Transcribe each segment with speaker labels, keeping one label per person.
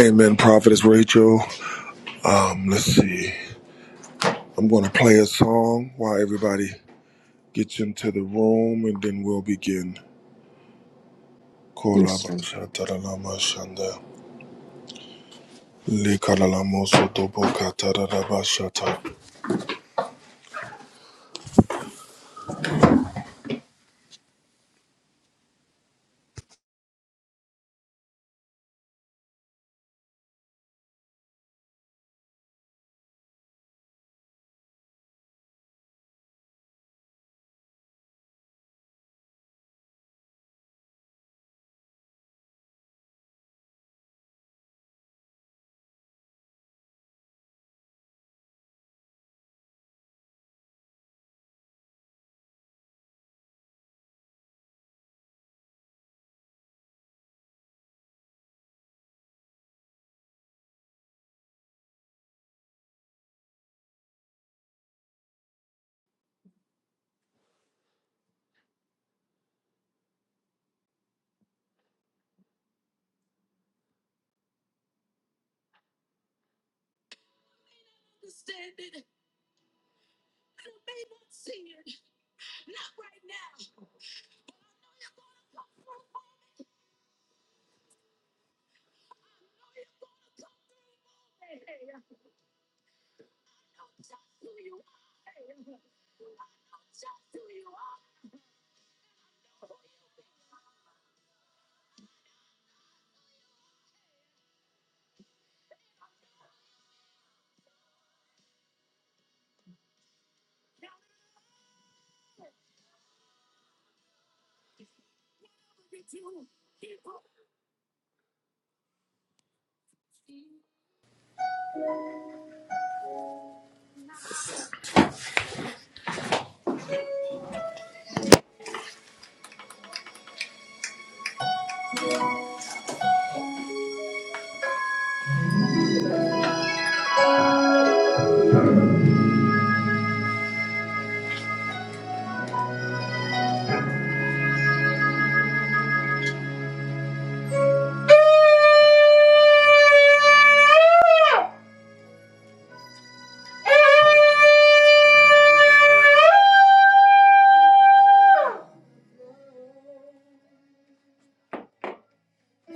Speaker 1: Amen, Prophetess Rachel. Um, let's see. I'm going to play a song while everybody gets into the room, and then we'll begin.
Speaker 2: Yes, sir.
Speaker 1: Kolabashataralamashandha, lekalalamasotobokatarabashata.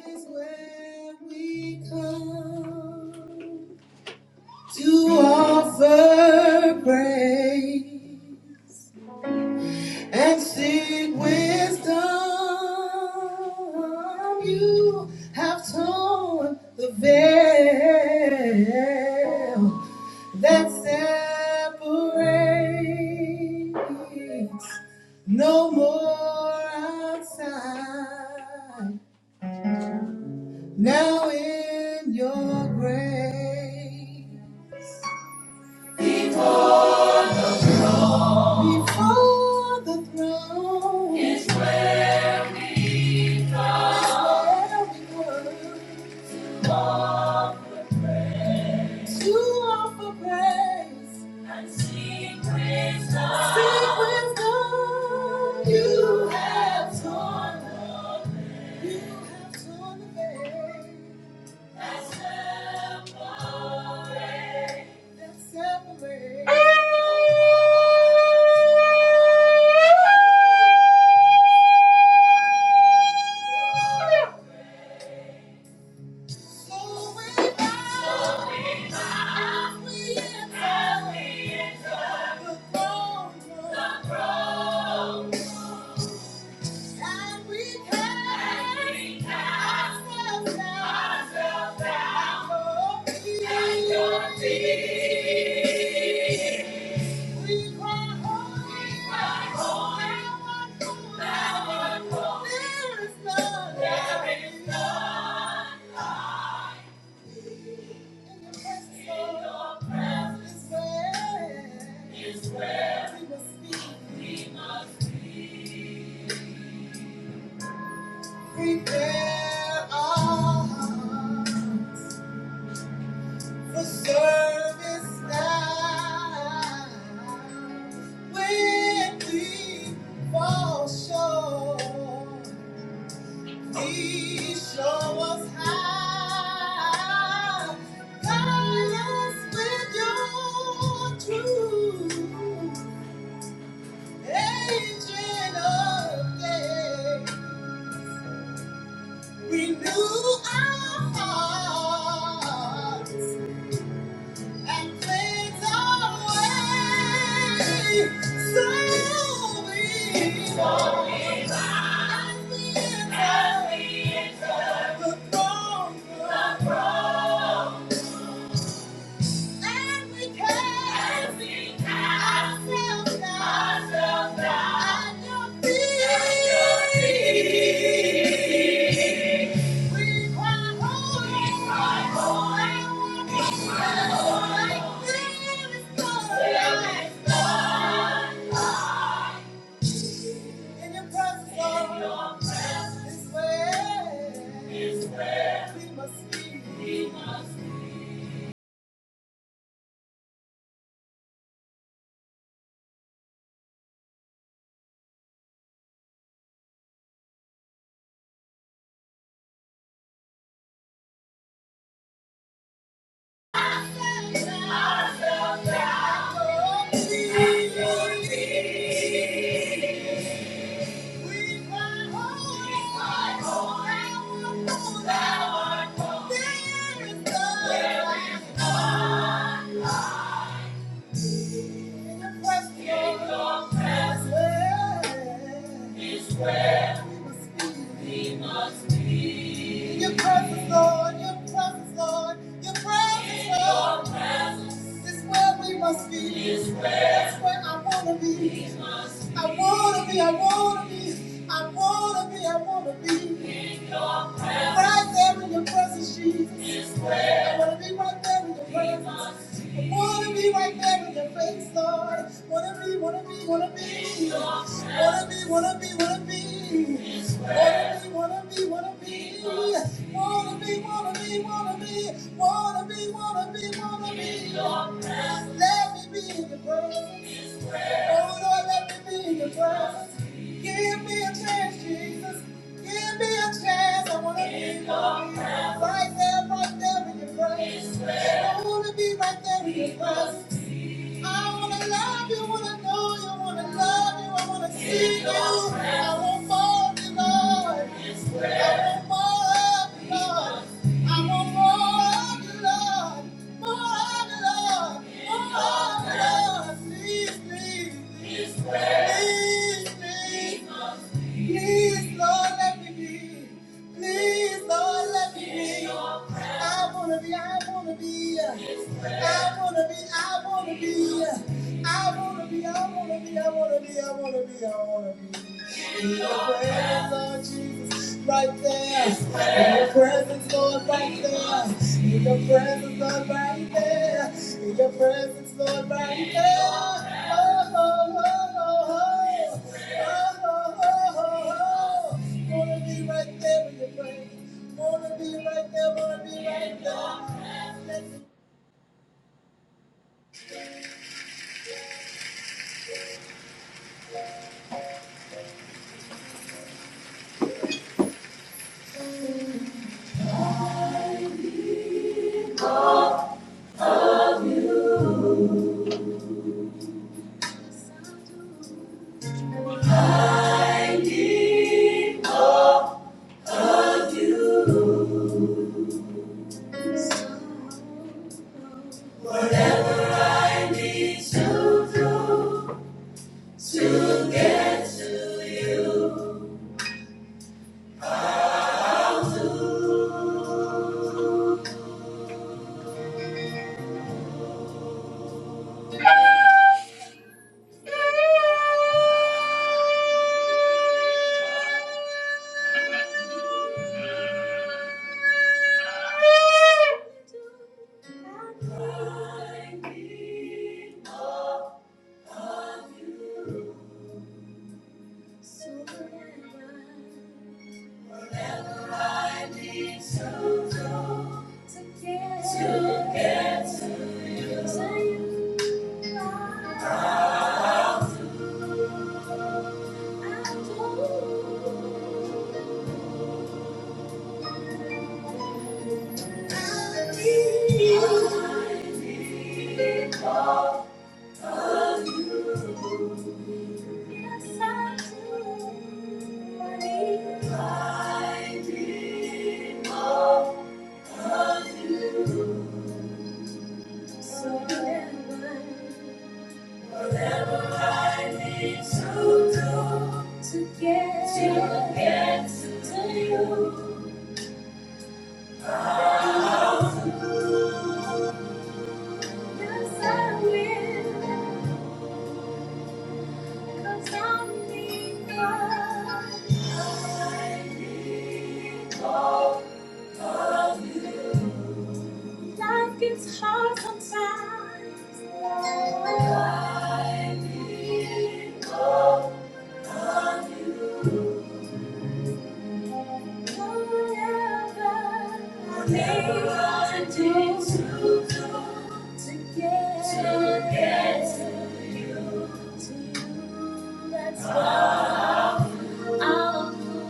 Speaker 1: Is where we come. to offer praise and seek wisdom. You have torn the veil that separates. No more outside. Now in your grace. Before the throne is where we were to offer praise and sing wisdom. Sing praise God. You have torn the veil. You have torn the veil that separates. That separates. There is none. Prepare our hearts for service now. When we fall short, please show us how. Guide us with your truth. Ancient of days, renew our hearts and cleanse our way. So we walk as we enter the throne room In your presence, Lord, is where we must be. Is where we must be. We must be. Your presence, Lord, your presence, Lord, your presence, Lord. Your presence is where we must be. Is where That's where I wanna be. We must be. I wanna be, I wanna be, I wanna be, I wanna be. Right there in your presence, Jesus. I want to be right there in your presence. I want to be right there in your face, Lord. Want to be, want to be, want to be. Want to be, want to be, want to be. Want to be, want to be, want to be. Want to be, want to be, want to be. Want to be, want to be, want to be. Let me be in your presence. Oh Lord, let me be in your presence. Give me a chance, Jesus. Give me a chance. I wanna be your presence. Right there, right there in your presence. I wanna be right there in your presence. I wanna love you, wanna know you, wanna love you, I wanna see you. I want more of you, Lord. I want more of you, Lord. I want more of you, Lord. More of you, Lord. More of you, Lord. Please, please, please, please, please. Please, Lord, let me be. Please, Lord, let me be. I wanna be, I wanna be. I wanna be, I wanna be. I wanna be, I wanna be, I wanna be, I wanna be, I wanna be. In Your presence Lord Jesus, right there. Your presence, Lord, right there. In your presence, Lord, right there. In your presence, Lord, right there. Oh, oh, oh, oh, oh. Oh, oh, oh, oh, oh. Wanna be right there in your presence. Wanna be right there, wanna be right there. Let me- Together. Together. To get to you, yes, I will. Life gets hard sometimes. I need hope of you. Forever. Never do to get to get to you. To you, that's why. I'll do.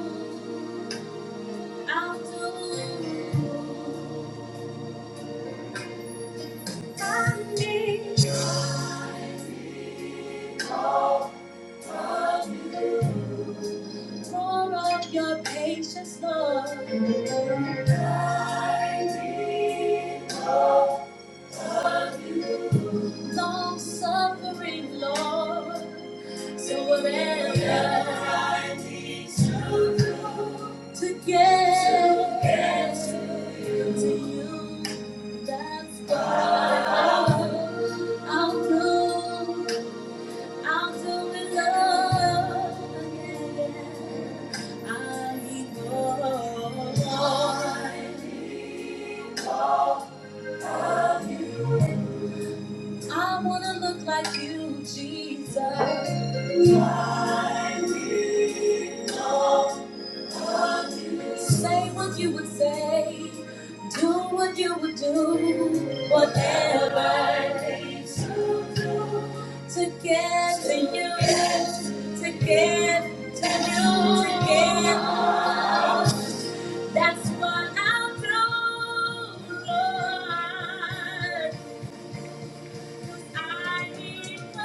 Speaker 1: Your patience, Lord, long suffering, Lord, so whatever I need to to get to you, that's what I'll do. I'll do. I'll fall in love again. I need more. love you. I wanna look like you, Jesus. Love you. Say what you would say, do what you would do, whatever it takes to do to get to you, to get to you, to get. That's what I'll do, Lord. I need more.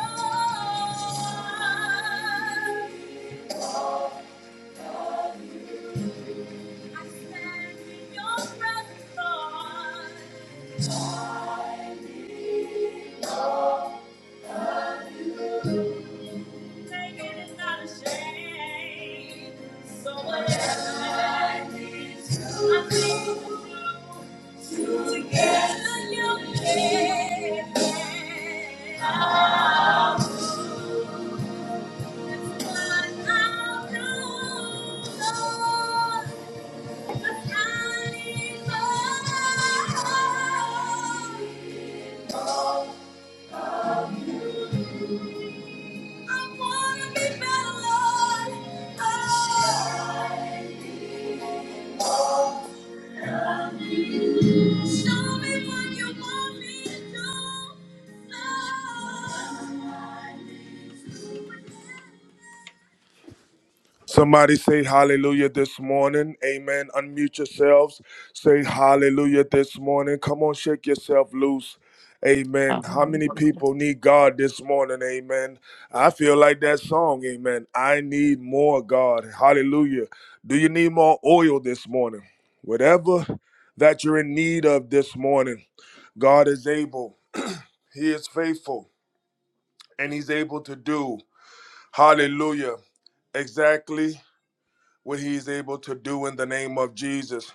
Speaker 1: I stand in your presence, Lord. Taking is not ashamed. So whatever I need, to I need you to get to you. head. Show me what you want me to do. Somebody say hallelujah this morning. Amen. Unmute yourselves. Say hallelujah this morning. Come on, shake yourself loose. Amen. How many people need God this morning? Amen. I feel like that song. Amen. I need more God. Hallelujah. Do you need more oil this morning? Whatever that you're in need of this morning, God is able. He is faithful and He's able to do. Hallelujah. Exactly what he's able to do in the name of Jesus.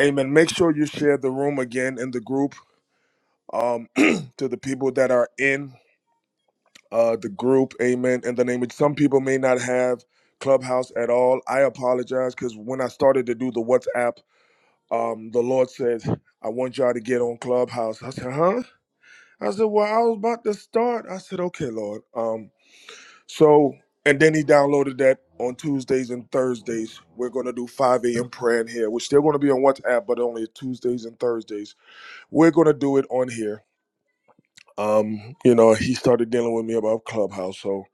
Speaker 1: Amen. Make sure you share the room again in the group um, to the people that are in uh, the group. Amen. In the name of some people may not have Clubhouse at all. I apologize because when I started to do the WhatsApp, um, the Lord said, I want y'all to get on Clubhouse. I said, huh? I said, well, I was about to start. I said, okay, Lord. Um, So, and then he downloaded that on Tuesdays and Thursdays. We're going to do 5 a.m. prayer in here. We're still going to be on WhatsApp, but only Tuesdays and Thursdays. We're going to do it on here. Um, you know, he started dealing with me about Clubhouse. So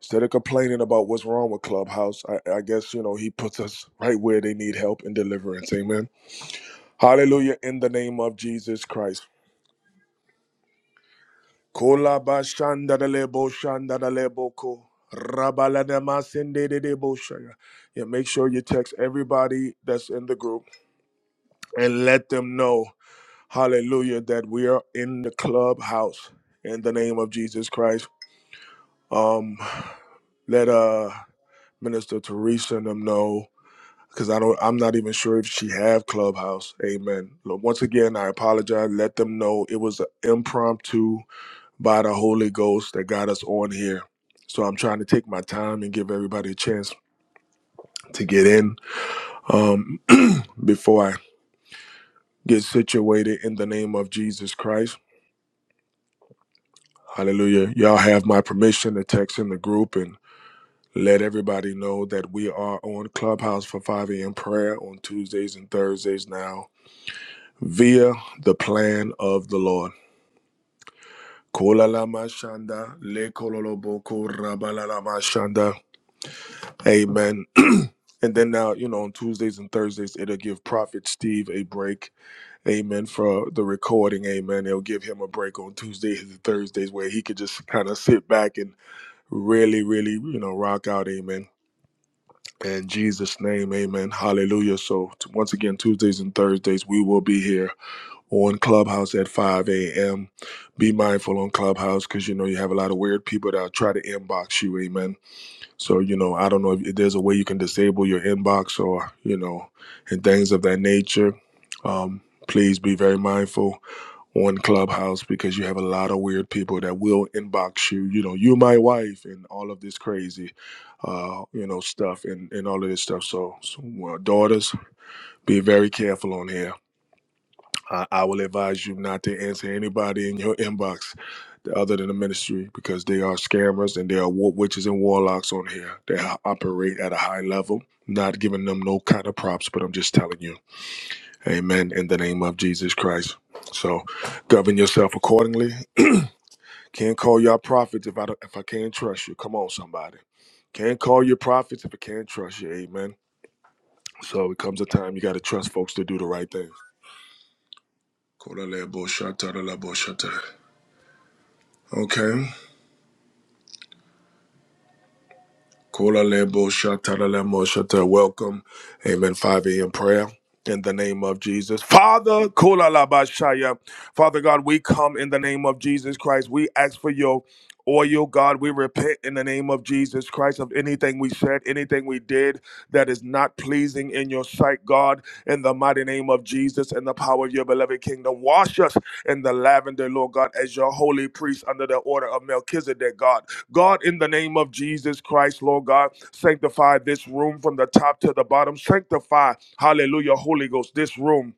Speaker 1: instead of complaining about what's wrong with Clubhouse, I, I guess, you know, he puts us right where they need help and deliverance. Amen. Hallelujah. In the name of Jesus Christ. Kola ba shanda da lebo shanda da lebo ko. Rabala da masende de debo shaya. Yeah, make sure you text everybody that's in the group and let them know, hallelujah, that we are in the clubhouse in the name of Jesus Christ. Um, let uh Minister Teresa and them know because I don't I'm not even sure if she have clubhouse. Amen. Look, once again, I apologize. Let them know it was an impromptu by the Holy Ghost that got us on here. So I'm trying to take my time and give everybody a chance to get in um, before I get situated in the name of Jesus Christ. Hallelujah. Y'all have my permission to text in the group and let everybody know that we are on Clubhouse for 5 a.m. prayer on Tuesdays and Thursdays now via the plan of the Lord. Kola la mashanda, le kololo rabalala mashanda. Amen. And then now, you know, on Tuesdays and Thursdays, it'll give Prophet Steve a break. Amen. For the recording. Amen. It'll give him a break on Tuesdays and Thursdays where he could just kind of sit back and really, really, you know, rock out. Amen. In Jesus' name, amen. Hallelujah. So, t- once again, Tuesdays and Thursdays, we will be here on Clubhouse at 5 a.m. Be mindful on Clubhouse because, you know, you have a lot of weird people that try to inbox you. Amen so, you know, I don't know if there's a way you can disable your inbox or, you know, and things of that nature. Um, please be very mindful on Clubhouse because you have a lot of weird people that will inbox you, you know, you my wife and all of this crazy, uh, you know, stuff and, and all of this stuff. So, so uh, daughters, be very careful on here I, I will advise you not to answer anybody in your inbox other than the ministry because they are scammers and they are war witches and warlocks on here. They ho- operate at a high level, not giving them no kind of props, but I'm just telling you. Amen. In the name of Jesus Christ. So govern yourself accordingly. Can't call y'all prophets if I don't, if I can't trust you. Come on, somebody. Can't call you prophets if I can't trust you. Amen. So it comes a time you got to trust folks to do the right thing. Kolalebo shata, lalabo shata. Okay. Kola lebo shatara lemo shata. Welcome. Amen. 5 a.m. prayer. In the name of Jesus. Father, kola laba shaya. Father God, we come in the name of Jesus Christ. We ask for your oil, God. We repent in the name of Jesus Christ of anything we said, anything we did that is not pleasing in your sight, God. In the mighty name of Jesus and the power of your beloved kingdom. Wash us in the lavender, Lord God, as your holy priest under the order of Melchizedek, God. God, in the name of Jesus Christ, Lord God, sanctify this room from the top to the bottom. Sanctify, hallelujah, Holy Ghost, this room.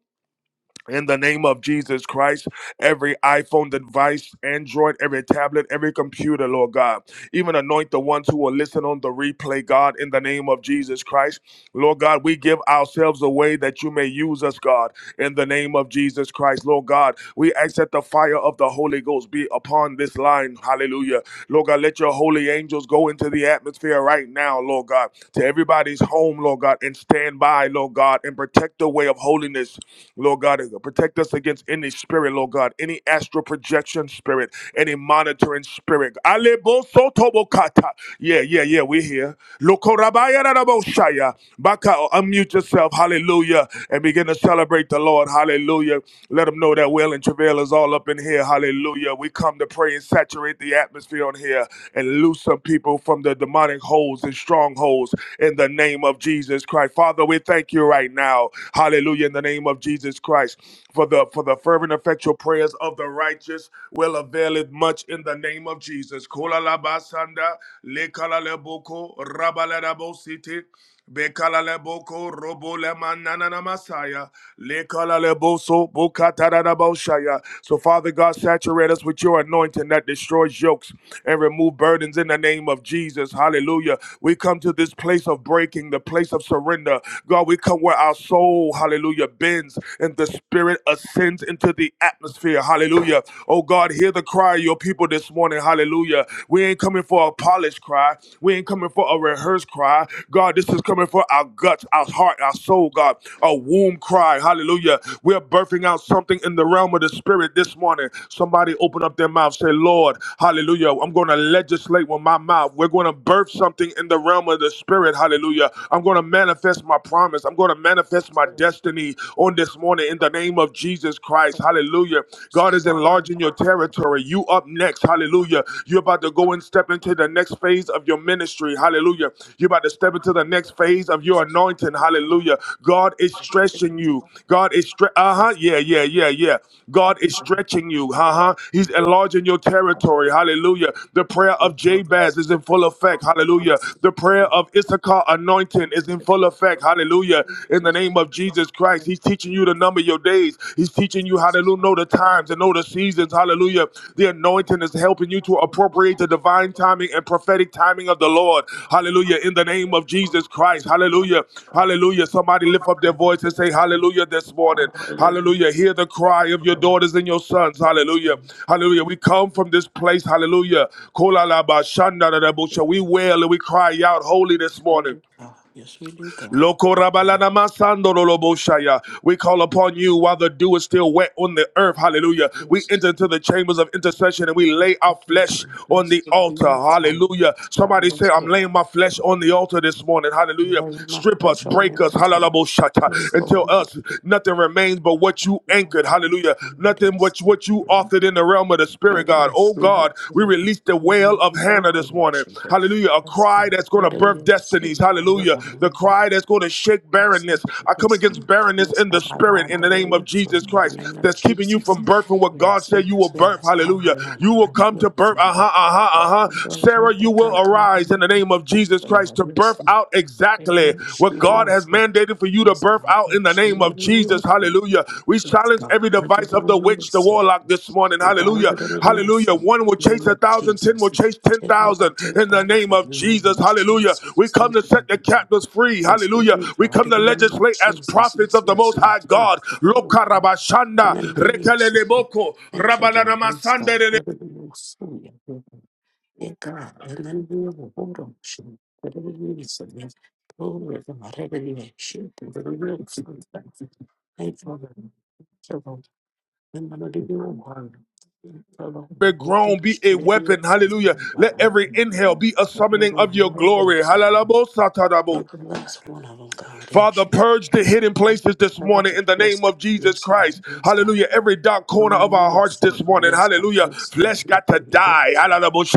Speaker 1: In the name of Jesus Christ, every iPhone device, Android, every tablet, every computer, Lord God, even anoint the ones who will listen on the replay, God, in the name of Jesus Christ. Lord God, we give ourselves away that you may use us, God in the name of Jesus Christ, Lord God. We ask that the fire of the Holy Ghost be upon this line. Hallelujah. Lord God, let your holy angels go into the atmosphere right now, Lord God, to everybody's home, Lord God, and stand by, Lord God, and protect the way of holiness, Lord God. Protect us against any spirit, Lord God, any astral projection spirit, any monitoring spirit. Alebo sotobokata. Yeah, yeah, yeah, we're here. Lokorabayarabosaya unmute yourself. Hallelujah. And begin to celebrate the Lord. Hallelujah. Let them know that Will and Travail is all up in here. Hallelujah. We come to pray and saturate the atmosphere on here and loose some people from the demonic holes and strongholds in the name of Jesus Christ. Father, we thank you right now. Hallelujah. In the name of Jesus Christ. For the for the fervent effectual prayers of the righteous will avail it much in the name of Jesus. Kola la basanda, le kala le boko, raba la da bo siti. Bekala leboko, robo robole manana na masaya. Le kala leboso, Lekaleleboso boshaya. So, Father God, saturate us with your anointing that destroys yokes and remove burdens in the name of Jesus. Hallelujah. We come to this place of breaking, the place of surrender. God, we come where our soul, hallelujah, bends and the spirit ascends into the atmosphere. Hallelujah. Oh God, hear the cry of your people this morning. Hallelujah. We ain't coming coming for a polished cry. We ain't coming for a rehearsed cry. God, this is coming for our guts, our heart, our soul, God, a womb cry. Hallelujah. We're birthing out something in the realm of the spirit this morning. Somebody open up their mouth, say, Lord, hallelujah. I'm going to legislate with my mouth. We're going to birth something in the realm of the spirit. Hallelujah. I'm going to manifest my promise. I'm going to manifest my destiny on this morning in the name of Jesus Christ. Hallelujah. God is enlarging enlarging your territory. You up next. Hallelujah. You're about to go and step into the next phase of your ministry. Hallelujah. You're about to step into the next phase of your anointing. Hallelujah. God is stretching you. God is stre- uh-huh. Yeah, yeah, yeah, yeah. God is stretching you. Uh-huh. He's enlarging your territory. Hallelujah. The prayer of Jabez is in full effect. Hallelujah. The prayer of Issachar anointing is in full effect. Hallelujah. In the name of Jesus Christ. He. He's teaching you to number your days. He's teaching you how to know the times and know the seasons. Hallelujah. The anointing is helping you to appropriate the
Speaker 2: Uh,
Speaker 1: divine timing and
Speaker 2: Yes,
Speaker 1: prophetic timing of the Lord.
Speaker 2: we do,
Speaker 1: Hallelujah. In the name of
Speaker 2: God.
Speaker 1: Jesus Christ.
Speaker 2: Yes,
Speaker 1: Hallelujah. Hallelujah. Somebody lift up their voice and say hallelujah this morning. Hallelujah. Hear the cry of your daughters and your sons. Hallelujah. Hallelujah. We come from this place. Hallelujah. Kolalabashandadadabusha. We wail and we cry out holy this morning.
Speaker 2: okay, yes, we do. God,
Speaker 1: Loko rabalana masando lolobo shaya. We call upon you while the dew is still wet on the earth. Hallelujah. We enter into the chambers of intercession and we lay our flesh on the altar. Hallelujah. Somebody say,
Speaker 2: yes,
Speaker 1: I'm
Speaker 2: Lord.
Speaker 1: laying my flesh on the altar this morning. Hallelujah.
Speaker 2: Lay my
Speaker 1: Strip us,
Speaker 2: flesh on
Speaker 1: break us, halalabo shata,
Speaker 2: Yes,
Speaker 1: until
Speaker 2: Lord.
Speaker 1: us nothing remains but what you anchored. Hallelujah. Nothing
Speaker 2: Yes,
Speaker 1: what, what you
Speaker 2: Lord.
Speaker 1: authored in the realm of the spirit. Spirit, God.
Speaker 2: Yes,
Speaker 1: Oh,
Speaker 2: come.
Speaker 1: God, we release the wail of Hannah this morning. Hallelujah. A cry that's going to birth destinies. Hallelujah. The cry that's going to shake
Speaker 2: Yes,
Speaker 1: barrenness.
Speaker 2: come.
Speaker 1: I come
Speaker 2: Yes,
Speaker 1: against barrenness
Speaker 2: Yes,
Speaker 1: in the
Speaker 2: I
Speaker 1: spirit
Speaker 2: bow
Speaker 1: in
Speaker 2: the
Speaker 1: the name of
Speaker 2: root. So
Speaker 1: Jesus
Speaker 2: in the
Speaker 1: Christ
Speaker 2: name of
Speaker 1: that's keeping you
Speaker 2: Jesus.
Speaker 1: from birthing what God
Speaker 2: Yes,
Speaker 1: said you will
Speaker 2: yes,
Speaker 1: birth.
Speaker 2: yes. I
Speaker 1: Hallelujah.
Speaker 2: will, I
Speaker 1: You
Speaker 2: will,
Speaker 1: will
Speaker 2: I
Speaker 1: come to birth. Uh huh, uh huh, uh
Speaker 2: The
Speaker 1: huh. Sarah, you will
Speaker 2: God called
Speaker 1: arise in
Speaker 2: me.
Speaker 1: the name of
Speaker 2: And
Speaker 1: Jesus
Speaker 2: so I
Speaker 1: Christ to
Speaker 2: will
Speaker 1: birth
Speaker 2: sing.
Speaker 1: out
Speaker 2: I will
Speaker 1: exactly what God. God has mandated for you to
Speaker 2: Yes,
Speaker 1: birth
Speaker 2: come.
Speaker 1: out in the
Speaker 2: Yes,
Speaker 1: name of Jesus. Hallelujah. We
Speaker 2: Yes,
Speaker 1: challenge
Speaker 2: God.
Speaker 1: every
Speaker 2: Thank you,
Speaker 1: device of
Speaker 2: Lord,
Speaker 1: the
Speaker 2: we
Speaker 1: witch, the
Speaker 2: receive.
Speaker 1: warlock this morning.
Speaker 2: We bow
Speaker 1: Hallelujah.
Speaker 2: it in the name of
Speaker 1: Hallelujah. One will
Speaker 2: the
Speaker 1: chase a thousand, ten will
Speaker 2: Jesus.
Speaker 1: chase ten
Speaker 2: Take me out
Speaker 1: thousand
Speaker 2: to
Speaker 1: in the
Speaker 2: that is
Speaker 1: name
Speaker 2: the
Speaker 1: of
Speaker 2: name
Speaker 1: Jesus.
Speaker 2: of
Speaker 1: Hallelujah.
Speaker 2: Jesus.
Speaker 1: We come to
Speaker 2: Thank you,
Speaker 1: set the
Speaker 2: Lord.
Speaker 1: captives free.
Speaker 2: Yes, we
Speaker 1: Hallelujah.
Speaker 2: be
Speaker 1: We
Speaker 2: God
Speaker 1: come
Speaker 2: in
Speaker 1: to
Speaker 2: the name of
Speaker 1: legislate as
Speaker 2: Jesus. Yes,
Speaker 1: prophets of
Speaker 2: yes,
Speaker 1: the
Speaker 2: yes,
Speaker 1: Most High
Speaker 2: yes.
Speaker 1: God.
Speaker 2: The Holy God. And
Speaker 1: Lokarabashanda,
Speaker 2: then we
Speaker 1: rekeleleboko,
Speaker 2: Thank you, Lord. Yes, God.
Speaker 1: rabalaramasandere-
Speaker 2: Hallelujah. Eka, and we have a board of and enengiyo ngokubona nje, ngokulungisa nje, ngokulungisa ngarevenue yakhe, ngokulungisa and ayithola ngithola ngemali leyo ngalo, ngithola
Speaker 1: be grown,
Speaker 2: ngabeke,
Speaker 1: be a
Speaker 2: ngithola
Speaker 1: weapon. Hallelujah.
Speaker 2: ngiyokuzenzela
Speaker 1: Let
Speaker 2: ngayo,
Speaker 1: every inhale be a summoning
Speaker 2: ngithola
Speaker 1: of your
Speaker 2: ngimele
Speaker 1: glory.
Speaker 2: emsebenzi,
Speaker 1: Hallelujah.
Speaker 2: lokho ngazibona lonke
Speaker 1: Father,
Speaker 2: ngaleshi,
Speaker 1: purge the hidden
Speaker 2: Yes,
Speaker 1: places this
Speaker 2: I have a
Speaker 1: morning
Speaker 2: project.
Speaker 1: in the
Speaker 2: Yes,
Speaker 1: name of
Speaker 2: God.
Speaker 1: Jesus
Speaker 2: Yes,
Speaker 1: Christ.
Speaker 2: Lord. Yes,
Speaker 1: Hallelujah.
Speaker 2: God.
Speaker 1: Every dark corner of
Speaker 2: Oh,
Speaker 1: our hearts
Speaker 2: yes,
Speaker 1: this
Speaker 2: Lord.
Speaker 1: morning.
Speaker 2: Yes, Lord.
Speaker 1: Hallelujah.
Speaker 2: Yes, Lord.
Speaker 1: Flesh got to die.
Speaker 2: Yes,
Speaker 1: Hallelujah.
Speaker 2: Lord. Yes,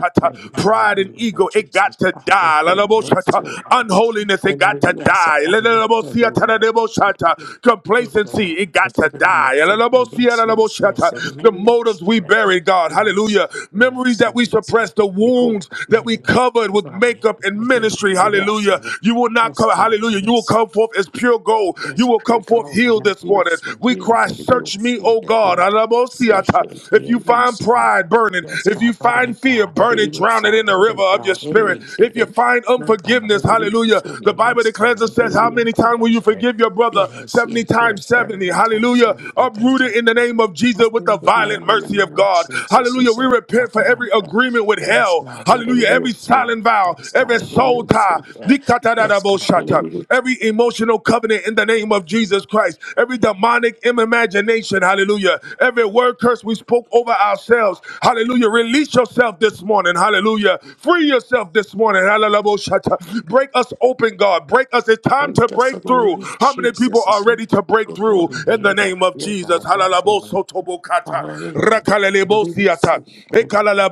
Speaker 2: God, in
Speaker 1: Pride
Speaker 2: the
Speaker 1: and
Speaker 2: name
Speaker 1: ego,
Speaker 2: of
Speaker 1: it got
Speaker 2: Jesus.
Speaker 1: to die. Hallelujah.
Speaker 2: Hallelujah.
Speaker 1: Unholiness, it
Speaker 2: And I
Speaker 1: got
Speaker 2: do
Speaker 1: to
Speaker 2: yes,
Speaker 1: die.
Speaker 2: i yes, yes, Lord.
Speaker 1: Hallelujah.
Speaker 2: Thank you,
Speaker 1: Complacency, it got to
Speaker 2: Lord.
Speaker 1: die.
Speaker 2: Yes, Lord. Yes,
Speaker 1: Hallelujah.
Speaker 2: yes, yes.
Speaker 1: The
Speaker 2: Hallelujah.
Speaker 1: motives we buried, God. Hallelujah. Memories
Speaker 2: Yes,
Speaker 1: that we
Speaker 2: yes, yes.
Speaker 1: suppressed, the
Speaker 2: Behold,
Speaker 1: wounds
Speaker 2: I
Speaker 1: that
Speaker 2: hear
Speaker 1: we
Speaker 2: you.
Speaker 1: covered
Speaker 2: With
Speaker 1: with
Speaker 2: me,
Speaker 1: makeup up in
Speaker 2: with me,
Speaker 1: ministry.
Speaker 2: with us,
Speaker 1: Hallelujah.
Speaker 2: and with-
Speaker 1: You will not
Speaker 2: Yes,
Speaker 1: come,
Speaker 2: God.
Speaker 1: hallelujah. You will
Speaker 2: Yes,
Speaker 1: come forth as pure gold.
Speaker 2: it's
Speaker 1: You will
Speaker 2: pretty
Speaker 1: come
Speaker 2: la
Speaker 1: forth
Speaker 2: What
Speaker 1: healed
Speaker 2: a
Speaker 1: this morning.
Speaker 2: beautiful
Speaker 1: We
Speaker 2: hill
Speaker 1: cry,
Speaker 2: that a
Speaker 1: Search me,
Speaker 2: beautiful
Speaker 1: O God.
Speaker 2: devil.
Speaker 1: Alamosiata.
Speaker 2: Session
Speaker 1: If you
Speaker 2: Taylor
Speaker 1: find
Speaker 2: saw.
Speaker 1: pride burning,
Speaker 2: Yes,
Speaker 1: if you
Speaker 2: God, burning
Speaker 1: find fear
Speaker 2: God, it
Speaker 1: burning,
Speaker 2: is
Speaker 1: drown it
Speaker 2: a
Speaker 1: in the river
Speaker 2: burning
Speaker 1: of your
Speaker 2: God, it
Speaker 1: spirit.
Speaker 2: is
Speaker 1: If you
Speaker 2: it.
Speaker 1: find
Speaker 2: My God,
Speaker 1: unforgiveness,
Speaker 2: it is
Speaker 1: hallelujah.
Speaker 2: so
Speaker 1: The Bible
Speaker 2: yes, God,
Speaker 1: declares and
Speaker 2: it
Speaker 1: says, How
Speaker 2: is
Speaker 1: many
Speaker 2: a
Speaker 1: times will you
Speaker 2: person.
Speaker 1: forgive your brother?
Speaker 2: Yes,
Speaker 1: 70
Speaker 2: yes,
Speaker 1: times
Speaker 2: yes, sir.
Speaker 1: 70.
Speaker 2: We talk
Speaker 1: Hallelujah.
Speaker 2: every day. Thank
Speaker 1: Uprooted
Speaker 2: you.
Speaker 1: in the name of
Speaker 2: I
Speaker 1: Jesus with the
Speaker 2: think that now
Speaker 1: violent
Speaker 2: I remember
Speaker 1: mercy of
Speaker 2: now,
Speaker 1: God.
Speaker 2: Jesus, you
Speaker 1: Hallelujah. We
Speaker 2: said,
Speaker 1: repent
Speaker 2: I
Speaker 1: repent for every
Speaker 2: uh,
Speaker 1: agreement with
Speaker 2: Yes,
Speaker 1: hell.
Speaker 2: God, it
Speaker 1: Hallelujah.
Speaker 2: is
Speaker 1: Every
Speaker 2: so
Speaker 1: silent vow,
Speaker 2: yes, God,
Speaker 1: every
Speaker 2: it is
Speaker 1: soul tie,
Speaker 2: so yes, God, it is
Speaker 1: Nikatadadaboshata.
Speaker 2: so
Speaker 1: every emotional covenant in the name of Jesus Christ, every demonic imagination. Hallelujah. Every word curse we spoke over ourselves. Hallelujah. Release yourself this morning. Hallelujah. Free yourself this morning. Hallelujah. Break us open, God. Break us. It's time
Speaker 2: Don't
Speaker 1: to
Speaker 2: Just
Speaker 1: break
Speaker 2: someone
Speaker 1: through.
Speaker 2: in
Speaker 1: How many people are
Speaker 2: Jesus' name.
Speaker 1: ready to break
Speaker 2: Good
Speaker 1: through
Speaker 2: morning,
Speaker 1: in the
Speaker 2: here, God.
Speaker 1: name of
Speaker 2: Here,
Speaker 1: Jesus? Hallelujah.
Speaker 2: God.
Speaker 1: Kalalaboso Tobokata,
Speaker 2: Hallelujah. Hallelujah.
Speaker 1: Rakalelebosiata,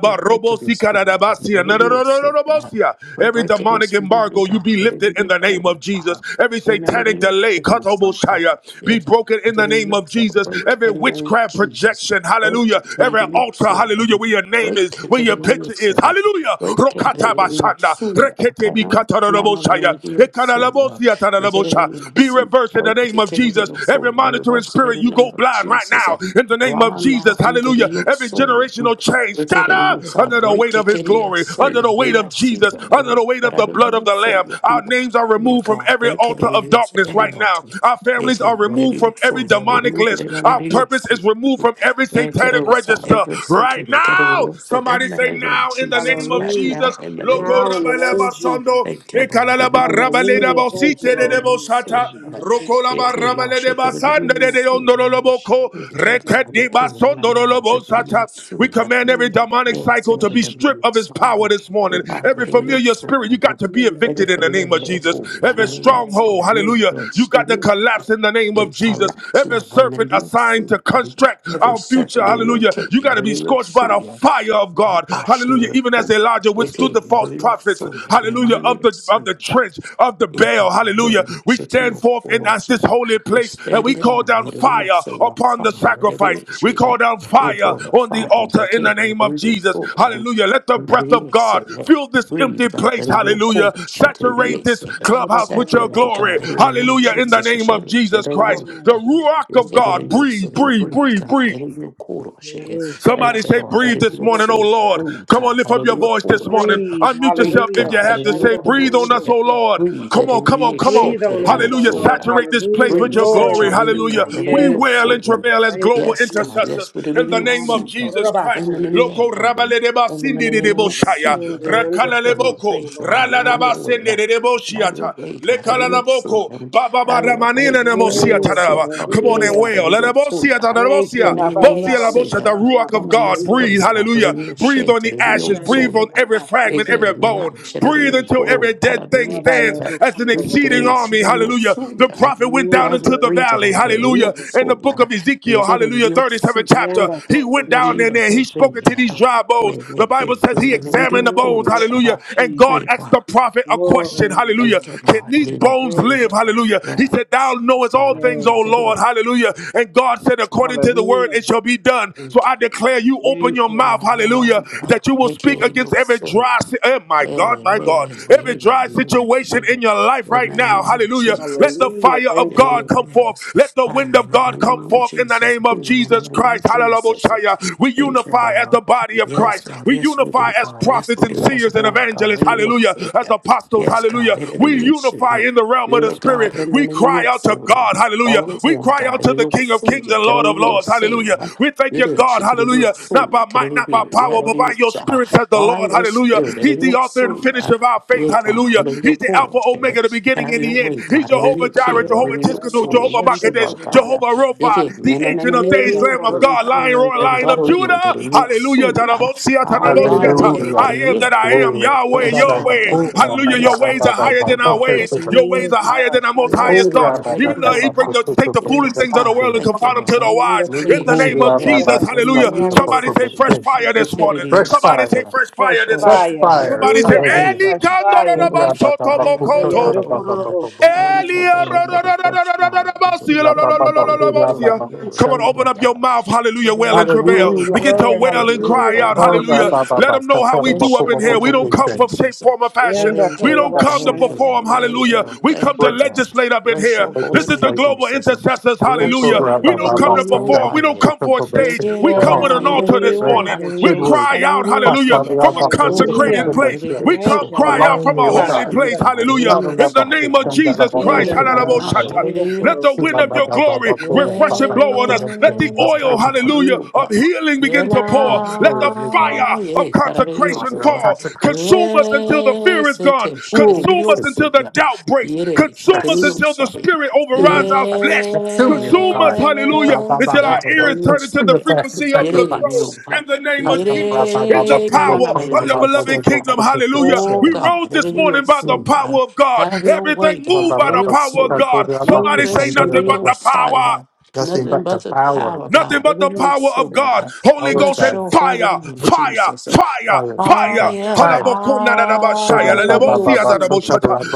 Speaker 2: We're breaking
Speaker 1: Robosi
Speaker 2: this morning, God.
Speaker 1: Kadadabasia,
Speaker 2: Hallelujah. God.
Speaker 1: Nanananananabosia.
Speaker 2: We're
Speaker 1: Every
Speaker 2: breaking
Speaker 1: demonic
Speaker 2: this morning,
Speaker 1: embargo, you
Speaker 2: God.
Speaker 1: be lifted in
Speaker 2: Hallelujah.
Speaker 1: the name
Speaker 2: Cool,
Speaker 1: of Jesus.
Speaker 2: God.
Speaker 1: Every
Speaker 2: And
Speaker 1: satanic
Speaker 2: hallelujah.
Speaker 1: delay,
Speaker 2: Cool, God.
Speaker 1: Katoboshaya,
Speaker 2: Yeah,
Speaker 1: be
Speaker 2: God.
Speaker 1: broken in the name
Speaker 2: Hallelujah.
Speaker 1: of
Speaker 2: So
Speaker 1: Jesus.
Speaker 2: break
Speaker 1: Every
Speaker 2: in the name of
Speaker 1: witchcraft
Speaker 2: Jesus.
Speaker 1: projection,
Speaker 2: Break
Speaker 1: hallelujah.
Speaker 2: it.
Speaker 1: Every
Speaker 2: Hallelujah.
Speaker 1: altar,
Speaker 2: So
Speaker 1: hallelujah,
Speaker 2: God.
Speaker 1: where your name
Speaker 2: break
Speaker 1: is,
Speaker 2: it.
Speaker 1: where your
Speaker 2: Hallelujah.
Speaker 1: picture is,
Speaker 2: So God.
Speaker 1: hallelujah.
Speaker 2: break it.
Speaker 1: Rokata
Speaker 2: Hallelujah.
Speaker 1: Bashanda,
Speaker 2: So
Speaker 1: Rekete
Speaker 2: okay, no,
Speaker 1: Bikata
Speaker 2: no, no, no,
Speaker 1: Raboshaya,
Speaker 2: hallelujah. So God.
Speaker 1: Ekanalabosia
Speaker 2: Hallelujah.
Speaker 1: Tanabosha, be reversed
Speaker 2: See.
Speaker 1: reversed in the
Speaker 2: Break
Speaker 1: name
Speaker 2: it.
Speaker 1: of Jesus.
Speaker 2: Hallelujah. So
Speaker 1: Every
Speaker 2: God.
Speaker 1: monitoring
Speaker 2: reverse it
Speaker 1: spirit,
Speaker 2: in the
Speaker 1: you
Speaker 2: name
Speaker 1: go
Speaker 2: of
Speaker 1: blind right
Speaker 2: Jesus.
Speaker 1: now in the name of
Speaker 2: Blind
Speaker 1: Jesus.
Speaker 2: now and
Speaker 1: Hallelujah.
Speaker 2: video
Speaker 1: Every
Speaker 2: soya.
Speaker 1: generational change,
Speaker 2: Is it in your
Speaker 1: scatter
Speaker 2: side
Speaker 1: under the
Speaker 2: break?
Speaker 1: weight of
Speaker 2: Kick
Speaker 1: his
Speaker 2: it in
Speaker 1: glory, under
Speaker 2: soya.
Speaker 1: the weight
Speaker 2: We
Speaker 1: of
Speaker 2: have seen
Speaker 1: Jesus,
Speaker 2: your
Speaker 1: under
Speaker 2: bro,
Speaker 1: the weight
Speaker 2: but
Speaker 1: of
Speaker 2: I
Speaker 1: the
Speaker 2: don't
Speaker 1: blood of
Speaker 2: know
Speaker 1: the Lamb.
Speaker 2: soya.
Speaker 1: Our names are
Speaker 2: My
Speaker 1: removed from
Speaker 2: God,
Speaker 1: every
Speaker 2: they could
Speaker 1: altar
Speaker 2: have been
Speaker 1: of
Speaker 2: used for
Speaker 1: darkness
Speaker 2: every
Speaker 1: right now.
Speaker 2: altar.
Speaker 1: Our
Speaker 2: It
Speaker 1: families are
Speaker 2: could have been
Speaker 1: removed
Speaker 2: your
Speaker 1: from every
Speaker 2: soya.
Speaker 1: demonic
Speaker 2: Remove it
Speaker 1: list.
Speaker 2: and run it
Speaker 1: Our
Speaker 2: in your
Speaker 1: purpose is
Speaker 2: soya.
Speaker 1: removed from every
Speaker 2: And get
Speaker 1: satanic
Speaker 2: it for
Speaker 1: register
Speaker 2: every
Speaker 1: right
Speaker 2: Satan. Get it
Speaker 1: now.
Speaker 2: used for
Speaker 1: Somebody
Speaker 2: in the
Speaker 1: say
Speaker 2: name of
Speaker 1: now in the
Speaker 2: Jesus.
Speaker 1: name of
Speaker 2: Right
Speaker 3: Hallelujah.
Speaker 2: now,
Speaker 1: Jesus.
Speaker 2: in the name
Speaker 1: Loco
Speaker 2: of
Speaker 3: Now in the name
Speaker 1: rabalaba
Speaker 3: of
Speaker 2: Jesus.
Speaker 3: Jesus.
Speaker 1: sando,
Speaker 2: Thank you, Lord. We
Speaker 1: ekalalaba
Speaker 2: do it
Speaker 1: rabaleda
Speaker 2: soon.
Speaker 3: Hallelujah. Thank
Speaker 2: We
Speaker 1: bosite
Speaker 3: you,
Speaker 2: said
Speaker 1: de
Speaker 2: it
Speaker 3: Lord.
Speaker 2: was
Speaker 3: In the
Speaker 1: debosata.
Speaker 2: soon.
Speaker 3: Shanda Kura
Speaker 1: Rokola
Speaker 2: It came
Speaker 3: Sena,
Speaker 2: out.
Speaker 1: barabale de
Speaker 2: Shake it. We do
Speaker 1: basanda
Speaker 2: it
Speaker 3: in
Speaker 1: de
Speaker 3: the
Speaker 1: de
Speaker 3: Kura
Speaker 2: soon.
Speaker 3: Jo
Speaker 1: ondoroloboko
Speaker 3: Shanda,
Speaker 2: Your children
Speaker 3: in
Speaker 2: have
Speaker 3: the
Speaker 1: rekedi
Speaker 2: been
Speaker 3: Ro
Speaker 2: doing my
Speaker 3: Kimba
Speaker 2: mouth,
Speaker 3: Baba
Speaker 1: basondorolobo
Speaker 2: they've been doing
Speaker 3: Shanda,
Speaker 1: We
Speaker 2: food.
Speaker 1: command every
Speaker 3: in the
Speaker 1: demonic
Speaker 3: Kura
Speaker 2: Every
Speaker 1: cycle
Speaker 3: Ro
Speaker 1: to be
Speaker 2: serpent
Speaker 3: Shanda,
Speaker 1: stripped of its
Speaker 3: in
Speaker 1: power this morning. Every familiar spirit, you got to be
Speaker 3: the
Speaker 1: evicted in
Speaker 3: Kura
Speaker 1: the name
Speaker 3: Ro Shanda, in the Kura Ro
Speaker 1: of
Speaker 3: Shanda,
Speaker 1: Jesus.
Speaker 3: in
Speaker 1: Every
Speaker 3: the Kura Ro
Speaker 1: stronghold,
Speaker 3: Shanda,
Speaker 1: hallelujah, you got to collapse in the name of Jesus. Every serpent assigned to construct our future,
Speaker 2: in your
Speaker 1: hallelujah, you
Speaker 2: candy, I
Speaker 1: got to be
Speaker 2: don't know,
Speaker 1: scorched by
Speaker 2: so
Speaker 1: the
Speaker 2: yeah,
Speaker 1: fire of
Speaker 2: what
Speaker 1: God,
Speaker 2: actually,
Speaker 1: hallelujah. Even as
Speaker 2: oh,
Speaker 1: Elijah
Speaker 2: okay,
Speaker 1: withstood the the
Speaker 2: I
Speaker 1: false
Speaker 2: don't know,
Speaker 1: prophets,
Speaker 2: so yeah, I don't
Speaker 1: hallelujah,
Speaker 2: know,
Speaker 1: of the
Speaker 2: so
Speaker 1: of the
Speaker 2: yeah.
Speaker 1: trench, of the
Speaker 2: Eka
Speaker 1: Baal, hallelujah.
Speaker 2: mwere
Speaker 1: We
Speaker 2: cheti
Speaker 1: stand
Speaker 2: yo
Speaker 1: forth
Speaker 2: poro
Speaker 1: in us this
Speaker 2: chaba.
Speaker 1: holy place and we
Speaker 2: Respende
Speaker 1: call down
Speaker 2: mwere yo
Speaker 1: fire
Speaker 2: sewa
Speaker 1: upon the
Speaker 2: fanya
Speaker 1: sacrifice.
Speaker 2: rebe
Speaker 1: We call down
Speaker 2: it
Speaker 1: fire
Speaker 2: all that
Speaker 1: on the
Speaker 2: fire and
Speaker 1: altar
Speaker 2: they
Speaker 1: in
Speaker 2: came
Speaker 1: the
Speaker 2: and
Speaker 1: name
Speaker 2: they
Speaker 1: of
Speaker 2: will
Speaker 1: Jesus.
Speaker 2: fall and
Speaker 1: Hallelujah. Let the
Speaker 2: that it
Speaker 1: breath of
Speaker 2: is
Speaker 1: God
Speaker 2: saying,
Speaker 1: fill this
Speaker 2: Breathe,
Speaker 1: empty
Speaker 2: God,
Speaker 1: place.
Speaker 2: that it will
Speaker 1: Hallelujah.
Speaker 2: cold shit to the
Speaker 1: Saturate this
Speaker 2: exit.
Speaker 3: in the Kura Ro Shanda, in the
Speaker 1: clubhouse with
Speaker 3: Kura
Speaker 1: your
Speaker 3: Ro
Speaker 2: Saturate,
Speaker 3: Shanda, in the Kura Ro
Speaker 1: glory.
Speaker 2: God, in
Speaker 3: Shanda,
Speaker 2: the name of
Speaker 1: Hallelujah. In the
Speaker 3: in the
Speaker 2: Jesus. You
Speaker 1: name
Speaker 2: should
Speaker 1: of
Speaker 2: have said
Speaker 1: Jesus
Speaker 2: that,
Speaker 1: Christ.
Speaker 2: Lord.
Speaker 1: The Ruach
Speaker 2: You
Speaker 1: of
Speaker 2: said
Speaker 3: Kura Ro
Speaker 2: that it
Speaker 1: God.
Speaker 2: in your
Speaker 1: Breathe, breathe,
Speaker 2: Breathe,
Speaker 3: Shanda,
Speaker 1: breathe,
Speaker 2: God,
Speaker 1: breathe.
Speaker 2: and it will cold shit.
Speaker 3: Yes, Samba
Speaker 1: Somebody
Speaker 2: Thank you,
Speaker 1: say,
Speaker 2: Lord,
Speaker 3: Shanda,
Speaker 2: that
Speaker 1: breathe
Speaker 2: it
Speaker 1: this
Speaker 2: will
Speaker 3: Kurubo
Speaker 1: morning, oh
Speaker 2: soul.
Speaker 3: Sinda
Speaker 1: Lord.
Speaker 3: Baba
Speaker 2: Breathe,
Speaker 1: Come on,
Speaker 2: God,
Speaker 1: lift
Speaker 2: that
Speaker 3: Shanda.
Speaker 1: up
Speaker 2: it
Speaker 1: your
Speaker 2: will
Speaker 1: voice this
Speaker 2: cold
Speaker 1: morning.
Speaker 2: shit.
Speaker 3: Breathe,
Speaker 1: Unmute
Speaker 2: Breathe,
Speaker 1: yourself if
Speaker 3: hallelujah,
Speaker 1: you
Speaker 2: God, that
Speaker 1: have
Speaker 2: it
Speaker 1: to
Speaker 2: will
Speaker 1: say,
Speaker 3: Bashanda
Speaker 1: breathe
Speaker 2: cold
Speaker 1: on us,
Speaker 3: Kurubo
Speaker 2: shit.
Speaker 1: oh Lord.
Speaker 3: Sinda.
Speaker 2: Breathe,
Speaker 1: Come
Speaker 2: that it
Speaker 1: on, come on,
Speaker 2: will
Speaker 1: come on.
Speaker 3: Breathe
Speaker 2: shit, that
Speaker 3: on
Speaker 2: it
Speaker 3: us,
Speaker 2: will
Speaker 3: O
Speaker 1: Hallelujah.
Speaker 2: soul.
Speaker 3: Lord,
Speaker 1: Saturate this place
Speaker 3: hallelujah,
Speaker 1: with
Speaker 2: Breathe,
Speaker 1: your
Speaker 3: glory,
Speaker 1: glory.
Speaker 2: saturated,
Speaker 3: hallelujah,
Speaker 1: Hallelujah.
Speaker 2: God, that it
Speaker 1: We
Speaker 3: yes,
Speaker 2: will
Speaker 1: wail and
Speaker 2: soul.
Speaker 3: hallelujah,
Speaker 1: travail as
Speaker 3: thank you,
Speaker 1: global
Speaker 2: Yes,
Speaker 3: Jesus.
Speaker 2: God.
Speaker 1: intercessors
Speaker 2: Yes, we do
Speaker 1: in the
Speaker 2: you
Speaker 1: name
Speaker 3: Yamba
Speaker 2: see
Speaker 1: of
Speaker 2: God.
Speaker 1: Jesus
Speaker 3: Kuruba
Speaker 1: Christ.
Speaker 2: And then in
Speaker 3: Sanda
Speaker 2: the end,
Speaker 1: Loco
Speaker 3: Shanda.
Speaker 2: and
Speaker 1: rabaledeba
Speaker 2: then in the end,
Speaker 3: Yamba
Speaker 1: sindididebo
Speaker 2: you'll see
Speaker 1: shaya.
Speaker 3: Bashindi,
Speaker 2: God.
Speaker 3: Yanda
Speaker 2: Thank you,
Speaker 3: Kurubo
Speaker 2: Lord.
Speaker 1: Rakalaleboko.
Speaker 3: Sinda,
Speaker 2: Thank you,
Speaker 3: Baba
Speaker 2: Lord.
Speaker 1: Raladaba
Speaker 3: Yanda
Speaker 2: Hallelujah.
Speaker 3: Kurubo
Speaker 1: sindididebo
Speaker 3: Sinda.
Speaker 2: And Have your
Speaker 1: shiata.
Speaker 2: way, God. Have your soul.
Speaker 1: Lekalalaboko.
Speaker 2: um, Have your way, God. Have
Speaker 1: Baba
Speaker 2: your
Speaker 3: Yes,
Speaker 2: soul. Come
Speaker 1: Come on
Speaker 2: in,
Speaker 1: and
Speaker 2: God.
Speaker 3: hallelujah.
Speaker 2: Have
Speaker 1: wail. The
Speaker 2: your soul. God.
Speaker 3: Thank you,
Speaker 2: Come in and
Speaker 3: Habba
Speaker 2: you
Speaker 3: Rabba
Speaker 2: say that.
Speaker 3: Sanda
Speaker 1: Ruach
Speaker 3: Rabba
Speaker 1: of
Speaker 2: Come in
Speaker 1: God.
Speaker 2: this
Speaker 3: Shanda
Speaker 1: Breathe.
Speaker 2: place,
Speaker 3: Kurubo
Speaker 2: God. Have
Speaker 1: Hallelujah.
Speaker 2: your
Speaker 3: Sinda.
Speaker 1: Breathe on
Speaker 2: shape.
Speaker 1: the
Speaker 2: Have
Speaker 1: ashes.
Speaker 2: your
Speaker 3: Yeshanda
Speaker 2: soul.
Speaker 1: Breathe on
Speaker 2: God.
Speaker 1: every
Speaker 3: Terabasi
Speaker 2: Thank
Speaker 1: fragment,
Speaker 3: and
Speaker 2: you,
Speaker 3: the
Speaker 2: Lord.
Speaker 1: every
Speaker 2: and then
Speaker 1: bone.
Speaker 3: Kurusu
Speaker 2: I'm sure that
Speaker 1: Breathe
Speaker 2: you
Speaker 1: until
Speaker 3: Rabashanda.
Speaker 1: every
Speaker 2: will.
Speaker 1: dead thing
Speaker 2: Hallelujah. Share
Speaker 1: stands
Speaker 3: Ravaya
Speaker 2: that.
Speaker 3: do
Speaker 1: as an
Speaker 2: Breathe it
Speaker 1: exceeding
Speaker 2: in. see
Speaker 1: army.
Speaker 3: Kurubashanda.
Speaker 2: your
Speaker 1: Hallelujah.
Speaker 2: soul.
Speaker 1: The
Speaker 2: God.
Speaker 1: prophet went
Speaker 3: Ninda
Speaker 1: down
Speaker 2: will
Speaker 1: into the
Speaker 2: breathe it
Speaker 1: valley.
Speaker 3: Karabasi
Speaker 2: on.
Speaker 3: and
Speaker 2: Have
Speaker 3: the
Speaker 2: your
Speaker 1: Hallelujah. In
Speaker 3: Kurusu.
Speaker 2: soul.
Speaker 1: the book
Speaker 2: God.
Speaker 1: of
Speaker 2: You a
Speaker 1: Ezekiel.
Speaker 2: a a a
Speaker 1: Hallelujah.
Speaker 2: a a soup.
Speaker 1: 37th
Speaker 2: soup.
Speaker 1: chapter.
Speaker 3: Yanda
Speaker 1: He went
Speaker 2: Then we
Speaker 1: down
Speaker 3: Kurusu
Speaker 1: in there. He
Speaker 2: We we
Speaker 1: spoke into
Speaker 3: Rabashanda
Speaker 1: these dry bones.
Speaker 3: Kurusu.
Speaker 2: We
Speaker 1: The
Speaker 2: make
Speaker 1: Bible
Speaker 2: it.
Speaker 1: says
Speaker 2: we have
Speaker 1: he examined the
Speaker 3: Hallelujah.
Speaker 1: bones.
Speaker 3: Thank you,
Speaker 1: Hallelujah. And God
Speaker 3: Jesus.
Speaker 1: asked the prophet
Speaker 3: Glory
Speaker 1: question,
Speaker 3: and
Speaker 1: hallelujah.
Speaker 2: have have
Speaker 3: Thank
Speaker 1: Can
Speaker 2: a
Speaker 1: these
Speaker 2: little.
Speaker 1: bones live,
Speaker 3: you, Lord.
Speaker 1: hallelujah? He
Speaker 2: Yeah.
Speaker 1: said, Thou knowest
Speaker 2: We
Speaker 1: all
Speaker 2: have
Speaker 1: things,
Speaker 2: a
Speaker 3: Yes.
Speaker 1: O Lord,
Speaker 2: little.
Speaker 1: hallelujah. And God said, According to the word,
Speaker 3: Hallelujah.
Speaker 1: it shall be done. So
Speaker 2: Okay.
Speaker 1: I declare you open
Speaker 3: Thank
Speaker 1: your
Speaker 3: you,
Speaker 1: mouth,
Speaker 3: Lord
Speaker 2: Ah,
Speaker 3: Jesus.
Speaker 1: hallelujah,
Speaker 2: bra.
Speaker 1: that you will
Speaker 2: Make it a
Speaker 1: speak against
Speaker 2: little
Speaker 1: every
Speaker 2: soup.
Speaker 1: dry, si- oh my God, my God, every dry situation in your life right now, hallelujah.
Speaker 2: Jesus.
Speaker 1: Let the
Speaker 3: Hallelujah.
Speaker 1: fire of
Speaker 3: Thank
Speaker 1: God
Speaker 3: you,
Speaker 1: come forth.
Speaker 2: Yes.
Speaker 1: Let the
Speaker 2: I am
Speaker 1: wind
Speaker 2: in
Speaker 1: of
Speaker 2: the
Speaker 1: God
Speaker 2: name
Speaker 1: come
Speaker 2: of
Speaker 1: forth in the
Speaker 2: Jesus.
Speaker 1: name of
Speaker 2: In the
Speaker 1: Jesus
Speaker 2: name of
Speaker 1: Christ, hallelujah.
Speaker 2: Jesus.
Speaker 1: We
Speaker 2: Thank you,
Speaker 1: unify as
Speaker 2: Lord.
Speaker 1: the body of
Speaker 2: Yes,
Speaker 1: Christ.
Speaker 2: God.
Speaker 1: We
Speaker 2: Yes, we
Speaker 1: unify
Speaker 2: do,
Speaker 1: as
Speaker 2: God. Yes,
Speaker 1: prophets
Speaker 2: we
Speaker 1: and
Speaker 2: do as
Speaker 1: seers and
Speaker 2: one, God.
Speaker 1: evangelists,
Speaker 2: In your
Speaker 1: hallelujah, as
Speaker 2: Savior.
Speaker 1: apostles,
Speaker 2: Yes, God.
Speaker 1: hallelujah.
Speaker 2: In the
Speaker 1: We unify
Speaker 2: name
Speaker 1: in the realm of the
Speaker 2: Yeah,
Speaker 1: spirit.
Speaker 2: God. In the
Speaker 1: We
Speaker 2: name
Speaker 1: cry
Speaker 2: of
Speaker 1: out to
Speaker 2: Savior.
Speaker 1: God, hallelujah.
Speaker 2: All is
Speaker 1: We
Speaker 2: one,
Speaker 1: cry
Speaker 2: God.
Speaker 1: out
Speaker 2: In
Speaker 1: to
Speaker 2: the name
Speaker 1: the King of Kings
Speaker 2: Savior.
Speaker 1: and
Speaker 2: Can
Speaker 1: Lord of
Speaker 2: we be a
Speaker 1: Lords, hallelujah.
Speaker 2: Savior?
Speaker 1: We thank
Speaker 2: It
Speaker 1: you,
Speaker 2: is.
Speaker 1: God,
Speaker 2: Can we be a
Speaker 1: hallelujah, not
Speaker 2: Savior?
Speaker 1: by
Speaker 2: Can
Speaker 1: might,
Speaker 2: we
Speaker 1: not
Speaker 2: be
Speaker 1: by power, but
Speaker 2: a
Speaker 1: by your
Speaker 2: Savior?
Speaker 1: spirit, says the
Speaker 2: By
Speaker 1: Lord,
Speaker 2: your
Speaker 1: hallelujah.
Speaker 2: Spirit. In the
Speaker 1: He's
Speaker 2: name
Speaker 1: the author and finisher
Speaker 2: Savior.
Speaker 1: of our faith,
Speaker 2: Yeah, God.
Speaker 1: hallelujah.
Speaker 2: In the name
Speaker 1: He's the Alpha, Omega, the beginning
Speaker 2: Have
Speaker 1: and
Speaker 2: your
Speaker 1: the end.
Speaker 2: way,
Speaker 1: He's
Speaker 2: God. In the name
Speaker 1: Jehovah
Speaker 2: of
Speaker 3: Lord.
Speaker 1: Jireh,
Speaker 2: King. In the
Speaker 1: Jehovah
Speaker 2: name of
Speaker 3: Yes.
Speaker 1: Tiskanu,
Speaker 2: Savior.
Speaker 1: Jehovah
Speaker 2: Yes,
Speaker 3: Rabashanda
Speaker 2: you
Speaker 1: Makadesh,
Speaker 2: are, God.
Speaker 1: Jehovah Rapha
Speaker 2: Yeah,
Speaker 3: Kurusu.
Speaker 2: yeah.
Speaker 1: magnify the
Speaker 2: na, na,
Speaker 1: ancient
Speaker 2: na,
Speaker 1: of
Speaker 2: na,
Speaker 3: Yenda
Speaker 1: days,
Speaker 2: na,
Speaker 1: Lamb of
Speaker 2: na,
Speaker 3: kororo
Speaker 1: God,
Speaker 2: na.
Speaker 1: Lion
Speaker 3: senda
Speaker 1: Royal,
Speaker 2: And
Speaker 1: Lion
Speaker 2: God
Speaker 1: of
Speaker 2: will
Speaker 3: kororo
Speaker 2: yield to
Speaker 1: Judah.
Speaker 3: boshenda.
Speaker 2: you.
Speaker 1: Hallelujah.
Speaker 2: See, um,
Speaker 1: Tadabosia,
Speaker 2: ah, God
Speaker 3: Yenda
Speaker 1: tadabosia,
Speaker 2: will
Speaker 1: ta.
Speaker 2: yield
Speaker 3: kororo
Speaker 4: Hallelujah.
Speaker 2: to
Speaker 1: I am
Speaker 3: senda
Speaker 2: you.
Speaker 1: that I
Speaker 3: yenda
Speaker 1: am,
Speaker 4: Glory.
Speaker 3: kororo
Speaker 1: Yahweh,
Speaker 2: Yes,
Speaker 3: shenda
Speaker 1: your
Speaker 2: God.
Speaker 1: way.
Speaker 2: Thank you,
Speaker 3: yenda
Speaker 2: Lord.
Speaker 1: Hallelujah. Your
Speaker 2: Yes,
Speaker 3: kororo
Speaker 2: God.
Speaker 1: ways are higher
Speaker 2: Thank
Speaker 3: boshenda.
Speaker 2: you,
Speaker 1: than our
Speaker 2: Lord.
Speaker 1: ways.
Speaker 2: Yes,
Speaker 1: Your
Speaker 2: God.
Speaker 1: ways
Speaker 2: Thank
Speaker 1: are
Speaker 3: Yeza
Speaker 2: you.
Speaker 1: higher than our most
Speaker 3: shanda
Speaker 2: Yes,
Speaker 1: highest thoughts.
Speaker 3: kororo
Speaker 2: God.
Speaker 1: Even though
Speaker 3: senda
Speaker 1: he bring
Speaker 2: Hallelujah.
Speaker 1: the
Speaker 3: yenda.
Speaker 1: take the foolish
Speaker 2: Yes,
Speaker 1: things of the
Speaker 2: God.
Speaker 1: world and
Speaker 2: Thank you,
Speaker 1: confine them to the
Speaker 2: Lord.
Speaker 3: Yenda
Speaker 1: wise.
Speaker 2: Really
Speaker 1: In
Speaker 3: kororo
Speaker 1: the name
Speaker 2: appreciate
Speaker 1: of
Speaker 2: that,
Speaker 3: boshenda
Speaker 2: God.
Speaker 1: Jesus,
Speaker 3: kororo
Speaker 2: And the
Speaker 1: hallelujah.
Speaker 2: new
Speaker 3: senda
Speaker 1: Somebody
Speaker 2: thing,
Speaker 1: say fresh
Speaker 2: God.
Speaker 3: boshenda
Speaker 1: fire
Speaker 3: kororo
Speaker 1: this
Speaker 2: It's a
Speaker 1: morning.
Speaker 3: senda.
Speaker 2: real
Speaker 4: Fresh
Speaker 1: Somebody say
Speaker 4: fire,
Speaker 2: sound.
Speaker 1: fresh
Speaker 3: Fresh
Speaker 1: fire this
Speaker 4: fresh
Speaker 2: Fresh
Speaker 1: morning.
Speaker 3: fire,
Speaker 2: fire,
Speaker 4: fires,
Speaker 1: Somebody
Speaker 2: God.
Speaker 1: say,
Speaker 3: hallelujah, hallelujah,
Speaker 2: Thank
Speaker 4: hallelujah.
Speaker 1: Eli
Speaker 2: you, Lord.
Speaker 3: fresh fire.
Speaker 1: Kandorobo
Speaker 4: Hallelujah.
Speaker 2: Fresh
Speaker 1: Soto
Speaker 2: fire,
Speaker 3: The
Speaker 2: my
Speaker 1: Bokoto.
Speaker 3: yendo
Speaker 2: hallelujah.
Speaker 3: kororo senda
Speaker 2: Thank you,
Speaker 1: Hallelujah,
Speaker 2: Lord, for
Speaker 3: yenda
Speaker 2: the
Speaker 3: kororo
Speaker 2: fresh
Speaker 3: senda.
Speaker 2: fire.
Speaker 1: mercy,
Speaker 2: Glory,
Speaker 1: lo, lo, lo,
Speaker 3: Yeah.
Speaker 1: lo, lo,
Speaker 2: glory, glory,
Speaker 1: mercy.
Speaker 2: glory,
Speaker 1: Come on, open
Speaker 2: glory,
Speaker 1: up your
Speaker 2: God.
Speaker 1: mouth. Hallelujah, wail and
Speaker 2: Glory,
Speaker 1: travail.
Speaker 2: hallelujah,
Speaker 1: Begin to
Speaker 2: God.
Speaker 3: Glory,
Speaker 1: wail and
Speaker 2: Hallelujah.
Speaker 1: cry
Speaker 3: hallelujah.
Speaker 1: out.
Speaker 4: Oh,
Speaker 1: Hallelujah. Let
Speaker 2: Hallelujah.
Speaker 1: them know how we do
Speaker 2: Bless
Speaker 1: up
Speaker 2: your
Speaker 1: in here.
Speaker 2: holy
Speaker 1: We don't
Speaker 2: name,
Speaker 1: come for shape,
Speaker 2: Jesus.
Speaker 1: form, or fashion.
Speaker 3: Yanda
Speaker 2: Thank you,
Speaker 1: We don't
Speaker 3: Kuraba
Speaker 2: Lord.
Speaker 1: come
Speaker 4: Yes,
Speaker 1: to
Speaker 2: Thank
Speaker 3: Shanda
Speaker 2: you, Lord.
Speaker 1: perform.
Speaker 3: Kuraba
Speaker 2: Thank you,
Speaker 1: Hallelujah.
Speaker 3: Kuraba
Speaker 2: Lord.
Speaker 1: We come
Speaker 2: Thank
Speaker 1: to
Speaker 2: you, God.
Speaker 3: Shanda.
Speaker 1: legislate up in
Speaker 2: Bless
Speaker 1: here.
Speaker 2: your holy
Speaker 1: This is the
Speaker 2: name,
Speaker 4: Yes.
Speaker 1: global
Speaker 2: Jesus.
Speaker 1: intercessors.
Speaker 4: I'm
Speaker 2: Bless
Speaker 1: Hallelujah.
Speaker 2: your
Speaker 1: We
Speaker 2: holy
Speaker 1: don't come
Speaker 4: off.
Speaker 1: to
Speaker 2: name, oh,
Speaker 1: perform. We don't
Speaker 2: hallelujah.
Speaker 1: come for a stage stage.
Speaker 2: Again,
Speaker 1: We
Speaker 2: and
Speaker 1: come
Speaker 3: Glory,
Speaker 1: with
Speaker 2: I
Speaker 1: an altar
Speaker 2: enemy,
Speaker 3: hallelujah.
Speaker 1: this
Speaker 2: oh,
Speaker 4: ready?
Speaker 1: morning.
Speaker 3: Thank you,
Speaker 1: We
Speaker 4: Good
Speaker 2: hallelujah.
Speaker 4: word.
Speaker 1: cry
Speaker 3: Jesus.
Speaker 1: out, hallelujah,
Speaker 2: Hallelujah.
Speaker 1: from a
Speaker 2: Glory,
Speaker 1: consecrated
Speaker 2: God.
Speaker 3: Hallelujah.
Speaker 1: place.
Speaker 2: Hallelujah.
Speaker 1: We come
Speaker 3: Thank
Speaker 2: So,
Speaker 3: you,
Speaker 1: cry
Speaker 2: yeah.
Speaker 1: out
Speaker 3: Lord.
Speaker 4: Align
Speaker 1: from
Speaker 4: me,
Speaker 1: a
Speaker 4: O
Speaker 3: Baba
Speaker 2: Yes,
Speaker 1: holy
Speaker 4: God.
Speaker 2: Lord
Speaker 3: Shanda
Speaker 1: place,
Speaker 2: God.
Speaker 1: hallelujah,
Speaker 3: Kuraba
Speaker 2: Hallelujah.
Speaker 4: Slow
Speaker 1: in the
Speaker 3: Shanda.
Speaker 1: name of
Speaker 2: Hallelujah.
Speaker 1: Jesus Christ,
Speaker 3: Yanda
Speaker 2: Again,
Speaker 1: hallelujah.
Speaker 2: and
Speaker 3: Kuraba
Speaker 2: I
Speaker 3: Shanda
Speaker 2: enemy, oh,
Speaker 1: Let
Speaker 3: Kuru
Speaker 1: the
Speaker 2: so,
Speaker 1: wind of your
Speaker 2: yeah.
Speaker 3: Kuraba
Speaker 1: glory
Speaker 3: Shanda
Speaker 1: refresh and blow on us. Let the
Speaker 2: Yes,
Speaker 1: oil,
Speaker 2: God.
Speaker 1: hallelujah, of healing begin to pour. Let the
Speaker 4: me, God.
Speaker 2: Yana
Speaker 1: fire of
Speaker 2: ye kararı
Speaker 1: consecration
Speaker 2: yoksa
Speaker 4: Fire of
Speaker 2: ya.
Speaker 1: fall.
Speaker 4: consecration.
Speaker 1: Consume us until the
Speaker 2: Ye
Speaker 1: fear is is gone.
Speaker 2: sete şekeri
Speaker 4: Ooh,
Speaker 2: bir
Speaker 1: Consume us
Speaker 2: yoksa
Speaker 1: until the
Speaker 2: ya.
Speaker 1: doubt breaks.
Speaker 2: Yere
Speaker 1: Consume us
Speaker 2: şekeri
Speaker 4: yes.
Speaker 1: until the
Speaker 2: yoksa ya.
Speaker 1: spirit
Speaker 4: Consume
Speaker 2: Ye
Speaker 4: me, O
Speaker 1: overrides our
Speaker 4: God.
Speaker 1: flesh.
Speaker 4: Consume me, O
Speaker 1: Consume us,
Speaker 4: God.
Speaker 1: hallelujah, until our
Speaker 2: siga bir
Speaker 1: ears turn
Speaker 2: yoksa
Speaker 1: into
Speaker 4: Consume
Speaker 1: the
Speaker 4: the
Speaker 2: ya.
Speaker 1: frequency of your
Speaker 2: Yere bir
Speaker 1: throne.
Speaker 4: sacrifice.
Speaker 2: yoksa.
Speaker 1: In the name
Speaker 4: Back
Speaker 1: of
Speaker 4: to
Speaker 1: Jesus,
Speaker 4: power,
Speaker 1: in the
Speaker 2: Yere na na
Speaker 1: power
Speaker 2: na na
Speaker 1: of
Speaker 2: bir
Speaker 1: your
Speaker 2: yoksa
Speaker 1: beloved
Speaker 2: ya.
Speaker 1: kingdom, hallelujah.
Speaker 2: Oh
Speaker 1: We rose
Speaker 2: God,
Speaker 1: this
Speaker 2: bir
Speaker 1: morning by
Speaker 2: yoksa
Speaker 1: the
Speaker 2: ya.
Speaker 1: power of God.
Speaker 2: Have your way
Speaker 1: Everything moved
Speaker 2: God,
Speaker 1: by
Speaker 2: bir
Speaker 1: the
Speaker 2: yoksa
Speaker 1: power of
Speaker 2: ya.
Speaker 1: God. Somebody
Speaker 2: Move
Speaker 1: say
Speaker 2: us, bir
Speaker 1: nothing but the
Speaker 2: yoksa
Speaker 1: power.
Speaker 2: ya. Nothing but the power,
Speaker 1: Nothing
Speaker 2: God. It
Speaker 1: but
Speaker 2: is
Speaker 1: the
Speaker 2: your
Speaker 1: power of
Speaker 2: soul.
Speaker 1: God. Holy
Speaker 4: power of
Speaker 1: Ghost
Speaker 2: Bless
Speaker 1: and
Speaker 4: God,
Speaker 2: your holy
Speaker 1: fire,
Speaker 2: name,
Speaker 1: fire,
Speaker 2: Jesus.
Speaker 1: fire,
Speaker 4: fire,
Speaker 1: fire.
Speaker 2: Higher,
Speaker 4: fire.
Speaker 2: hallelujah.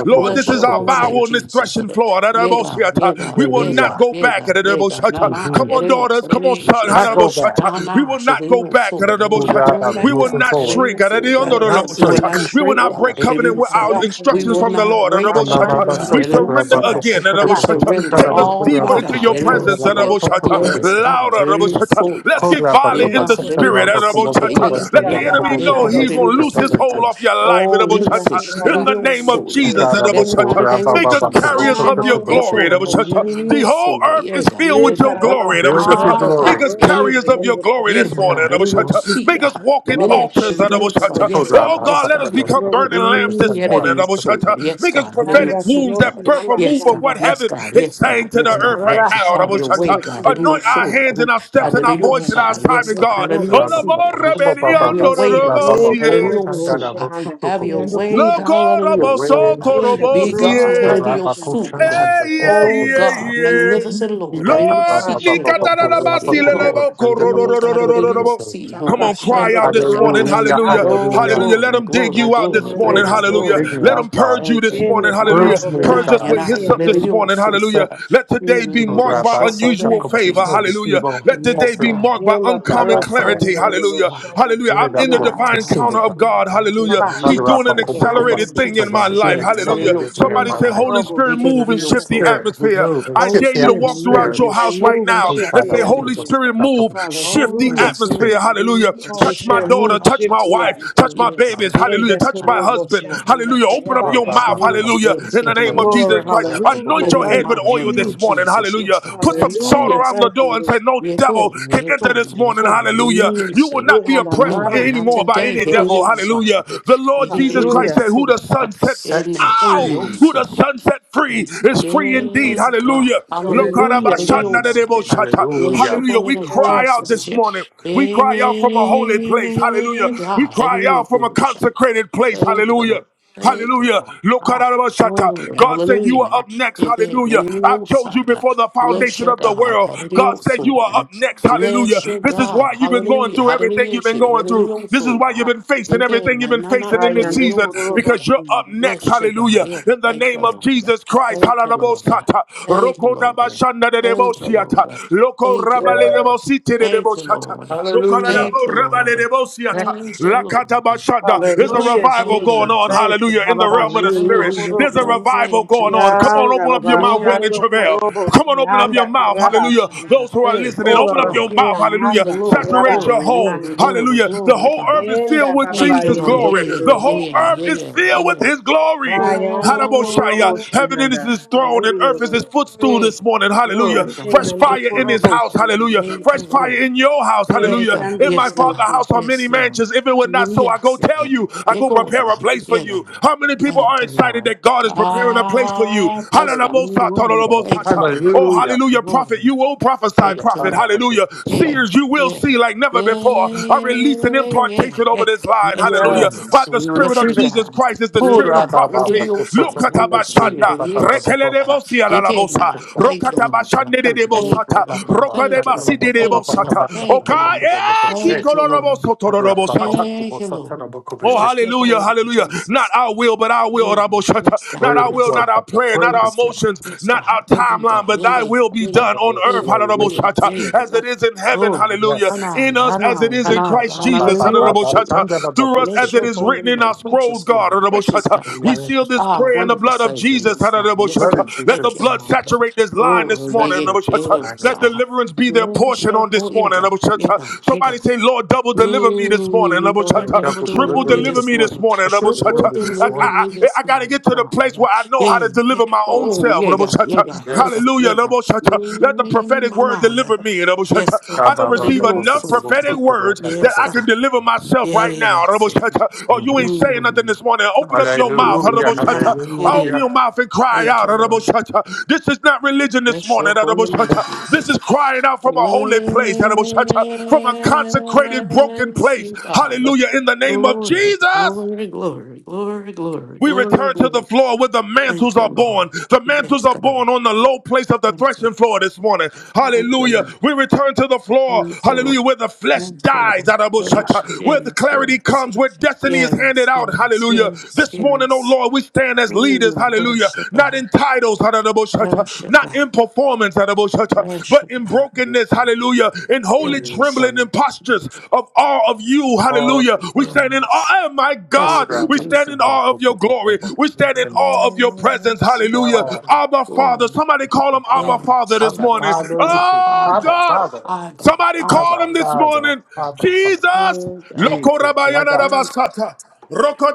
Speaker 1: Lord, this
Speaker 2: Bless
Speaker 1: is
Speaker 2: your
Speaker 1: our
Speaker 2: holy
Speaker 1: vow
Speaker 2: name,
Speaker 1: on this
Speaker 2: Jesus.
Speaker 1: threshing floor.
Speaker 2: Yeah, God, yeah,
Speaker 1: We
Speaker 2: God,
Speaker 1: will
Speaker 2: yeah,
Speaker 1: not
Speaker 4: Hallelujah.
Speaker 2: God,
Speaker 1: go
Speaker 2: yeah,
Speaker 1: back.
Speaker 2: God, yeah, God. No, no,
Speaker 4: Mm-hmm.
Speaker 1: Come
Speaker 2: yeah,
Speaker 1: on,
Speaker 2: they will.
Speaker 1: daughters.
Speaker 2: So they
Speaker 1: Come on,
Speaker 2: need
Speaker 1: son.
Speaker 2: shit.
Speaker 4: Not go back.
Speaker 2: No,
Speaker 1: We
Speaker 2: no,
Speaker 1: will
Speaker 2: so
Speaker 1: not
Speaker 2: they
Speaker 1: go
Speaker 2: will
Speaker 1: back.
Speaker 2: soon. We're not going
Speaker 1: We
Speaker 2: back
Speaker 1: will
Speaker 4: Moving
Speaker 2: down.
Speaker 1: not
Speaker 2: They didn't
Speaker 4: forward.
Speaker 1: shrink.
Speaker 2: even fool, God.
Speaker 4: Not
Speaker 3: Kuraba
Speaker 2: We will
Speaker 4: straight.
Speaker 2: not
Speaker 3: Shanda
Speaker 1: We will
Speaker 2: shrink,
Speaker 1: not not
Speaker 3: Kuraba
Speaker 2: God.
Speaker 1: break
Speaker 2: They didn't
Speaker 3: Shanda
Speaker 1: covenant
Speaker 2: even
Speaker 1: with
Speaker 2: fool.
Speaker 1: our
Speaker 3: Kuraba
Speaker 2: We
Speaker 1: instructions
Speaker 2: will
Speaker 1: from the
Speaker 2: not
Speaker 1: Lord.
Speaker 3: Shanda. Baba
Speaker 2: break covenant,
Speaker 3: Shanda
Speaker 2: God. They
Speaker 1: We
Speaker 2: didn't
Speaker 3: Kuraba
Speaker 2: even
Speaker 1: surrender
Speaker 2: fool.
Speaker 3: Shanda
Speaker 1: again.
Speaker 2: We
Speaker 3: Kuraba.
Speaker 2: surrender
Speaker 1: Take us
Speaker 3: Yanda
Speaker 2: all, my
Speaker 1: deeper
Speaker 3: Baba
Speaker 1: into
Speaker 2: God.
Speaker 1: your
Speaker 2: They
Speaker 3: Shanda
Speaker 2: didn't even
Speaker 3: Kuru
Speaker 1: presence.
Speaker 2: fool.
Speaker 3: Kuraba
Speaker 2: Yes, God.
Speaker 1: Louder.
Speaker 2: They didn't even
Speaker 3: Shanda.
Speaker 2: fool.
Speaker 1: Let's get
Speaker 4: Koraba
Speaker 2: Yeah,
Speaker 1: violent
Speaker 3: Emo
Speaker 1: in the
Speaker 4: kabasa
Speaker 2: God,
Speaker 1: spirit.
Speaker 2: you
Speaker 3: kuruse
Speaker 4: taraba
Speaker 2: see,
Speaker 3: baba.
Speaker 4: kobobo
Speaker 2: yeah, yeah,
Speaker 3: Thank
Speaker 2: God,
Speaker 4: kabasa
Speaker 3: you,
Speaker 1: Let
Speaker 2: yeah,
Speaker 4: nda
Speaker 1: the
Speaker 2: God,
Speaker 3: Baba
Speaker 1: enemy
Speaker 2: yeah,
Speaker 4: kobobo
Speaker 1: know
Speaker 2: God,
Speaker 3: Shando
Speaker 1: he's
Speaker 4: kabasa
Speaker 1: going
Speaker 2: you
Speaker 1: to lose
Speaker 3: Kurose
Speaker 1: his
Speaker 4: kabasa
Speaker 2: see,
Speaker 4: che.
Speaker 1: hold
Speaker 3: baba.
Speaker 1: off your life.
Speaker 2: all
Speaker 3: Yinda
Speaker 2: loosish,
Speaker 1: In the
Speaker 2: you
Speaker 3: Kurabasi
Speaker 1: name
Speaker 3: and the
Speaker 1: of
Speaker 2: so, yeah,
Speaker 3: Kuro
Speaker 1: Jesus.
Speaker 4: Ikara
Speaker 2: in the
Speaker 3: Shanda
Speaker 2: mighty
Speaker 3: Kaba.
Speaker 4: mapura
Speaker 2: name of
Speaker 1: Make
Speaker 4: Baba,
Speaker 1: us
Speaker 4: basa
Speaker 3: Ya
Speaker 2: Jesus, you
Speaker 1: carriers
Speaker 4: boso
Speaker 2: should
Speaker 1: of your
Speaker 2: be
Speaker 3: Hondo
Speaker 4: kabasa.
Speaker 1: glory.
Speaker 2: called, no,
Speaker 3: Kobo
Speaker 2: no, no,
Speaker 3: Shanda.
Speaker 1: The
Speaker 2: you
Speaker 1: whole
Speaker 2: so,
Speaker 1: earth
Speaker 2: yeah, yeah,
Speaker 1: is
Speaker 2: God,
Speaker 1: filled
Speaker 3: Ye
Speaker 2: yeah,
Speaker 1: with your
Speaker 2: God, oh,
Speaker 1: glory.
Speaker 3: Karabasi
Speaker 4: Beautiful
Speaker 3: and
Speaker 2: ah,
Speaker 3: the
Speaker 1: Make
Speaker 2: God,
Speaker 4: glory.
Speaker 1: us
Speaker 3: Kuro
Speaker 2: you
Speaker 1: carriers
Speaker 3: Shanda
Speaker 1: of your
Speaker 3: Gundo
Speaker 1: glory this
Speaker 3: Kuruse
Speaker 2: beautiful
Speaker 1: morning.
Speaker 2: God,
Speaker 3: baba.
Speaker 2: you
Speaker 4: Mhm.
Speaker 2: see,
Speaker 1: Make us
Speaker 3: The
Speaker 1: walking
Speaker 3: Baba
Speaker 2: many
Speaker 1: altars.
Speaker 2: should be
Speaker 3: Shanda
Speaker 2: so, yes,
Speaker 3: Kurose
Speaker 2: God,
Speaker 1: Oh
Speaker 4: Kodraba
Speaker 3: baba.
Speaker 1: God,
Speaker 2: yes,
Speaker 1: let
Speaker 4: Sakta
Speaker 1: us
Speaker 3: The
Speaker 2: God,
Speaker 1: become
Speaker 4: taraba
Speaker 3: Kuro
Speaker 1: burning lamps
Speaker 2: Mm,
Speaker 1: this
Speaker 4: kabasa
Speaker 2: yeah,
Speaker 4: nda
Speaker 1: morning.
Speaker 2: you
Speaker 4: boso
Speaker 2: so, yeah,
Speaker 4: kabasa.
Speaker 2: yes,
Speaker 1: Make us
Speaker 2: God,
Speaker 1: prophetic
Speaker 2: you
Speaker 3: Handa
Speaker 2: so,
Speaker 1: wombs
Speaker 2: yeah,
Speaker 3: Kurose
Speaker 1: that birth a
Speaker 3: Ama
Speaker 2: yes,
Speaker 1: move of
Speaker 2: God,
Speaker 1: what
Speaker 3: Shanda
Speaker 2: yes,
Speaker 3: Kaba.
Speaker 1: heaven
Speaker 2: God,
Speaker 1: is
Speaker 2: yes,
Speaker 1: saying
Speaker 2: God,
Speaker 1: to
Speaker 2: yes,
Speaker 4: I
Speaker 1: the
Speaker 3: Yes,
Speaker 4: know
Speaker 2: God,
Speaker 1: earth
Speaker 2: Uh,
Speaker 1: right
Speaker 3: Baba
Speaker 4: that's its
Speaker 1: now.
Speaker 2: have
Speaker 3: Shanda
Speaker 2: your way,
Speaker 3: Kurose
Speaker 2: God, you
Speaker 3: baba.
Speaker 1: Anoint our hands
Speaker 2: so,
Speaker 1: and our steps
Speaker 3: Thank
Speaker 2: under
Speaker 1: and
Speaker 4: power.
Speaker 2: the
Speaker 1: our
Speaker 3: you,
Speaker 2: yoke
Speaker 1: voice
Speaker 3: Baba
Speaker 1: and our
Speaker 2: side. Yes,
Speaker 1: timing,
Speaker 3: Shanda
Speaker 2: God.
Speaker 1: God.
Speaker 3: Kurose
Speaker 2: Hallelujah.
Speaker 4: Kodraba
Speaker 3: and
Speaker 4: Kobo Baba
Speaker 3: Shanda.
Speaker 4: kobobo
Speaker 2: Have your
Speaker 4: Baba
Speaker 2: way in
Speaker 4: Sira
Speaker 2: us,
Speaker 3: E
Speaker 4: Baba
Speaker 2: God.
Speaker 4: Kobo
Speaker 2: Hallelujah.
Speaker 3: korobo
Speaker 4: Chandara
Speaker 3: shanda,
Speaker 2: Have your
Speaker 3: siando
Speaker 4: Bokuko
Speaker 2: way.
Speaker 3: kubobo
Speaker 1: Loco
Speaker 3: shanda.
Speaker 4: Your
Speaker 2: Hallelujah.
Speaker 1: robo
Speaker 4: way,
Speaker 1: soto
Speaker 3: Enda
Speaker 2: Be
Speaker 4: Jesus,
Speaker 3: korosi
Speaker 2: God.
Speaker 4: Santa
Speaker 1: robosie.
Speaker 3: anda
Speaker 2: Hallelujah.
Speaker 4: Rabba
Speaker 3: shanda
Speaker 4: Kushanda
Speaker 1: Hey,
Speaker 3: korosi
Speaker 4: Rabba
Speaker 3: anda.
Speaker 1: yeah,
Speaker 4: Kuto
Speaker 2: Oh,
Speaker 1: yeah,
Speaker 4: Kudosi.
Speaker 2: God.
Speaker 1: yeah.
Speaker 2: Magnificent Lord.
Speaker 4: Iga
Speaker 2: Hallelujah.
Speaker 1: Lord,
Speaker 4: Baba
Speaker 3: Baba
Speaker 2: Seek
Speaker 4: Baba
Speaker 2: Him.
Speaker 3: shando
Speaker 4: Baba Kudo
Speaker 3: korosi
Speaker 4: Rabba
Speaker 2: Yeah,
Speaker 4: Kubo
Speaker 3: anda
Speaker 2: God.
Speaker 3: la
Speaker 4: Kushanda
Speaker 3: shanda.
Speaker 4: Rabba
Speaker 2: Mm, God,
Speaker 4: Kuto
Speaker 2: hallelujah.
Speaker 1: Nikatadadabasilelebokorororororororobo.
Speaker 4: Kudosi.
Speaker 2: See, oh,
Speaker 3: Baba
Speaker 1: come
Speaker 2: we
Speaker 3: ba
Speaker 1: on,
Speaker 2: stand
Speaker 1: cry
Speaker 3: shando
Speaker 1: out
Speaker 2: for you,
Speaker 1: this morning.
Speaker 3: korobo
Speaker 2: God.
Speaker 3: si
Speaker 4: Hallelujah,
Speaker 1: Hallelujah.
Speaker 3: ando
Speaker 2: Oh,
Speaker 3: koro.
Speaker 4: hallelujah.
Speaker 1: Hallelujah. Let
Speaker 2: glory,
Speaker 1: them dig
Speaker 3: Ba
Speaker 2: glory,
Speaker 1: you out this
Speaker 2: glory,
Speaker 1: morning.
Speaker 2: glory,
Speaker 4: Ladies,
Speaker 1: Hallelujah.
Speaker 4: dig
Speaker 2: glory.
Speaker 4: me
Speaker 1: Let them
Speaker 4: out,
Speaker 3: anda.
Speaker 1: purge
Speaker 4: God.
Speaker 1: you
Speaker 2: Thank you,
Speaker 1: this morning.
Speaker 3: Enda
Speaker 2: Lord. My
Speaker 1: Hallelujah.
Speaker 4: Purge
Speaker 3: korobo
Speaker 2: name,
Speaker 4: me,
Speaker 2: and
Speaker 3: bo
Speaker 4: O
Speaker 1: Purge
Speaker 2: I,
Speaker 1: us
Speaker 3: shanda,
Speaker 2: and
Speaker 1: with
Speaker 4: God.
Speaker 2: I,
Speaker 1: hyssop
Speaker 3: siando ro.
Speaker 1: this
Speaker 2: hallelujah.
Speaker 1: morning.
Speaker 4: Set
Speaker 1: Hallelujah. Let today be
Speaker 2: Mm,
Speaker 1: marked by
Speaker 2: Bless
Speaker 4: Rabba
Speaker 2: your holy
Speaker 4: Sacha
Speaker 1: unusual
Speaker 2: name,
Speaker 4: Kubo,
Speaker 1: favor.
Speaker 2: Jesus.
Speaker 4: the
Speaker 1: Hallelujah.
Speaker 4: evil
Speaker 1: Let
Speaker 2: Yes,
Speaker 1: today
Speaker 4: altar,
Speaker 1: be
Speaker 2: God.
Speaker 1: marked by
Speaker 3: Yema
Speaker 1: uncommon
Speaker 4: Rabba
Speaker 3: korosi
Speaker 4: sign.
Speaker 1: clarity.
Speaker 3: ando
Speaker 2: Yes,
Speaker 3: robo
Speaker 1: Hallelujah.
Speaker 2: God.
Speaker 3: shanda,
Speaker 1: Hallelujah.
Speaker 4: Burn
Speaker 1: I'm
Speaker 4: it up,
Speaker 1: in
Speaker 3: siando
Speaker 1: the
Speaker 4: Lord,
Speaker 3: robo
Speaker 4: to
Speaker 1: divine
Speaker 2: Ah,
Speaker 4: see
Speaker 2: I'm
Speaker 4: the
Speaker 3: shanda.
Speaker 1: counter
Speaker 2: saying
Speaker 1: of
Speaker 4: God.
Speaker 2: Hallelujah,
Speaker 1: God.
Speaker 2: God. Jesus,
Speaker 1: Hallelujah.
Speaker 2: in the
Speaker 3: Baba
Speaker 2: name
Speaker 1: He's
Speaker 4: Father,
Speaker 2: of
Speaker 1: doing
Speaker 3: shando
Speaker 4: Rabba
Speaker 1: an
Speaker 2: in
Speaker 4: Kubo
Speaker 2: the
Speaker 3: korosi
Speaker 2: name of
Speaker 1: accelerated
Speaker 4: Kudosi,
Speaker 3: anda.
Speaker 1: thing in
Speaker 4: Rabba,
Speaker 2: Jesus,
Speaker 1: my
Speaker 2: a
Speaker 1: life.
Speaker 4: being
Speaker 2: shame, in the name
Speaker 1: Hallelujah.
Speaker 2: of
Speaker 4: accelerated in
Speaker 2: Zion,
Speaker 1: Somebody
Speaker 4: my
Speaker 3: Enda
Speaker 1: say,
Speaker 2: God.
Speaker 4: life.
Speaker 1: Holy
Speaker 3: korobo
Speaker 1: Spirit,
Speaker 2: Make it
Speaker 1: move
Speaker 2: in
Speaker 1: and
Speaker 2: your
Speaker 4: And
Speaker 1: shift
Speaker 3: shanda.
Speaker 1: the
Speaker 2: soul.
Speaker 4: spirit,
Speaker 1: atmosphere.
Speaker 4: move and
Speaker 1: I
Speaker 2: Holy
Speaker 4: shift
Speaker 1: dare
Speaker 4: the
Speaker 1: you to
Speaker 2: Spirit,
Speaker 1: walk
Speaker 3: Holy
Speaker 2: move
Speaker 4: atmosphere.
Speaker 1: throughout your
Speaker 2: and
Speaker 3: Spirit,
Speaker 1: house
Speaker 2: shift
Speaker 1: right
Speaker 3: move and
Speaker 2: the
Speaker 1: now
Speaker 3: shift
Speaker 1: and
Speaker 3: the
Speaker 4: Comparada
Speaker 1: say,
Speaker 4: com
Speaker 1: Holy
Speaker 2: atmosphere.
Speaker 3: atmosphere.
Speaker 4: os
Speaker 1: Spirit, move, shift
Speaker 2: Holy
Speaker 1: the
Speaker 3: Hallelujah.
Speaker 4: parents thing,
Speaker 1: atmosphere.
Speaker 2: Spirit,
Speaker 1: Hallelujah.
Speaker 2: move and
Speaker 3: Holy
Speaker 4: step
Speaker 1: Touch my
Speaker 2: shift
Speaker 3: Spirit,
Speaker 4: last.
Speaker 2: the
Speaker 1: daughter,
Speaker 3: move,
Speaker 1: touch
Speaker 3: shift
Speaker 1: my
Speaker 3: the
Speaker 2: atmosphere.
Speaker 1: wife, touch
Speaker 3: atmosphere.
Speaker 1: my
Speaker 2: Yes,
Speaker 1: babies.
Speaker 2: God,
Speaker 3: In
Speaker 1: Hallelujah.
Speaker 3: the
Speaker 2: yes,
Speaker 1: Touch
Speaker 2: God,
Speaker 1: my
Speaker 3: Kurobo
Speaker 2: yes,
Speaker 1: husband.
Speaker 2: Lord, I
Speaker 3: Shantanda
Speaker 1: Hallelujah.
Speaker 2: touch you.
Speaker 1: Open up
Speaker 3: Karabasa
Speaker 1: your
Speaker 2: Bless
Speaker 1: mouth.
Speaker 2: me,
Speaker 3: Anduru.
Speaker 2: my
Speaker 1: Hallelujah.
Speaker 2: bed,
Speaker 1: In the
Speaker 2: city,
Speaker 1: name of
Speaker 2: old city,
Speaker 3: Glory,
Speaker 1: Jesus Christ.
Speaker 2: God.
Speaker 1: Anoint
Speaker 3: hallelujah.
Speaker 2: In
Speaker 1: your
Speaker 2: the
Speaker 3: Thank
Speaker 1: head with
Speaker 3: you,
Speaker 2: mighty
Speaker 1: oil
Speaker 2: name of
Speaker 1: this
Speaker 3: Jesus.
Speaker 1: morning.
Speaker 2: Jesus, yes,
Speaker 1: Hallelujah.
Speaker 2: God,
Speaker 1: Put some
Speaker 2: yes, God,
Speaker 1: salt
Speaker 3: Hallelujah.
Speaker 2: yes,
Speaker 1: around
Speaker 2: God.
Speaker 1: the
Speaker 3: Thank you,
Speaker 1: door and
Speaker 3: Lord.
Speaker 1: say, No
Speaker 2: You're
Speaker 1: devil
Speaker 2: calling me,
Speaker 1: can
Speaker 2: you're
Speaker 1: enter
Speaker 2: calling
Speaker 1: this
Speaker 2: me, you're
Speaker 1: morning.
Speaker 2: calling me. are
Speaker 1: Hallelujah.
Speaker 2: me hear you
Speaker 1: You
Speaker 2: say
Speaker 1: will
Speaker 2: it.
Speaker 1: not
Speaker 3: Eh,
Speaker 1: be oppressed
Speaker 2: No,
Speaker 1: by,
Speaker 3: handarara,
Speaker 2: man, not
Speaker 1: anymore by
Speaker 3: suyando
Speaker 2: today.
Speaker 1: any
Speaker 2: Hit it
Speaker 1: devil.
Speaker 2: in
Speaker 3: koroshanda.
Speaker 2: sight.
Speaker 1: Hallelujah. The
Speaker 2: It's
Speaker 1: Lord
Speaker 2: it
Speaker 1: Jesus Christ
Speaker 3: Hallelujah.
Speaker 1: said, Who the Son set
Speaker 4: Set
Speaker 2: in sight.
Speaker 1: Ow!
Speaker 2: In
Speaker 4: free.
Speaker 1: Who the sun set free
Speaker 2: Yes,
Speaker 1: is free indeed.
Speaker 2: yes, God.
Speaker 1: Hallelujah.
Speaker 2: Hallelujah.
Speaker 3: Hallelujah. Yes,
Speaker 2: Hallelujah.
Speaker 3: God.
Speaker 1: Lokarabashanadadeboshata.
Speaker 2: Bless your
Speaker 4: Hallelujah.
Speaker 1: Hallelujah.
Speaker 2: holy
Speaker 1: We
Speaker 2: name,
Speaker 1: cry
Speaker 3: Yes,
Speaker 1: out
Speaker 2: Jesus. Yes,
Speaker 1: this
Speaker 3: God.
Speaker 2: yes.
Speaker 1: morning. We cry out from a holy
Speaker 2: Thank
Speaker 1: place. Hallelujah. We
Speaker 2: God.
Speaker 1: cry
Speaker 2: Hallelujah.
Speaker 1: out from a consecrated place.
Speaker 2: Thank you,
Speaker 1: Hallelujah.
Speaker 2: Lord. Thank you,
Speaker 1: Hallelujah.
Speaker 2: Lord. Ah,
Speaker 1: Lokarabashata.
Speaker 2: glory.
Speaker 1: God said you are
Speaker 2: Hallelujah.
Speaker 1: up next.
Speaker 2: Amen. And
Speaker 1: Hallelujah.
Speaker 2: in
Speaker 1: I
Speaker 2: your
Speaker 1: chose you
Speaker 2: side,
Speaker 1: before the
Speaker 2: Bless
Speaker 1: foundation
Speaker 2: your
Speaker 1: of the
Speaker 2: God.
Speaker 1: world.
Speaker 2: Hallelujah.
Speaker 1: God said you are up next. Hallelujah.
Speaker 2: Bless your
Speaker 1: This is
Speaker 2: God.
Speaker 1: why you've been going
Speaker 2: Hallelujah.
Speaker 1: through everything
Speaker 2: Hallelujah.
Speaker 1: you've been going going through. This is
Speaker 2: Hallelujah.
Speaker 1: why you've been facing
Speaker 2: Amen.
Speaker 1: everything you've
Speaker 2: Na,
Speaker 1: been
Speaker 2: na, na,
Speaker 1: facing in
Speaker 2: na,
Speaker 1: this
Speaker 2: na,
Speaker 3: Bayando
Speaker 1: season
Speaker 3: Kurobo
Speaker 1: because you're up
Speaker 3: Suyando.
Speaker 1: next.
Speaker 2: Bless your God.
Speaker 1: Hallelujah.
Speaker 2: Yeah.
Speaker 1: In the
Speaker 2: Thank you,
Speaker 1: name of
Speaker 2: Lord.
Speaker 1: Jesus Christ.
Speaker 2: Thank you, Lord.
Speaker 1: Halalabosata.
Speaker 2: Thank you, Lord.
Speaker 1: Rokotabashanda de
Speaker 2: Thank you,
Speaker 1: debosiata.
Speaker 2: Lord.
Speaker 1: Loko
Speaker 2: Thank you,
Speaker 1: rabale
Speaker 2: Lord.
Speaker 1: debosite de
Speaker 2: Thank you,
Speaker 1: debosata.
Speaker 2: Lord.
Speaker 4: Hallelujah. Hallelujah.
Speaker 1: Lokalalabo
Speaker 2: Thank you,
Speaker 1: rabale
Speaker 2: Lord.
Speaker 1: debosiata.
Speaker 2: Thank you, Lord.
Speaker 1: Lakatabashanda. There's a
Speaker 2: Bless
Speaker 3: Hallelujah,
Speaker 2: your
Speaker 1: revival
Speaker 2: holy
Speaker 1: going
Speaker 3: Jesus.
Speaker 2: name,
Speaker 1: on.
Speaker 3: Thank you.
Speaker 2: Jesus.
Speaker 1: Hallelujah. In the realm of the
Speaker 3: Hababashando
Speaker 1: spirit.
Speaker 2: Bless your
Speaker 1: There's a
Speaker 3: korobo.
Speaker 2: holy
Speaker 1: revival
Speaker 2: name,
Speaker 1: going on. Come
Speaker 2: Jesus.
Speaker 1: on,
Speaker 3: Yanda
Speaker 1: open up your mouth, well and
Speaker 2: Glory.
Speaker 3: babashando
Speaker 1: travail.
Speaker 3: korobo.
Speaker 1: Come on, open up your
Speaker 3: Sianda
Speaker 1: mouth. Hallelujah hallelujah.
Speaker 3: karabashanda.
Speaker 1: Those who are listening,
Speaker 3: Oh,
Speaker 2: Thank
Speaker 1: open
Speaker 2: you,
Speaker 1: up
Speaker 2: Lord.
Speaker 1: your mouth, hallelujah.
Speaker 3: babasianda
Speaker 2: Glory,
Speaker 1: Saturate your
Speaker 2: glory,
Speaker 1: home,
Speaker 2: glory,
Speaker 3: karabashanda
Speaker 2: glory,
Speaker 1: hallelujah.
Speaker 3: kusha.
Speaker 1: The
Speaker 2: glory,
Speaker 1: whole earth is
Speaker 2: God.
Speaker 1: filled
Speaker 3: Yenda
Speaker 1: with
Speaker 2: Thank you,
Speaker 1: Jesus'
Speaker 2: Lord.
Speaker 3: bababayando
Speaker 2: Yeah,
Speaker 1: glory.
Speaker 2: yeah,
Speaker 1: The whole
Speaker 3: korobo.
Speaker 2: yeah, yeah,
Speaker 1: earth is
Speaker 3: Sianda
Speaker 2: yeah, yeah,
Speaker 1: filled
Speaker 3: korobo.
Speaker 1: with
Speaker 2: yeah.
Speaker 1: his glory.
Speaker 3: Bayando korobo
Speaker 2: Glory.
Speaker 1: Hanaboshaya. Heaven is
Speaker 3: shahanda.
Speaker 1: his throne
Speaker 3: Sianda
Speaker 1: and earth is his
Speaker 3: korobo.
Speaker 1: footstool this morning. Hallelujah.
Speaker 2: Glory to God.
Speaker 1: Fresh
Speaker 3: Bashihando
Speaker 2: Thank
Speaker 1: fire
Speaker 2: you,
Speaker 1: in his
Speaker 2: Lord.
Speaker 3: korobo.
Speaker 1: house.
Speaker 3: Sianda
Speaker 1: Hallelujah.
Speaker 2: Thank you,
Speaker 1: Fresh fire
Speaker 2: Lord.
Speaker 3: korobo.
Speaker 1: in your house.
Speaker 2: Yeah,
Speaker 1: Hallelujah.
Speaker 2: God.
Speaker 1: In
Speaker 3: Eshando
Speaker 1: my
Speaker 2: Yes,
Speaker 1: father's
Speaker 2: God.
Speaker 3: korobo.
Speaker 1: house are many
Speaker 2: Yes, Lord.
Speaker 1: mansions. If it were not so, I go
Speaker 2: Yes,
Speaker 1: tell
Speaker 2: yeah.
Speaker 1: you, I
Speaker 2: Yeah,
Speaker 1: go
Speaker 2: God.
Speaker 1: prepare a
Speaker 2: Yeah,
Speaker 1: place for
Speaker 2: yeah,
Speaker 1: you.
Speaker 2: God.
Speaker 1: How many people
Speaker 2: Thank
Speaker 1: are
Speaker 2: you,
Speaker 1: excited
Speaker 2: Lord.
Speaker 1: that God is? preparing a place for you.
Speaker 2: Ah, bless God.
Speaker 4: Hallelujah.
Speaker 2: Thank you, Lord.
Speaker 1: Oh,
Speaker 4: Hallelujah.
Speaker 1: hallelujah, prophet.
Speaker 2: Glory.
Speaker 1: You will prophesy,
Speaker 4: Yes,
Speaker 2: Thank you,
Speaker 1: prophet.
Speaker 2: Lord.
Speaker 1: Hallelujah.
Speaker 2: Yeah, yeah,
Speaker 1: Seers, you will
Speaker 2: yeah,
Speaker 1: see like never
Speaker 2: yeah, yeah.
Speaker 1: before. I
Speaker 2: yeah.
Speaker 1: release an
Speaker 2: yeah, yeah, yeah.
Speaker 1: impartation over
Speaker 2: Hey,
Speaker 1: this line.
Speaker 2: Thank you,
Speaker 1: Hallelujah.
Speaker 2: Lord.
Speaker 1: By the
Speaker 4: we
Speaker 1: Spirit
Speaker 2: Bless
Speaker 1: of
Speaker 2: you,
Speaker 4: receive it.
Speaker 1: Jesus
Speaker 2: God.
Speaker 1: Christ is the
Speaker 2: Yeah,
Speaker 1: Spirit of
Speaker 2: God. We did
Speaker 1: prophecy.
Speaker 2: your side. We receive it
Speaker 1: Lokatabashanda.
Speaker 2: in your side.
Speaker 1: Rekelelebosia
Speaker 2: You did
Speaker 1: lalabosa.
Speaker 2: not.
Speaker 4: Hallelujah.
Speaker 2: Thank you, Lord.
Speaker 4: Yes. Amen.
Speaker 2: Thank you,
Speaker 1: Rokatabashandedebosata.
Speaker 2: Lord. Thank you, Lord. Thank you, Lord.
Speaker 1: Rokadebasidedebosata.
Speaker 2: Thank you,
Speaker 1: Okay.
Speaker 2: Lord.
Speaker 1: Eh,
Speaker 2: Thank you, Lord.
Speaker 1: kikololobosotolobosata.
Speaker 2: Thank you, Lord.
Speaker 1: Oh,
Speaker 2: Bless your
Speaker 1: hallelujah,
Speaker 2: holy name,
Speaker 1: hallelujah.
Speaker 2: Jesus.
Speaker 1: Not our will, but our will,
Speaker 2: Mm, Yes,
Speaker 1: Raboshata. Not
Speaker 2: God.
Speaker 1: our
Speaker 2: Yes,
Speaker 1: will, not
Speaker 2: God.
Speaker 1: our plan, not our
Speaker 2: Yes, God.
Speaker 1: emotions,
Speaker 2: Yes,
Speaker 1: not
Speaker 2: God.
Speaker 1: our
Speaker 2: Love you, God.
Speaker 1: timeline, but
Speaker 2: Yeah,
Speaker 1: thy
Speaker 2: yeah,
Speaker 1: will be
Speaker 2: yeah,
Speaker 1: done on
Speaker 2: yeah,
Speaker 1: earth,
Speaker 2: yeah, yeah, yeah. yeah. yeah.
Speaker 1: hallelujah,
Speaker 2: yeah.
Speaker 1: as
Speaker 2: Yeah.
Speaker 1: it is in heaven,
Speaker 2: Glory.
Speaker 1: hallelujah. In
Speaker 2: Hanai,
Speaker 1: us as it
Speaker 2: Hanai,
Speaker 1: is in
Speaker 2: Hanai,
Speaker 1: Christ Jesus, hallelujah.
Speaker 2: Hanai,
Speaker 1: Through us as
Speaker 2: Bless
Speaker 1: it
Speaker 2: your
Speaker 1: is
Speaker 2: holy
Speaker 1: written in our
Speaker 2: name,
Speaker 1: scrolls,
Speaker 2: precious
Speaker 1: God,
Speaker 2: Lord, precious
Speaker 1: hallelujah.
Speaker 2: God.
Speaker 1: We seal this
Speaker 2: Ah,
Speaker 1: prayer in the
Speaker 2: wonderful
Speaker 1: blood of
Speaker 2: Savior.
Speaker 1: Jesus,
Speaker 2: Yes, God.
Speaker 4: The
Speaker 1: hallelujah.
Speaker 2: Yes,
Speaker 4: blood of
Speaker 2: Lord.
Speaker 1: Let the
Speaker 2: Thank you,
Speaker 4: Jesus
Speaker 1: blood
Speaker 2: Lord.
Speaker 1: saturate this line
Speaker 2: Oh,
Speaker 1: this
Speaker 2: yeah,
Speaker 1: morning.
Speaker 2: yeah,
Speaker 4: saturates
Speaker 2: yeah.
Speaker 4: this
Speaker 2: yeah,
Speaker 4: line, oh
Speaker 1: Let
Speaker 4: God.
Speaker 2: yeah.
Speaker 1: deliverance be their
Speaker 2: Bless
Speaker 1: portion
Speaker 2: your
Speaker 1: on this
Speaker 2: holy
Speaker 1: morning.
Speaker 2: God. Yeah, God. Yeah, God.
Speaker 1: Somebody say, Lord, double deliver me this morning.
Speaker 2: Mm, Lord,
Speaker 4: Lord,
Speaker 2: double
Speaker 4: double
Speaker 2: deliver
Speaker 1: Triple
Speaker 4: deliver
Speaker 2: me
Speaker 4: me
Speaker 1: deliver
Speaker 4: this
Speaker 2: this
Speaker 1: me this
Speaker 4: morning.
Speaker 2: morning.
Speaker 1: morning. I,
Speaker 4: Deliver
Speaker 2: Triple
Speaker 4: me
Speaker 1: I,
Speaker 4: this
Speaker 2: deliver
Speaker 4: morning.
Speaker 2: me
Speaker 1: I,
Speaker 2: this
Speaker 1: I got to
Speaker 2: morning.
Speaker 1: get to the
Speaker 2: God,
Speaker 1: place
Speaker 2: yeah,
Speaker 1: where I know how
Speaker 2: yeah,
Speaker 1: to
Speaker 2: yeah.
Speaker 1: deliver my own
Speaker 2: Oh,
Speaker 1: self.
Speaker 2: yeah, God, yeah, God, yeah,
Speaker 4: Yes.
Speaker 2: God, yeah,
Speaker 1: Hallelujah.
Speaker 2: God.
Speaker 1: Let the
Speaker 2: Mm,
Speaker 1: prophetic
Speaker 2: my,
Speaker 1: word
Speaker 2: my, yeah.
Speaker 1: deliver me.
Speaker 2: Yes,
Speaker 1: I I
Speaker 2: God.
Speaker 1: done
Speaker 2: Lord, it is
Speaker 1: receive
Speaker 2: your
Speaker 1: enough
Speaker 2: soul.
Speaker 1: prophetic words that
Speaker 2: Yes,
Speaker 1: I can
Speaker 2: God.
Speaker 1: deliver
Speaker 4: Mm-hmm.
Speaker 1: myself
Speaker 2: Yeah,
Speaker 1: right now.
Speaker 2: yes. it.
Speaker 1: Oh, you ain't saying nothing
Speaker 2: Mm,
Speaker 1: this morning. Open up
Speaker 2: ah,
Speaker 1: your mouth.
Speaker 4: Hallelujah,
Speaker 2: mm, nah,
Speaker 1: Raboshata.
Speaker 2: nah, it
Speaker 1: Open
Speaker 2: is.
Speaker 4: hallelujah.
Speaker 1: your mouth and cry
Speaker 2: Thank
Speaker 1: out.
Speaker 2: you, Lord.
Speaker 1: This is not religion this
Speaker 2: Bless
Speaker 1: morning.
Speaker 2: your holy name,
Speaker 1: This is
Speaker 2: Jesus.
Speaker 1: crying out from a holy
Speaker 2: Bless
Speaker 1: place. From a consecrated, broken place.
Speaker 2: you, God.
Speaker 1: Hallelujah. In the name of
Speaker 2: Glory,
Speaker 1: Jesus.
Speaker 2: glory, glory, glory, glory,
Speaker 1: We
Speaker 2: glory,
Speaker 1: return to the
Speaker 2: glory.
Speaker 1: floor where the
Speaker 2: Thank
Speaker 1: mantles
Speaker 2: you,
Speaker 1: are
Speaker 2: Lord.
Speaker 1: born. The
Speaker 2: Yes,
Speaker 1: mantles are
Speaker 2: God.
Speaker 1: born on the low place of the
Speaker 2: Thank you.
Speaker 1: threshing floor this morning.
Speaker 2: Thank you,
Speaker 1: Hallelujah.
Speaker 2: Lord.
Speaker 1: We return to the floor.
Speaker 2: Thank you, Lord.
Speaker 1: Hallelujah. Where the flesh
Speaker 2: Thank you,
Speaker 1: dies.
Speaker 2: Lord. Yes,
Speaker 1: Adabushata. Where the
Speaker 2: yes,
Speaker 1: clarity
Speaker 2: yes,
Speaker 1: comes. Where destiny is handed
Speaker 2: yes,
Speaker 1: out.
Speaker 2: yes,
Speaker 1: Hallelujah.
Speaker 2: yes,
Speaker 1: This morning, oh
Speaker 2: yes.
Speaker 1: Lord, we stand as leaders.
Speaker 2: Mm,
Speaker 1: Hallelujah.
Speaker 2: bless you,
Speaker 1: Not
Speaker 2: God.
Speaker 1: in titles
Speaker 2: Bless you,
Speaker 1: not
Speaker 2: God.
Speaker 1: in performance,
Speaker 2: Bless
Speaker 1: but
Speaker 2: you,
Speaker 1: in
Speaker 2: God.
Speaker 1: brokenness, hallelujah, in holy
Speaker 2: Yes,
Speaker 1: trembling and postures of awe of you,
Speaker 4: All
Speaker 1: hallelujah.
Speaker 4: to
Speaker 1: We
Speaker 4: the
Speaker 1: stand in
Speaker 2: yes.
Speaker 1: awe, oh my
Speaker 2: Yes,
Speaker 1: God,
Speaker 2: we
Speaker 4: Buddha,
Speaker 1: we
Speaker 2: do.
Speaker 1: stand
Speaker 2: God.
Speaker 1: in
Speaker 4: all
Speaker 1: awe of your
Speaker 4: Buddha,
Speaker 1: glory, we
Speaker 4: Buddha,
Speaker 2: Yes,
Speaker 1: stand in
Speaker 4: Buddha,
Speaker 1: awe of your presence, hallelujah.
Speaker 4: all to
Speaker 1: Abba Father, somebody call him
Speaker 4: the
Speaker 1: Abba
Speaker 4: God.
Speaker 1: Father
Speaker 2: yes,
Speaker 1: this
Speaker 4: Abba
Speaker 1: morning.
Speaker 4: Father, this is
Speaker 2: our
Speaker 1: Oh
Speaker 2: Father.
Speaker 4: Abba
Speaker 1: God.
Speaker 4: Father,
Speaker 2: Abba,
Speaker 1: Somebody
Speaker 2: Abba,
Speaker 1: call
Speaker 4: Abba
Speaker 1: him this
Speaker 4: Father,
Speaker 1: morning.
Speaker 4: Abba Father.
Speaker 1: Jesus.
Speaker 2: Lord God.
Speaker 1: Loko
Speaker 4: Jesus, my
Speaker 1: rabayana
Speaker 4: God,
Speaker 1: rabasata.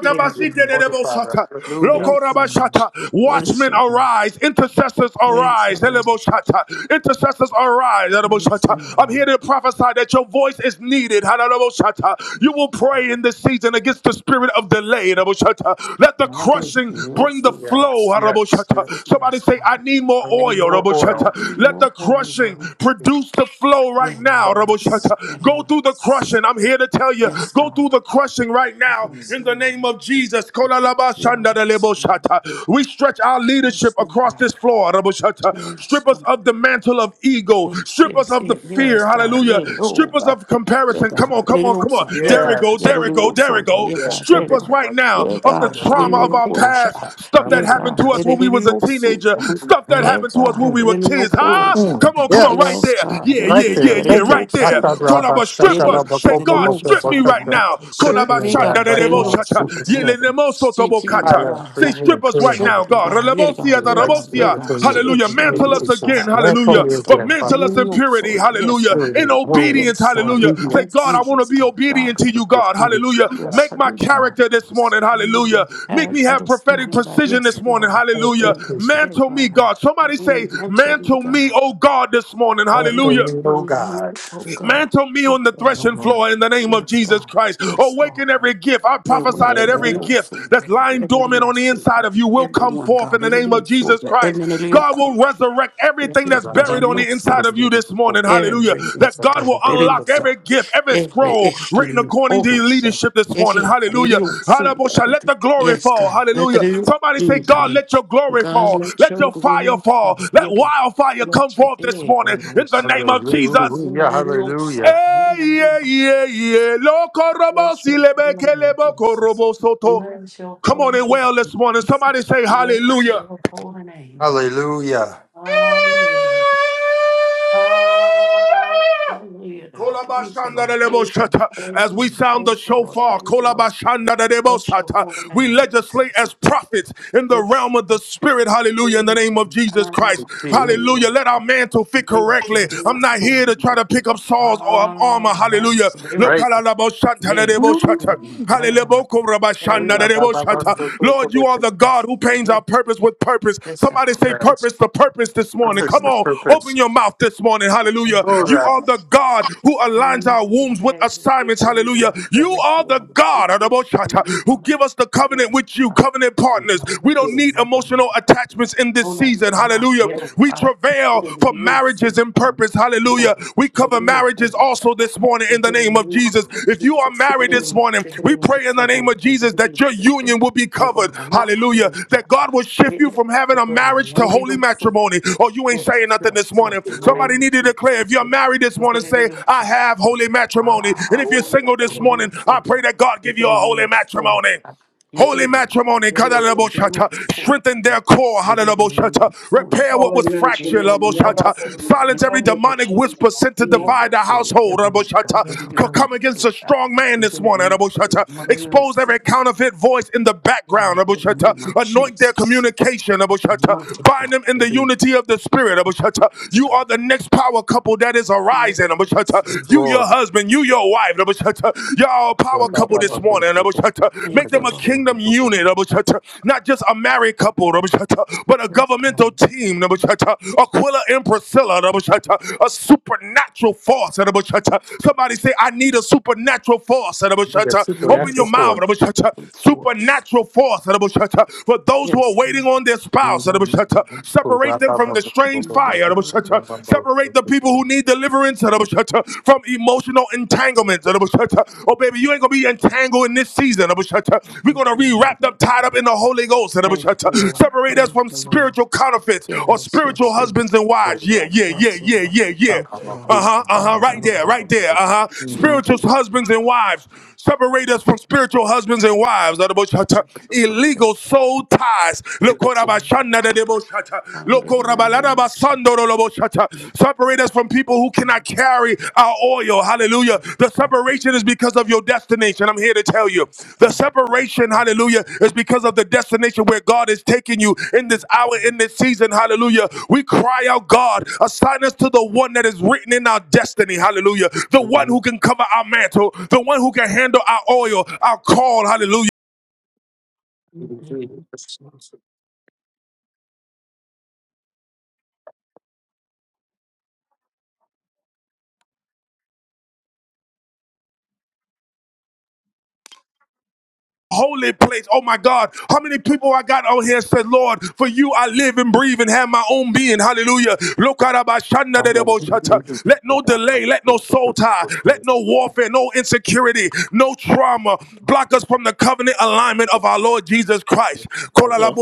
Speaker 4: we
Speaker 2: Thank
Speaker 4: give
Speaker 2: you,
Speaker 4: you
Speaker 2: Lord.
Speaker 1: de
Speaker 4: all the Father,
Speaker 1: debosata.
Speaker 4: hallelujah.
Speaker 2: Thank
Speaker 1: Loko
Speaker 2: you, Lord.
Speaker 1: rabashata.
Speaker 2: Bless
Speaker 1: Watchmen
Speaker 2: you, Lord.
Speaker 1: arise. Intercessors
Speaker 2: Thank you,
Speaker 1: arise.
Speaker 2: Lord.
Speaker 1: Eleboshata. Intercessors arise.
Speaker 2: Thank you,
Speaker 1: Eleboshata.
Speaker 2: Lord.
Speaker 1: I'm here to prophesy that your voice is needed. Halaleboshata. You
Speaker 2: Thank
Speaker 1: will
Speaker 2: you, Lord.
Speaker 1: pray in this season against the spirit of delay. Eleboshata. Let the
Speaker 2: I did
Speaker 1: crushing
Speaker 2: feel
Speaker 1: bring the
Speaker 2: feel
Speaker 1: flow.
Speaker 4: Yes, yes, yes.
Speaker 1: Haraboshata. Somebody
Speaker 2: yes,
Speaker 1: say,
Speaker 2: God.
Speaker 1: I need more
Speaker 4: I need
Speaker 1: oil.
Speaker 4: more
Speaker 2: I
Speaker 4: oil.
Speaker 2: need
Speaker 1: Haraboshata. Let
Speaker 2: more
Speaker 1: the
Speaker 2: holy
Speaker 1: crushing
Speaker 2: Lord.
Speaker 1: produce the flow soul right
Speaker 2: Yeah,
Speaker 1: now.
Speaker 2: man. yes,
Speaker 1: Raboshata. Go through the
Speaker 2: yes,
Speaker 1: crushing. I'm here to tell you,
Speaker 2: yes,
Speaker 1: go
Speaker 2: God.
Speaker 1: through the crushing right now
Speaker 4: Mm,
Speaker 2: Yes,
Speaker 1: in the
Speaker 2: Lord.
Speaker 1: name of Jesus.
Speaker 2: Yes, God.
Speaker 1: Kolalabashandareleboshata. We stretch our leadership
Speaker 2: Yes,
Speaker 1: across
Speaker 2: God.
Speaker 1: this floor. Raboshata.
Speaker 2: Yes,
Speaker 1: Strip us
Speaker 2: God.
Speaker 1: of the mantle of ego.
Speaker 2: Yes,
Speaker 1: Strip us
Speaker 2: yes,
Speaker 1: of the
Speaker 2: yes,
Speaker 4: Yeah,
Speaker 1: fear.
Speaker 2: yes, God.
Speaker 1: Hallelujah.
Speaker 2: Yeah.
Speaker 1: Strip us
Speaker 2: Oh,
Speaker 1: of
Speaker 2: yeah,
Speaker 1: comparison. Come
Speaker 2: God.
Speaker 1: on,
Speaker 2: It
Speaker 1: come
Speaker 2: is
Speaker 1: on, come on.
Speaker 2: also. Yeah,
Speaker 1: There we
Speaker 2: God.
Speaker 1: go,
Speaker 4: yes,
Speaker 2: Yeah,
Speaker 1: there
Speaker 2: it
Speaker 1: we
Speaker 2: is
Speaker 1: go, there we
Speaker 2: also.
Speaker 1: go.
Speaker 2: Yeah,
Speaker 4: yeah,
Speaker 2: God. Yeah,
Speaker 4: take
Speaker 1: Strip
Speaker 4: it,
Speaker 1: us
Speaker 2: God.
Speaker 1: right
Speaker 4: God.
Speaker 1: now
Speaker 2: Yeah,
Speaker 1: of the
Speaker 2: God. It is
Speaker 1: trauma
Speaker 2: your
Speaker 1: of our
Speaker 2: photo shot.
Speaker 1: past. Stuff that
Speaker 2: Yeah,
Speaker 1: happened
Speaker 2: God.
Speaker 1: to us when
Speaker 2: It
Speaker 1: we
Speaker 2: is
Speaker 1: was a
Speaker 2: your suit.
Speaker 1: teenager. Stuff that
Speaker 2: Yeah,
Speaker 1: happened to us
Speaker 2: God.
Speaker 1: when
Speaker 4: Mm,
Speaker 1: we
Speaker 2: It
Speaker 1: were
Speaker 2: is your
Speaker 1: kids.
Speaker 2: photo
Speaker 1: Huh?
Speaker 2: shot.
Speaker 4: mm,
Speaker 1: Come on, come on, right
Speaker 2: Yes,
Speaker 4: Yes.
Speaker 1: there.
Speaker 2: God.
Speaker 1: Yeah, yeah,
Speaker 2: It
Speaker 4: Right
Speaker 1: yeah,
Speaker 2: is
Speaker 1: yeah,
Speaker 4: there.
Speaker 1: yeah,
Speaker 2: it is
Speaker 4: Take it.
Speaker 2: your
Speaker 1: right
Speaker 4: I
Speaker 1: there.
Speaker 2: suit.
Speaker 4: thought Rabbi
Speaker 1: Konaba, strip
Speaker 2: It
Speaker 1: us.
Speaker 2: is
Speaker 1: Say,
Speaker 2: it is
Speaker 1: God,
Speaker 2: your
Speaker 1: strip me
Speaker 2: side.
Speaker 1: right
Speaker 4: Shatarabakobobokobokoto.
Speaker 1: now.
Speaker 4: Strip
Speaker 2: Strip
Speaker 4: me
Speaker 1: Konaba,
Speaker 4: of
Speaker 2: me,
Speaker 4: that
Speaker 1: shanda de
Speaker 2: God.
Speaker 4: right
Speaker 2: It is
Speaker 1: debo
Speaker 4: now
Speaker 2: your
Speaker 4: in
Speaker 1: shata.
Speaker 2: suit.
Speaker 4: Jesus'
Speaker 1: Yele
Speaker 4: name.
Speaker 1: nemo soto bo
Speaker 2: Sticky, yeah,
Speaker 1: kata.
Speaker 4: Tyler, free
Speaker 1: Say,
Speaker 2: God.
Speaker 4: me
Speaker 1: strip
Speaker 4: and
Speaker 1: us
Speaker 4: clean
Speaker 1: right
Speaker 2: Strip
Speaker 1: now,
Speaker 4: heart.
Speaker 2: me,
Speaker 1: God.
Speaker 2: God. Yeah,
Speaker 1: Relebosia
Speaker 2: God.
Speaker 4: Your
Speaker 1: da
Speaker 2: Yeah,
Speaker 4: right
Speaker 2: God. Yeah,
Speaker 4: spirit
Speaker 1: rebosia.
Speaker 2: God.
Speaker 4: within
Speaker 2: It's it
Speaker 4: me.
Speaker 1: Hallelujah.
Speaker 2: is
Speaker 4: Look
Speaker 1: Mantle
Speaker 4: at
Speaker 2: your
Speaker 1: us again.
Speaker 4: Jesus.
Speaker 2: side.
Speaker 4: Man for
Speaker 1: Hallelujah.
Speaker 4: me
Speaker 2: Yes,
Speaker 1: But
Speaker 4: again,
Speaker 2: God.
Speaker 4: Father.
Speaker 1: mantle
Speaker 2: Man, it
Speaker 1: us
Speaker 2: is
Speaker 1: in
Speaker 2: your
Speaker 1: purity.
Speaker 2: suit. Yes,
Speaker 1: Hallelujah.
Speaker 2: God.
Speaker 4: Through
Speaker 1: In
Speaker 4: the
Speaker 1: obedience.
Speaker 2: Yes,
Speaker 4: holiness and
Speaker 2: God,
Speaker 1: Hallelujah.
Speaker 2: with my
Speaker 1: Say, God,
Speaker 4: obedience.
Speaker 1: I want to
Speaker 2: obedience,
Speaker 1: be
Speaker 2: God, God,
Speaker 1: obedient to
Speaker 2: we
Speaker 4: of
Speaker 1: you,
Speaker 4: Your
Speaker 2: ask
Speaker 1: God.
Speaker 2: you.
Speaker 4: obedience
Speaker 1: Hallelujah.
Speaker 4: to God.
Speaker 2: yes,
Speaker 1: Make
Speaker 2: I
Speaker 1: my
Speaker 2: do, God.
Speaker 1: character this
Speaker 2: This
Speaker 1: morning. Hallelujah.
Speaker 2: morning, I
Speaker 1: Make
Speaker 2: had
Speaker 1: me
Speaker 2: for
Speaker 1: have
Speaker 2: this
Speaker 1: prophetic
Speaker 2: morning, God,
Speaker 1: precision
Speaker 2: yes,
Speaker 1: this morning.
Speaker 2: Lord.
Speaker 4: And
Speaker 1: Hallelujah.
Speaker 2: Everything,
Speaker 4: appreciation.
Speaker 2: yeah,
Speaker 1: Mantle me,
Speaker 2: God,
Speaker 1: God.
Speaker 2: I
Speaker 1: Somebody say,
Speaker 2: mm, unto you,
Speaker 1: mantle
Speaker 2: God,
Speaker 1: me, oh God, this morning.
Speaker 4: Answer
Speaker 2: not
Speaker 1: Hallelujah.
Speaker 4: me,
Speaker 2: to
Speaker 4: O
Speaker 2: me,
Speaker 4: God.
Speaker 2: oh God.
Speaker 1: Mantle me
Speaker 2: Thank
Speaker 1: on the
Speaker 2: you, Lord.
Speaker 1: threshing floor in the name of
Speaker 2: Yes,
Speaker 1: Jesus
Speaker 2: God,
Speaker 1: Christ.
Speaker 2: yes, Lord.
Speaker 1: Awaken every gift. I
Speaker 2: And
Speaker 1: prophesy
Speaker 2: we
Speaker 1: that
Speaker 2: can
Speaker 1: every
Speaker 2: live
Speaker 5: Lord.
Speaker 1: gift
Speaker 2: for
Speaker 1: that's
Speaker 2: you.
Speaker 1: lying
Speaker 2: Everything
Speaker 1: dormant
Speaker 2: I
Speaker 1: on the
Speaker 2: say,
Speaker 1: inside
Speaker 2: God.
Speaker 1: of you will come
Speaker 2: everyone,
Speaker 1: forth in
Speaker 2: God,
Speaker 1: the
Speaker 2: every
Speaker 1: name
Speaker 2: little
Speaker 1: of
Speaker 2: fool,
Speaker 1: Jesus Christ.
Speaker 2: every little
Speaker 1: God
Speaker 2: cool,
Speaker 1: will resurrect everything
Speaker 2: every
Speaker 1: that's buried on
Speaker 4: Hallelujah,
Speaker 1: the
Speaker 2: little fool
Speaker 1: inside of you this morning. Hallelujah.
Speaker 2: every
Speaker 1: That God will unlock
Speaker 2: esperanza,
Speaker 1: every gift, every
Speaker 2: every
Speaker 1: scroll written
Speaker 2: issue,
Speaker 1: according to your
Speaker 2: almost
Speaker 1: leadership this morning.
Speaker 2: again,
Speaker 1: Hallelujah.
Speaker 2: radio suya.
Speaker 1: Hallelujah. Let the glory
Speaker 2: Yes,
Speaker 1: fall.
Speaker 2: God, let
Speaker 1: Hallelujah.
Speaker 2: the
Speaker 1: Somebody say,
Speaker 2: new
Speaker 1: God,
Speaker 2: darling.
Speaker 1: let your glory
Speaker 2: God,
Speaker 1: fall.
Speaker 2: let
Speaker 1: Let
Speaker 2: your
Speaker 1: your fire
Speaker 2: glory
Speaker 1: fall.
Speaker 2: fall.
Speaker 1: Let
Speaker 2: Your God.
Speaker 1: wildfire come
Speaker 2: Let your
Speaker 1: forth this
Speaker 2: day
Speaker 1: morning
Speaker 2: go
Speaker 1: in the
Speaker 2: loose.
Speaker 1: name of Jesus.
Speaker 2: Let it all suffer.
Speaker 4: hallelujah,
Speaker 1: Hey, yeah, yeah, yeah. Lokorobo
Speaker 2: Bless your
Speaker 1: silebe
Speaker 2: holy name,
Speaker 1: kelebo
Speaker 2: Jesus.
Speaker 1: korobo soto.
Speaker 2: Bless your
Speaker 1: Come
Speaker 2: holy
Speaker 1: on and
Speaker 2: name,
Speaker 1: well this morning.
Speaker 2: Jesus.
Speaker 1: Somebody say
Speaker 2: Bless
Speaker 1: hallelujah.
Speaker 2: your holy name.
Speaker 4: hallelujah.
Speaker 2: Hallelujah. Hallelujah, God. Thank you, Lord. Thank you, Lord.
Speaker 1: Kolabashandareleboshata.
Speaker 2: Thank
Speaker 1: As
Speaker 2: you,
Speaker 1: we
Speaker 2: Lord.
Speaker 1: sound the
Speaker 2: Thank you, Lord.
Speaker 1: shofar,
Speaker 2: Thank you, Lord. Bless your
Speaker 1: kolabashandarerebosata,
Speaker 2: holy
Speaker 1: we
Speaker 2: name,
Speaker 1: legislate
Speaker 2: Jesus.
Speaker 1: as prophets in the realm
Speaker 2: Yes.
Speaker 1: of the spirit. Hallelujah. In the
Speaker 2: Mm.
Speaker 1: name of Jesus Christ.
Speaker 2: Ah, should be
Speaker 1: Hallelujah.
Speaker 4: Jesus.
Speaker 2: your-
Speaker 1: Let our
Speaker 2: ah,
Speaker 1: mantle fit
Speaker 2: yeah,
Speaker 1: correctly.
Speaker 2: should be
Speaker 1: I'm
Speaker 2: your
Speaker 1: not here
Speaker 2: song.
Speaker 1: to try to pick up swords or um,
Speaker 2: Ah,
Speaker 1: armor. Hallelujah.
Speaker 2: that's real.
Speaker 4: Right.
Speaker 2: Yeah.
Speaker 1: Lokalalaboshantarerebosata.
Speaker 2: Mm, na, na,
Speaker 1: Hallelujah.
Speaker 2: na, na. And it really- mm,
Speaker 1: Lord, you you are the God
Speaker 2: that's
Speaker 1: who paints our
Speaker 2: real.
Speaker 1: purpose with purpose.
Speaker 2: Yes,
Speaker 1: Somebody
Speaker 2: God.
Speaker 1: say
Speaker 2: Mm,
Speaker 1: purpose to purpose this morning.
Speaker 2: thank
Speaker 4: Purpose,
Speaker 1: Come
Speaker 4: the
Speaker 2: you,
Speaker 1: on,
Speaker 2: Lord.
Speaker 1: open
Speaker 4: purpose.
Speaker 1: your mouth this morning. Hallelujah.
Speaker 2: Thank
Speaker 4: Oh,
Speaker 2: you,
Speaker 1: You
Speaker 4: that.
Speaker 2: Lord.
Speaker 1: are the God who aligns our wombs
Speaker 2: Mm,
Speaker 1: with
Speaker 2: yeah, you
Speaker 1: assignments.
Speaker 2: are. You
Speaker 1: Hallelujah.
Speaker 2: are.
Speaker 1: You
Speaker 2: We
Speaker 4: Yes.
Speaker 2: thank you,
Speaker 1: are the
Speaker 2: Lord.
Speaker 1: God
Speaker 2: We were
Speaker 1: who
Speaker 2: gonna
Speaker 1: give us the
Speaker 2: be able
Speaker 1: covenant
Speaker 2: to,
Speaker 1: with you,
Speaker 2: uh,
Speaker 1: covenant partners.
Speaker 2: well,
Speaker 1: We
Speaker 2: with
Speaker 1: don't
Speaker 2: us at
Speaker 1: need
Speaker 2: my time.
Speaker 1: emotional attachments in this
Speaker 2: No, no,
Speaker 1: season.
Speaker 2: no, no,
Speaker 1: Hallelujah.
Speaker 2: you don't
Speaker 1: We
Speaker 2: gotta. It
Speaker 1: travail
Speaker 2: is
Speaker 1: for
Speaker 2: real sin.
Speaker 1: marriages and purpose. Hallelujah.
Speaker 2: You go,
Speaker 1: Hallelujah. We
Speaker 2: she can
Speaker 1: cover
Speaker 2: real
Speaker 1: marriages
Speaker 2: food, child.
Speaker 1: also this morning in
Speaker 2: It
Speaker 1: the
Speaker 2: is
Speaker 1: name of
Speaker 2: real
Speaker 1: Jesus.
Speaker 2: sin.
Speaker 1: If you are
Speaker 4: Jesus.
Speaker 2: It
Speaker 1: married
Speaker 2: is,
Speaker 1: this morning,
Speaker 2: she
Speaker 1: we
Speaker 2: can real
Speaker 1: pray in the name
Speaker 2: food,
Speaker 1: of
Speaker 2: she can
Speaker 1: Jesus that
Speaker 2: real
Speaker 1: your
Speaker 2: sin.
Speaker 1: union will be
Speaker 2: You go,
Speaker 1: covered.
Speaker 2: no, no, you
Speaker 1: Hallelujah.
Speaker 2: don't
Speaker 1: That
Speaker 2: gotta.
Speaker 1: God will shift
Speaker 2: It
Speaker 1: you
Speaker 2: is,
Speaker 1: from having
Speaker 2: it is
Speaker 1: a marriage to
Speaker 2: real
Speaker 1: holy
Speaker 2: real sin.
Speaker 1: matrimony. Oh, you ain't
Speaker 2: Yes,
Speaker 1: saying nothing
Speaker 2: yes,
Speaker 1: this
Speaker 4: Thank
Speaker 1: morning.
Speaker 2: yes,
Speaker 4: you,
Speaker 2: in the
Speaker 4: Lord.
Speaker 1: Somebody
Speaker 2: name of
Speaker 1: need to declare if you're
Speaker 2: Jesus.
Speaker 1: married this
Speaker 2: Look
Speaker 1: morning,
Speaker 2: at it
Speaker 1: say,
Speaker 2: real
Speaker 1: I
Speaker 2: child.
Speaker 1: have holy matrimony. And
Speaker 2: Ah,
Speaker 1: if you're
Speaker 2: God,
Speaker 4: Oh,
Speaker 1: single
Speaker 4: that's the
Speaker 2: it
Speaker 1: this
Speaker 2: is
Speaker 4: Lord.
Speaker 2: real
Speaker 1: morning, I
Speaker 2: soul.
Speaker 1: pray that God
Speaker 2: It
Speaker 1: give
Speaker 2: is
Speaker 1: you a holy
Speaker 2: real soul.
Speaker 1: matrimony.
Speaker 2: You
Speaker 1: Holy
Speaker 2: can,
Speaker 4: Amen.
Speaker 1: matrimony,
Speaker 4: Oh, yes.
Speaker 1: kadalaboshata. strengthen their core,
Speaker 2: they gave them the new
Speaker 1: hadalaboshata.
Speaker 2: soul.
Speaker 1: repair
Speaker 3: all
Speaker 1: what was
Speaker 2: They
Speaker 1: fractured,
Speaker 2: gave them
Speaker 3: Olennakirobo
Speaker 2: the new
Speaker 1: laboshata.
Speaker 3: yambako
Speaker 2: soul. Yeah,
Speaker 1: silence every
Speaker 3: olusiyando ku
Speaker 2: yeah.
Speaker 1: demonic whisper sent to
Speaker 2: They
Speaker 3: kyenda
Speaker 2: gave
Speaker 1: divide
Speaker 2: them
Speaker 1: the
Speaker 2: soul.
Speaker 1: household.
Speaker 2: Every God,
Speaker 4: Thank
Speaker 2: every
Speaker 1: laboshata. Co-
Speaker 2: little
Speaker 1: Come
Speaker 2: thing.
Speaker 1: against a
Speaker 2: Yeah.
Speaker 1: strong man
Speaker 2: They
Speaker 1: this
Speaker 2: gave
Speaker 1: morning,
Speaker 2: them soul.
Speaker 1: laboshata.
Speaker 2: Mother, you know,
Speaker 1: expose
Speaker 2: soul.
Speaker 1: every counterfeit voice in the
Speaker 2: Yeah,
Speaker 1: background,
Speaker 2: In the
Speaker 1: laboshata.
Speaker 2: name of
Speaker 1: anoint their
Speaker 2: Jesus,
Speaker 1: communication,
Speaker 2: the
Speaker 1: laboshata.
Speaker 2: mighty
Speaker 1: bind
Speaker 2: God,
Speaker 1: them in
Speaker 2: the
Speaker 1: the
Speaker 2: big
Speaker 1: unity of the spirit. laboshata. You
Speaker 2: God.
Speaker 1: are the next power couple that is arising. laboshata.
Speaker 2: Yes,
Speaker 1: You,
Speaker 4: Lord.
Speaker 2: yes.
Speaker 1: your husband, you, your wife life. Y'all power
Speaker 4: That's
Speaker 2: Thank you,
Speaker 1: couple this
Speaker 2: Lord.
Speaker 1: morning. Make
Speaker 2: Thank you,
Speaker 1: them a
Speaker 2: Lord.
Speaker 1: kingdom unit. Not just a married couple, but a
Speaker 2: Yes,
Speaker 1: governmental
Speaker 2: God.
Speaker 1: team. Aquila and Priscilla, a supernatural force. Somebody say, I need a supernatural force.
Speaker 2: Made
Speaker 1: Open your
Speaker 4: supernatural
Speaker 2: us with
Speaker 1: mouth.
Speaker 4: for.
Speaker 2: the force.
Speaker 1: Supernatural force. For those who are
Speaker 2: Yes,
Speaker 1: waiting
Speaker 2: God.
Speaker 1: on their spouse,
Speaker 4: Mhm.
Speaker 1: separate them from the strange
Speaker 2: Yes,
Speaker 1: fire.
Speaker 2: Lord.
Speaker 1: Separate Separate the people who need deliverance from emotional entanglements. Oh, baby, you ain't going to be entangled in this season. We're going
Speaker 2: Thank
Speaker 1: to
Speaker 2: you,
Speaker 1: be wrapped
Speaker 2: Lord.
Speaker 1: up, tied up in the Holy Ghost.
Speaker 2: Thank you, Lord.
Speaker 1: Separate us
Speaker 2: Thank
Speaker 1: from
Speaker 2: you, Lord.
Speaker 1: spiritual counterfeits or
Speaker 2: Yes,
Speaker 1: spiritual
Speaker 2: yes, yes.
Speaker 1: husbands and wives. Yeah, yeah, yeah,
Speaker 2: Yes,
Speaker 1: yeah,
Speaker 2: Lord.
Speaker 1: yeah,
Speaker 2: Thank
Speaker 1: yeah.
Speaker 2: you, Lord.
Speaker 1: Uh-huh,
Speaker 2: Thank
Speaker 1: uh-huh,
Speaker 2: you,
Speaker 1: right there,
Speaker 2: Lord.
Speaker 1: right there. Uh-huh.
Speaker 2: Thank
Speaker 1: Spiritual
Speaker 2: you, Lord.
Speaker 1: husbands and wives. Separate us from spiritual husbands and wives.
Speaker 2: Yes,
Speaker 1: Adaboshata.
Speaker 2: Lord.
Speaker 1: Illegal
Speaker 2: Yes,
Speaker 1: soul ties.
Speaker 2: Lord.
Speaker 1: Lokorabashanda dadeboshata.
Speaker 2: Find it in the name of Jesus.
Speaker 1: Lokorabaladabasandoroloboshata. Separate us from people who cannot carry our oil. Hallelujah.
Speaker 2: Yes,
Speaker 1: The
Speaker 2: God.
Speaker 1: separation separation is because of your destination. I'm here to tell you.
Speaker 2: Yes,
Speaker 1: The
Speaker 2: God. Thank
Speaker 1: separation,
Speaker 2: you, Lord.
Speaker 1: hallelujah, is because of the destination where God is taking you in this
Speaker 2: In
Speaker 1: hour, in this season, hallelujah. We cry out, God, assign us to the one that is written in our destiny, hallelujah. The one who can cover our mantle, the one who can handle our oil, our call, hallelujah.
Speaker 2: the name of Jesus.
Speaker 1: holy place. Oh my God. How many people I got out here said, Lord, for you I live and breathe and have my own being. Hallelujah. Look Let no delay, let no soul tie, let no warfare, no insecurity, no trauma block us from the covenant alignment of our Lord Jesus Christ. Kola
Speaker 5: Yes,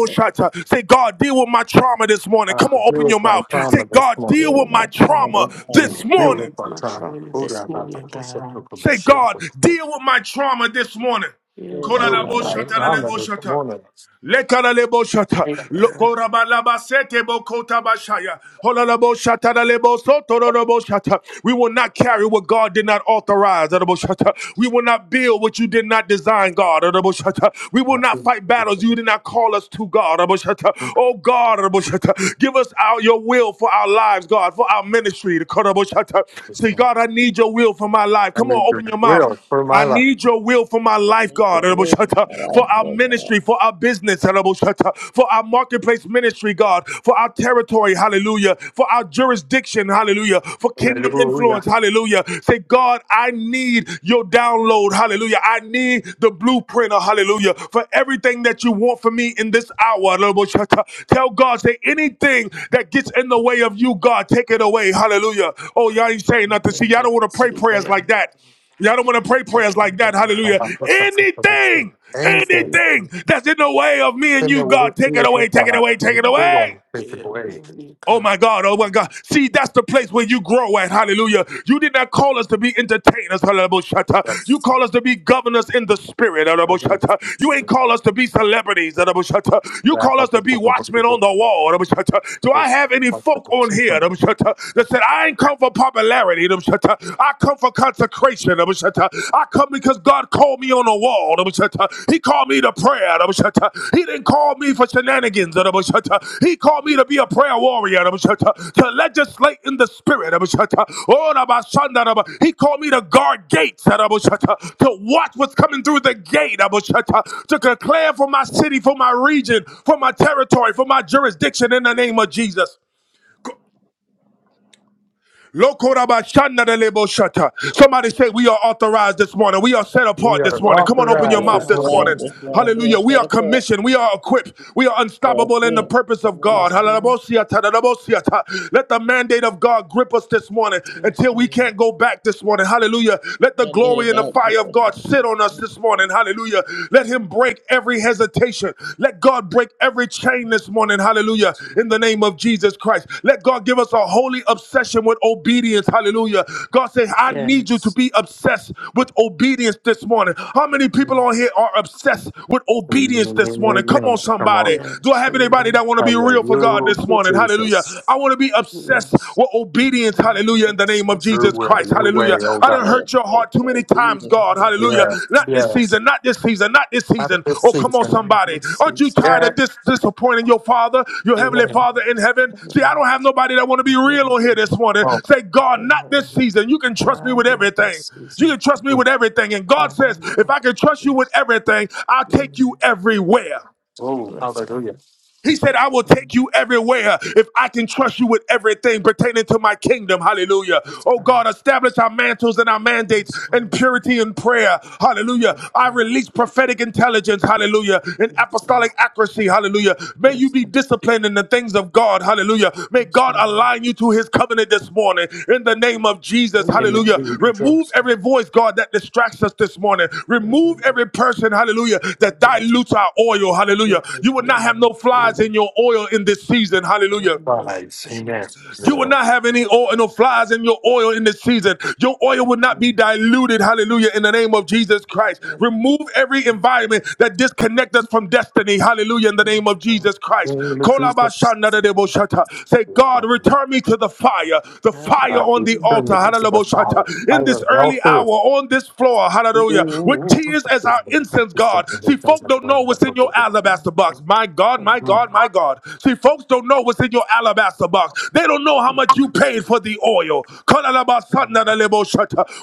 Speaker 1: Say, God, deal with my trauma this morning.
Speaker 4: Uh,
Speaker 1: Come on,
Speaker 4: deal
Speaker 1: open your
Speaker 4: with my
Speaker 1: mouth.
Speaker 4: trauma
Speaker 1: Say,
Speaker 4: this
Speaker 1: God, deal
Speaker 4: morning.
Speaker 1: with
Speaker 5: forgive my
Speaker 1: my
Speaker 5: father,
Speaker 1: trauma
Speaker 5: this father,
Speaker 1: this
Speaker 5: this
Speaker 4: Deal
Speaker 2: Deal
Speaker 1: morning.
Speaker 5: father.
Speaker 4: with
Speaker 2: with
Speaker 4: our
Speaker 2: my
Speaker 4: trauma.
Speaker 2: trauma
Speaker 4: Hold
Speaker 2: this
Speaker 4: on, I'm
Speaker 2: morning,
Speaker 4: also
Speaker 2: God.
Speaker 4: talking about
Speaker 1: Say,
Speaker 4: shit.
Speaker 1: God, deal with my trauma this morning.
Speaker 2: Deal
Speaker 1: Kola
Speaker 2: with
Speaker 5: my
Speaker 2: my
Speaker 4: Deal
Speaker 1: la
Speaker 4: with
Speaker 5: father,
Speaker 4: my
Speaker 5: this
Speaker 2: trauma.
Speaker 4: trauma
Speaker 5: father.
Speaker 4: this morning.
Speaker 1: Lekalebo shata,
Speaker 2: Thank you, Lord.
Speaker 1: lokorabalaba sete bokota bashaya, holalabo shata lalebo sotororobo shata. We will not carry what God did not authorize. adabo shata.
Speaker 4: Yes.
Speaker 1: We will not build what you did not design, God. adabo shata. We will not
Speaker 4: Nothing
Speaker 1: fight
Speaker 4: to do
Speaker 1: battles you
Speaker 4: to
Speaker 1: did not call us to, God. adabo shata.
Speaker 4: the
Speaker 1: Oh God, adabo shata. give us our, your will for our lives, God, for our ministry. adabo shata. Say, God, I need your will for my life.
Speaker 4: I
Speaker 1: Come
Speaker 4: need
Speaker 1: on,
Speaker 4: your
Speaker 1: open your
Speaker 4: will
Speaker 1: mouth.
Speaker 4: for my
Speaker 1: I
Speaker 4: life.
Speaker 1: need your will for my life,
Speaker 5: We
Speaker 1: God,
Speaker 5: forgive my
Speaker 1: for
Speaker 5: life,
Speaker 1: our
Speaker 5: Lord God.
Speaker 1: ministry, for our business, for our marketplace ministry, God, for our territory, hallelujah, for our jurisdiction, hallelujah, for kingdom
Speaker 4: Hallelujah.
Speaker 1: influence, hallelujah. Say, God, I need your download, hallelujah. I need the blueprint, hallelujah, for everything that you want for me in this hour. Tell God, say, anything that gets in the way of you, God, take it away, hallelujah. Oh, y'all ain't saying nothing. See,
Speaker 2: Anything
Speaker 1: y'all
Speaker 2: that
Speaker 1: don't want to
Speaker 2: gets in
Speaker 1: pray
Speaker 2: the way,
Speaker 1: prayers
Speaker 2: of me,
Speaker 1: like that. Y'all don't want to pray
Speaker 2: take
Speaker 1: prayers
Speaker 2: it
Speaker 1: like
Speaker 2: away,
Speaker 1: that.
Speaker 2: Lord.
Speaker 4: I'm
Speaker 1: Hallelujah.
Speaker 4: not just a simple
Speaker 1: Anything,
Speaker 4: Anything,
Speaker 1: anything
Speaker 2: Anything.
Speaker 1: that's in the way of me and
Speaker 4: send
Speaker 1: you,
Speaker 4: away,
Speaker 1: God,
Speaker 4: see
Speaker 1: take it
Speaker 4: it
Speaker 1: away,
Speaker 4: with
Speaker 1: take it
Speaker 4: God.
Speaker 1: away,
Speaker 4: Take
Speaker 1: take
Speaker 4: it
Speaker 1: it away.
Speaker 4: away. Take it
Speaker 2: Deal
Speaker 4: away.
Speaker 2: with me,
Speaker 1: Oh
Speaker 2: God.
Speaker 1: my God, oh my God. See, that's the place where you grow at. Hallelujah. You did not call us to be entertainers. Hallelujah. You
Speaker 4: That's.
Speaker 1: call us to be governors in the spirit.
Speaker 4: I
Speaker 1: Hallelujah.
Speaker 4: think
Speaker 1: You
Speaker 4: it's-
Speaker 1: ain't
Speaker 4: it's-
Speaker 1: call us to be celebrities. Hallelujah. You
Speaker 4: that's
Speaker 1: call us to be watchmen on the wall. Hallelujah. Do I have any folk on here
Speaker 4: the
Speaker 1: Hallelujah, that
Speaker 4: people-
Speaker 1: said, I ain't come for popularity? Hallelujah. I come for consecration. Hallelujah. I come because God called me on the wall. He called me to prayer. He didn't call me for shenanigans. He called me to be a prayer warrior, to legislate in the spirit. He called me to guard gates, to watch what's coming through the gate, to declare for my city, for my region, for my territory, for my jurisdiction in the name of Jesus. Lokorabashanadaleboshata. Somebody say, We are authorized this morning. We are set
Speaker 4: We
Speaker 1: apart this
Speaker 4: are
Speaker 1: morning. Come on, open
Speaker 5: We
Speaker 1: your
Speaker 4: authorized
Speaker 2: Upper
Speaker 1: mouth
Speaker 5: are
Speaker 4: this
Speaker 1: this
Speaker 2: eyes,
Speaker 4: morning.
Speaker 1: morning.
Speaker 5: authorized
Speaker 2: this
Speaker 5: this father,
Speaker 2: morning.
Speaker 5: we
Speaker 1: Hallelujah.
Speaker 5: are
Speaker 1: We are
Speaker 5: set apart
Speaker 1: commissioned. We are equipped. We are
Speaker 5: for our
Speaker 1: unstoppable in the
Speaker 5: freedom,
Speaker 1: purpose
Speaker 5: for
Speaker 1: of God.
Speaker 5: permission,
Speaker 1: Halalabosiata, dadabosiata. Let the mandate of God grip us this morning
Speaker 2: Yes,
Speaker 1: until we
Speaker 2: Lord.
Speaker 1: can't go back this morning. Hallelujah. Let the
Speaker 5: and
Speaker 1: glory
Speaker 5: they
Speaker 1: and the
Speaker 5: God
Speaker 1: fire
Speaker 5: with
Speaker 1: of God
Speaker 5: us.
Speaker 1: sit on us this morning. Hallelujah. Let Him break every hesitation visitation. Let God break every chain this morning. Hallelujah.
Speaker 2: Yes.
Speaker 1: In the name of Jesus Christ. Let God give us a holy obsession with obedience. Hallelujah. God says, I need you to
Speaker 2: Yes.
Speaker 1: be obsessed with obedience this morning. How many people on here are obsessed with obedience this morning? Come on,
Speaker 4: Amen. Come
Speaker 1: somebody.
Speaker 4: on.
Speaker 1: Do I
Speaker 2: Yes.
Speaker 1: have anybody
Speaker 2: Lord.
Speaker 1: that want to be real for God
Speaker 4: Hallelujah,
Speaker 1: this morning? Hallelujah. I
Speaker 4: Jesus.
Speaker 1: want to be obsessed
Speaker 2: Yes.
Speaker 1: with obedience. Hallelujah. In the name
Speaker 2: Yes.
Speaker 1: name
Speaker 2: I
Speaker 1: of
Speaker 4: Your
Speaker 1: Jesus
Speaker 2: still
Speaker 4: will,
Speaker 1: Christ.
Speaker 2: don't
Speaker 4: your
Speaker 2: believe
Speaker 1: Hallelujah.
Speaker 2: it.
Speaker 4: way, oh
Speaker 1: I
Speaker 5: And
Speaker 1: done
Speaker 4: God.
Speaker 5: we
Speaker 1: hurt your
Speaker 5: are
Speaker 1: heart too many
Speaker 5: faithful,
Speaker 1: times,
Speaker 5: obedient
Speaker 1: God.
Speaker 5: to the
Speaker 2: Yes. Yes.
Speaker 1: Hallelujah.
Speaker 5: Lord.
Speaker 4: Yes,
Speaker 1: Not this
Speaker 2: Yes.
Speaker 4: yes.
Speaker 1: season, not this season, not this
Speaker 4: At
Speaker 1: season.
Speaker 4: this
Speaker 1: Oh, come on,
Speaker 4: season.
Speaker 2: Let
Speaker 1: somebody.
Speaker 2: me
Speaker 1: Aren't
Speaker 2: see
Speaker 1: you
Speaker 2: some-
Speaker 1: tired
Speaker 4: Yes,
Speaker 1: of dis- disappointing your Father, your
Speaker 2: Yes.
Speaker 1: Heavenly
Speaker 4: amen.
Speaker 1: Father in heaven? See, I don't have nobody that want to be real on here
Speaker 2: Yes.
Speaker 1: this
Speaker 2: Yes.
Speaker 1: morning.
Speaker 4: Oh,
Speaker 1: Say, God, not this
Speaker 2: Yes.
Speaker 1: season. You can trust me with
Speaker 2: God love the
Speaker 1: everything. You
Speaker 2: season.
Speaker 1: can trust me
Speaker 4: mm.
Speaker 1: with everything. And God
Speaker 2: I
Speaker 1: says,
Speaker 2: love
Speaker 1: if
Speaker 2: the
Speaker 1: I can trust you
Speaker 2: season.
Speaker 1: with everything, I'll take you
Speaker 2: Mm.
Speaker 1: everywhere.
Speaker 4: oh
Speaker 2: Bless
Speaker 4: hallelujah.
Speaker 2: them.
Speaker 1: He said, I will take
Speaker 2: Um,
Speaker 1: you everywhere if I can trust you with everything pertaining to my kingdom. Hallelujah.
Speaker 2: Bless
Speaker 1: Oh God,
Speaker 2: them.
Speaker 1: establish our mantles and our mandates
Speaker 2: Yes,
Speaker 1: in
Speaker 2: Lord.
Speaker 1: purity and prayer. Hallelujah.
Speaker 2: Yes,
Speaker 1: I release prophetic intelligence. Hallelujah. And
Speaker 2: Lord.
Speaker 1: apostolic accuracy. Hallelujah. May you
Speaker 2: Yes,
Speaker 1: be
Speaker 2: Lord.
Speaker 1: disciplined in the the things of God. Hallelujah. May
Speaker 2: Yes,
Speaker 1: God
Speaker 2: Lord.
Speaker 1: align you to his covenant this morning in the name of Jesus.
Speaker 2: Jesus,
Speaker 4: In the
Speaker 1: Hallelujah. Remove
Speaker 4: Jesus
Speaker 1: every voice, God, that distracts us this morning. Remove every person, hallelujah, that dilutes our oil. Hallelujah. You will not have no flies in your oil in this season. Hallelujah.
Speaker 4: Christ. Amen.
Speaker 1: You will
Speaker 4: Yeah.
Speaker 1: not have any oil, no flies in your oil in this season. Your oil will not be diluted. Hallelujah. In the name of Jesus Christ. Remove every environment that disconnects us from destiny. Hallelujah. In the name of
Speaker 2: God,
Speaker 1: Jesus Christ.
Speaker 4: In the Jesus.
Speaker 2: I surrender.
Speaker 1: Say, God, return me to the fire, the fire
Speaker 4: I
Speaker 1: on the
Speaker 2: I
Speaker 1: altar.
Speaker 4: determined
Speaker 1: Hallelujah.
Speaker 4: to the fire,
Speaker 1: In
Speaker 4: fire
Speaker 1: this
Speaker 4: of hell
Speaker 1: early hour,
Speaker 4: first.
Speaker 1: on this floor. Hallelujah hallelujah, with tears as our incense, God. See, folk don't know what's in your alabaster box. My God, my God, my God. See, folks don't know what's in your alabaster box. They don't know how much you paid for the oil.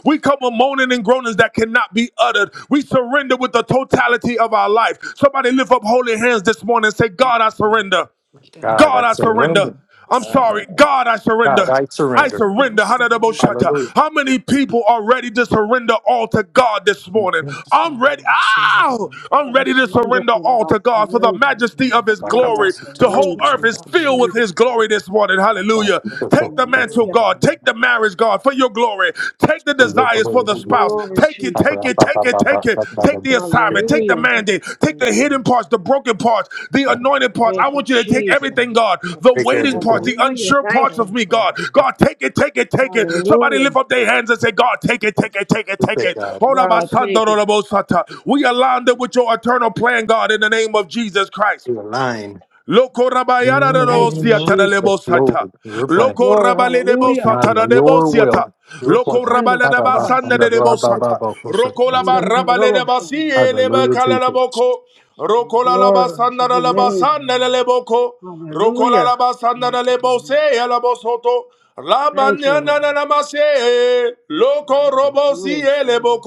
Speaker 1: We come with moaning and groanings that cannot be uttered. We surrender with the totality of our life. Somebody lift up holy hands this morning and say, God, I surrender.
Speaker 4: God,
Speaker 1: God,
Speaker 4: I
Speaker 1: I surrender.
Speaker 4: surrender.
Speaker 1: I'm
Speaker 5: Awesome.
Speaker 1: sorry. God, I
Speaker 4: God,
Speaker 1: surrender.
Speaker 4: I
Speaker 1: I
Speaker 4: surrender.
Speaker 2: want to
Speaker 1: surrender.
Speaker 2: surrender.
Speaker 1: Hanadaboshata.
Speaker 4: Hallelujah.
Speaker 1: How many people are ready to surrender all to God this morning?
Speaker 4: Mm-hmm.
Speaker 2: Yes,
Speaker 1: I'm
Speaker 2: God,
Speaker 1: ready.
Speaker 2: I
Speaker 1: Ow!
Speaker 2: surrender.
Speaker 1: I'm ready to
Speaker 3: bashando
Speaker 1: surrender
Speaker 3: ku
Speaker 1: all to God for the
Speaker 2: Thank
Speaker 3: basiyando
Speaker 2: you.
Speaker 1: majesty of
Speaker 2: Lord.
Speaker 1: His
Speaker 4: I come
Speaker 3: Lord,
Speaker 4: to
Speaker 2: Thank
Speaker 3: I
Speaker 1: glory.
Speaker 4: seek
Speaker 2: you,
Speaker 4: to
Speaker 1: The
Speaker 4: come
Speaker 2: Lord.
Speaker 1: whole
Speaker 4: to
Speaker 3: surrender.
Speaker 1: earth
Speaker 4: change.
Speaker 2: Thank
Speaker 1: is
Speaker 2: you,
Speaker 1: filled with
Speaker 2: Lord.
Speaker 3: Bashando
Speaker 1: His
Speaker 3: ku
Speaker 1: glory this morning.
Speaker 4: I
Speaker 2: Thank
Speaker 1: Hallelujah.
Speaker 4: seek to come
Speaker 1: Take the
Speaker 4: to
Speaker 2: you,
Speaker 4: bless
Speaker 1: mantle,
Speaker 3: Hallelujah.
Speaker 1: God.
Speaker 2: Lord.
Speaker 1: Take the marriage, God, for your glory. Take the
Speaker 4: For
Speaker 2: And
Speaker 4: your
Speaker 1: desires is for
Speaker 4: glory.
Speaker 1: the
Speaker 2: we
Speaker 1: spouse.
Speaker 3: Glory,
Speaker 2: lost
Speaker 1: Take it,
Speaker 4: I pray,
Speaker 1: take
Speaker 4: I
Speaker 3: Jesus.
Speaker 1: it,
Speaker 4: pray, I pray, I
Speaker 1: take it,
Speaker 4: pray, I
Speaker 1: take it.
Speaker 4: pray,
Speaker 1: Take the
Speaker 2: And
Speaker 4: I
Speaker 1: assignment,
Speaker 4: pray. I
Speaker 1: take
Speaker 2: one,
Speaker 1: the
Speaker 3: Hallelujah.
Speaker 1: mandate, take
Speaker 2: we
Speaker 1: the hidden
Speaker 2: didn't,
Speaker 1: parts, the broken parts, the
Speaker 2: it
Speaker 4: pray.
Speaker 1: anointed
Speaker 2: was
Speaker 1: parts. I
Speaker 2: gone.
Speaker 3: Thank you,
Speaker 1: want you to
Speaker 2: It
Speaker 1: take
Speaker 2: was
Speaker 3: Jesus.
Speaker 1: everything,
Speaker 2: gone.
Speaker 1: God.
Speaker 2: Oh,
Speaker 1: The
Speaker 4: Take
Speaker 2: it
Speaker 4: care of
Speaker 1: waiting
Speaker 4: it.
Speaker 2: ran.
Speaker 1: parts, the
Speaker 3: Hallelujah.
Speaker 1: unsure
Speaker 3: Thank
Speaker 1: parts
Speaker 2: Oh,
Speaker 1: of
Speaker 3: you.
Speaker 2: it
Speaker 1: me, God. God, take it, take it, take it. Somebody
Speaker 3: Hallelujah.
Speaker 1: lift up their hands and say, God, take it, take it, take it,
Speaker 4: We
Speaker 1: take
Speaker 4: take
Speaker 1: it.
Speaker 4: God.
Speaker 5: We can
Speaker 1: Ora
Speaker 3: God,
Speaker 5: take it to
Speaker 1: basanda
Speaker 3: take it.
Speaker 1: ora bosata. We align it with your eternal plan, God, in the name of Jesus Christ.
Speaker 4: We align.
Speaker 1: Loco rabayara de
Speaker 3: Thank you,
Speaker 1: bosiata
Speaker 4: Mm-hmm.
Speaker 1: de
Speaker 4: Yes,
Speaker 3: Jesus.
Speaker 1: lebosata.
Speaker 4: Lord, your plan.
Speaker 1: Loco
Speaker 3: Glory,
Speaker 1: rabale de
Speaker 3: hallelujah.
Speaker 4: My
Speaker 1: bosata
Speaker 4: will,
Speaker 1: de
Speaker 4: your will,
Speaker 1: bosiata.
Speaker 4: your
Speaker 1: Loco
Speaker 4: plan.
Speaker 3: Bashando
Speaker 1: rabale
Speaker 3: ku
Speaker 1: de basanda
Speaker 3: basiyando.
Speaker 1: de bosata.
Speaker 4: Hallelujah,
Speaker 1: Roco la barrabale de basi e le becala la
Speaker 4: Jesus.
Speaker 1: boco. la
Speaker 2: Mm,
Speaker 1: la
Speaker 3: Glory to
Speaker 1: basanda de
Speaker 3: your
Speaker 1: la
Speaker 2: mm,
Speaker 3: name.
Speaker 1: basanda de
Speaker 2: mm.
Speaker 1: leboko. Rokola
Speaker 3: Hallelujah.
Speaker 1: la basanda na lebo se la bosoto. La
Speaker 3: Thank you,
Speaker 1: manana
Speaker 3: Lord.
Speaker 1: na namase. Loko robo si e lebo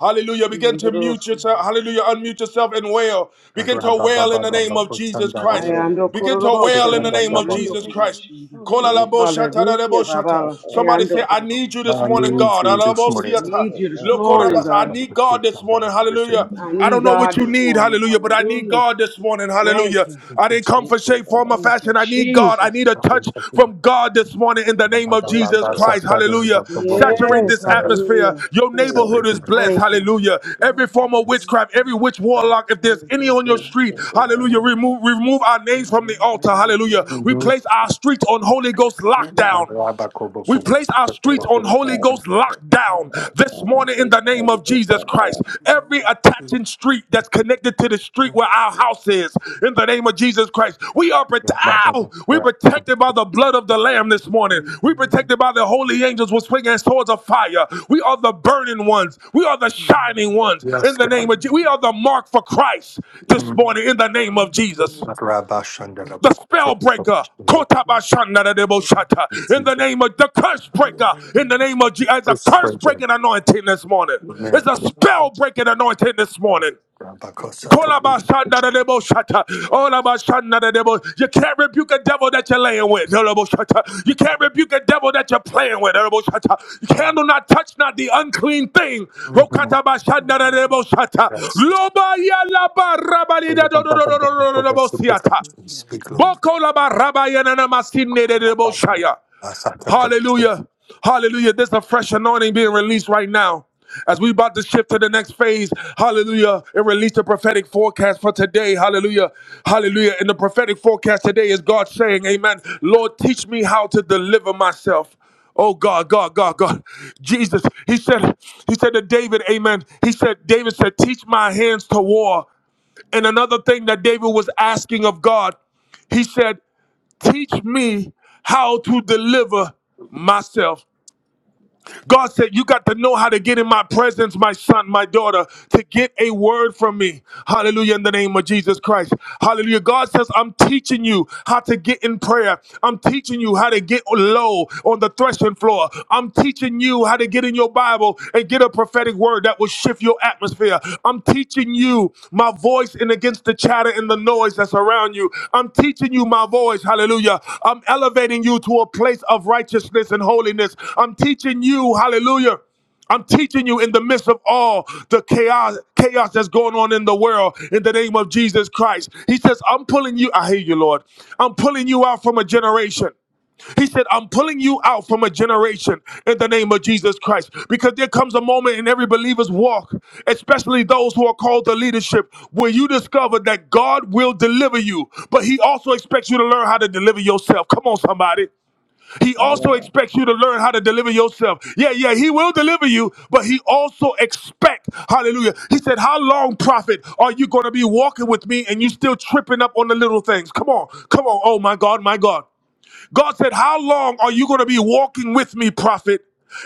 Speaker 1: Hallelujah. Begin to mute yourself. Hallelujah. Unmute yourself and wail. Begin to wail in the
Speaker 3: Oh,
Speaker 1: name
Speaker 2: Mm,
Speaker 1: of Jesus
Speaker 5: the
Speaker 3: I
Speaker 1: Christ.
Speaker 5: Lord.
Speaker 3: am
Speaker 5: We
Speaker 3: ando
Speaker 5: can
Speaker 1: Begin to
Speaker 3: kurubo
Speaker 5: follow
Speaker 1: wail in
Speaker 5: up
Speaker 1: the
Speaker 3: shanda, si
Speaker 1: name of
Speaker 2: mm,
Speaker 3: ando
Speaker 1: Jesus
Speaker 3: kurubo
Speaker 2: mm.
Speaker 1: Christ.
Speaker 3: shanda.
Speaker 2: Oh,
Speaker 5: with
Speaker 2: mm,
Speaker 1: Kola
Speaker 5: the
Speaker 1: la bo
Speaker 2: mm.
Speaker 5: Lord. We can
Speaker 1: shata da
Speaker 5: follow
Speaker 3: Hallelujah,
Speaker 5: up
Speaker 3: Baba. si
Speaker 5: with
Speaker 1: Somebody
Speaker 3: ando
Speaker 1: say, I
Speaker 3: kurubo
Speaker 1: need you this
Speaker 4: Uh,
Speaker 3: shanda.
Speaker 1: morning,
Speaker 4: me
Speaker 1: God.
Speaker 4: too.
Speaker 1: Ala
Speaker 4: This
Speaker 1: bo
Speaker 4: morning,
Speaker 3: I
Speaker 1: siata.
Speaker 3: need you this
Speaker 1: Loko
Speaker 3: morning,
Speaker 4: program
Speaker 1: I
Speaker 3: God.
Speaker 4: about
Speaker 1: need
Speaker 4: the
Speaker 1: God
Speaker 4: speech
Speaker 1: this
Speaker 4: and
Speaker 1: morning.
Speaker 4: the
Speaker 1: Hallelujah.
Speaker 4: same.
Speaker 3: I
Speaker 1: I
Speaker 3: need
Speaker 1: don't know
Speaker 5: We
Speaker 1: what
Speaker 3: God
Speaker 1: you
Speaker 5: can,
Speaker 3: this
Speaker 1: need.
Speaker 3: morning.
Speaker 1: Hallelujah. But I need
Speaker 3: Hallelujah.
Speaker 1: God this morning.
Speaker 3: Thank
Speaker 1: Hallelujah.
Speaker 4: Yes,
Speaker 3: you.
Speaker 4: it's
Speaker 1: I didn't
Speaker 4: it's
Speaker 1: come
Speaker 5: we
Speaker 1: for
Speaker 5: can,
Speaker 1: shape, form,
Speaker 5: uh,
Speaker 1: or
Speaker 3: Thank you,
Speaker 1: fashion. I need God. I
Speaker 3: Jesus.
Speaker 1: need a touch
Speaker 4: problem. I think
Speaker 1: from God God, this morning in the name
Speaker 4: about
Speaker 1: of
Speaker 4: that.
Speaker 1: Jesus
Speaker 4: That's a
Speaker 5: therefore,
Speaker 1: Christ.
Speaker 4: better
Speaker 1: Hallelujah.
Speaker 4: about the
Speaker 2: Oh,
Speaker 4: book of the
Speaker 1: Saturate
Speaker 3: Yes,
Speaker 1: this
Speaker 2: Mm, mm,
Speaker 4: descendant.
Speaker 1: atmosphere.
Speaker 3: hallelujah.
Speaker 1: Your
Speaker 5: we
Speaker 2: mm.
Speaker 5: will
Speaker 1: neighborhood
Speaker 4: Separate.
Speaker 1: is
Speaker 2: Oh,
Speaker 1: blessed.
Speaker 3: Thank you.
Speaker 1: Hallelujah.
Speaker 2: mm,
Speaker 1: Every form of
Speaker 4: Mm-hmm.
Speaker 1: witchcraft, every
Speaker 2: mm.
Speaker 1: witch
Speaker 2: Ah,
Speaker 1: warlock, if
Speaker 2: it
Speaker 1: there's
Speaker 2: was
Speaker 1: any
Speaker 2: good.
Speaker 1: on your
Speaker 5: do
Speaker 2: Mm, mm,
Speaker 1: street,
Speaker 5: the
Speaker 2: mm.
Speaker 5: good of the
Speaker 1: hallelujah, remove remove our
Speaker 2: It
Speaker 1: names from the
Speaker 2: was
Speaker 1: altar.
Speaker 2: good.
Speaker 1: Hallelujah.
Speaker 2: Mm, mm,
Speaker 1: We
Speaker 2: mm.
Speaker 1: place our streets on Holy Ghost
Speaker 2: Mm,
Speaker 4: I
Speaker 1: lockdown.
Speaker 4: love a kobo
Speaker 1: We
Speaker 4: kobo.
Speaker 1: place our
Speaker 4: But the
Speaker 1: streets
Speaker 4: book
Speaker 1: on
Speaker 4: of
Speaker 5: that
Speaker 1: Holy
Speaker 5: that
Speaker 1: Ghost lockdown
Speaker 5: man
Speaker 1: this
Speaker 2: mm,
Speaker 1: morning
Speaker 5: at
Speaker 2: mm.
Speaker 1: in
Speaker 5: least
Speaker 1: the name of
Speaker 5: already did
Speaker 1: Jesus Christ.
Speaker 2: Mm,
Speaker 5: that.
Speaker 2: mm,
Speaker 1: Every attaching
Speaker 2: mm.
Speaker 1: street that's connected to the street
Speaker 2: They will.
Speaker 1: where our house is,
Speaker 2: It's
Speaker 1: in the name of Jesus Christ, we are prote-
Speaker 4: yeah, blah, blah,
Speaker 1: Ow!
Speaker 4: blah,
Speaker 1: we're
Speaker 4: blah. blah, Doctor
Speaker 1: protected by
Speaker 4: Boko,
Speaker 1: the blood of the Lamb this morning. We're protected by the holy angels with swinging swords of fire. We are the burning ones. We are the shining ones
Speaker 4: blah, blah, blah, blah, blah, blah. Yes,
Speaker 1: in the
Speaker 4: God.
Speaker 1: name of Jesus. We are the mark for Christ this
Speaker 4: Mm.
Speaker 1: morning in the name of Jesus
Speaker 4: That Rabba Shandala
Speaker 1: the
Speaker 4: book.
Speaker 1: spell
Speaker 4: Sort of book.
Speaker 1: breaker.
Speaker 4: It's
Speaker 1: Kotabashanadadeboshata. In the
Speaker 4: it's the
Speaker 1: name of the curse breaker, in the name of Jesus, it's a
Speaker 4: first
Speaker 1: curse
Speaker 4: spreader.
Speaker 1: breaking anointing this morning. It's
Speaker 4: Man.
Speaker 1: a spell breaking anointing this morning.
Speaker 4: Rabba Kosa took me.
Speaker 1: Kolabashanadadeboshata. Olabashanadadebo- You can't rebuke a devil that you're laying with. Dadaboshata. You can't rebuke a devil that you're playing with. Dadaboshata. You cannot not touch not the unclean thing.
Speaker 4: mm
Speaker 1: Okatabashanadadeboshata. Lobayalabarabadidadododododododobosiata.
Speaker 4: Speak, Lord.
Speaker 1: Bokolaba rabayanana masinededeboshaya. Hallelujah. Hallelujah. There's a fresh anointing being released right now. As we about to shift to the next phase, hallelujah, and release the prophetic forecast for today, hallelujah, hallelujah. And the prophetic forecast today is God saying, Amen, Lord, teach me how to deliver myself. Oh God, God, God, God. Jesus, he said, he said to David, Amen. He said, David said, teach my hands to war. And another thing that David was asking of God, he said, Teach me how to deliver myself. God said, You got to know how to get in my presence, my son, my daughter, to get a word from me. Hallelujah, in the name of Jesus Christ. Hallelujah. God says, I'm teaching you how to get in prayer. I'm teaching you how to get low on the threshing floor. I'm teaching you how to get in your Bible and get a prophetic word that will shift your atmosphere. I'm teaching you my voice voice and against the chatter and the noise that's around you. I'm teaching you my voice. Hallelujah. I'm elevating you to a place of righteousness and holiness. I'm teaching you, hallelujah. I'm teaching you in the midst of all the chaos, chaos that's going on in the world in the name of Jesus Christ. He says, I'm pulling you, I hear you, Lord. I'm pulling you out from a generation. He said, I'm pulling you out from a generation in the name of Jesus Christ. Because there comes a moment in every believer's walk, especially those who are called to leadership, where you discover that God will deliver you, but He also expects you to learn how to deliver yourself. Come on, somebody. He also
Speaker 5: Amen.
Speaker 1: expects you to learn how to deliver yourself. Yeah, yeah, he will deliver you, but he also expect, hallelujah. He said, how long, prophet, are you going to be walking with me and you still tripping up on the little things? Come on, come on. Oh my God, my God. God said, How long are you going to be walking with me, prophet,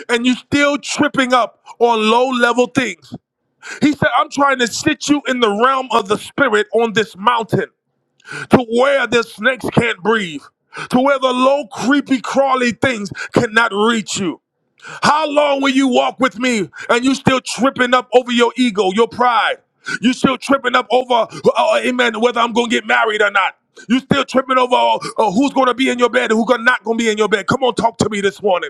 Speaker 1: and you still tripping up on low level things? He said, I'm trying to sit you in the realm of the spirit on this mountain to where the snakes can't breathe, to where the low, creepy, crawly things cannot reach you. How long will you walk with me and you still tripping up over your ego, your pride? You still tripping up over, uh, uh, amen, whether I'm going to get married or not. You still tripping over uh, uh, who's going to be in your bed and who's not going to be in your bed. Come on, talk to me this morning.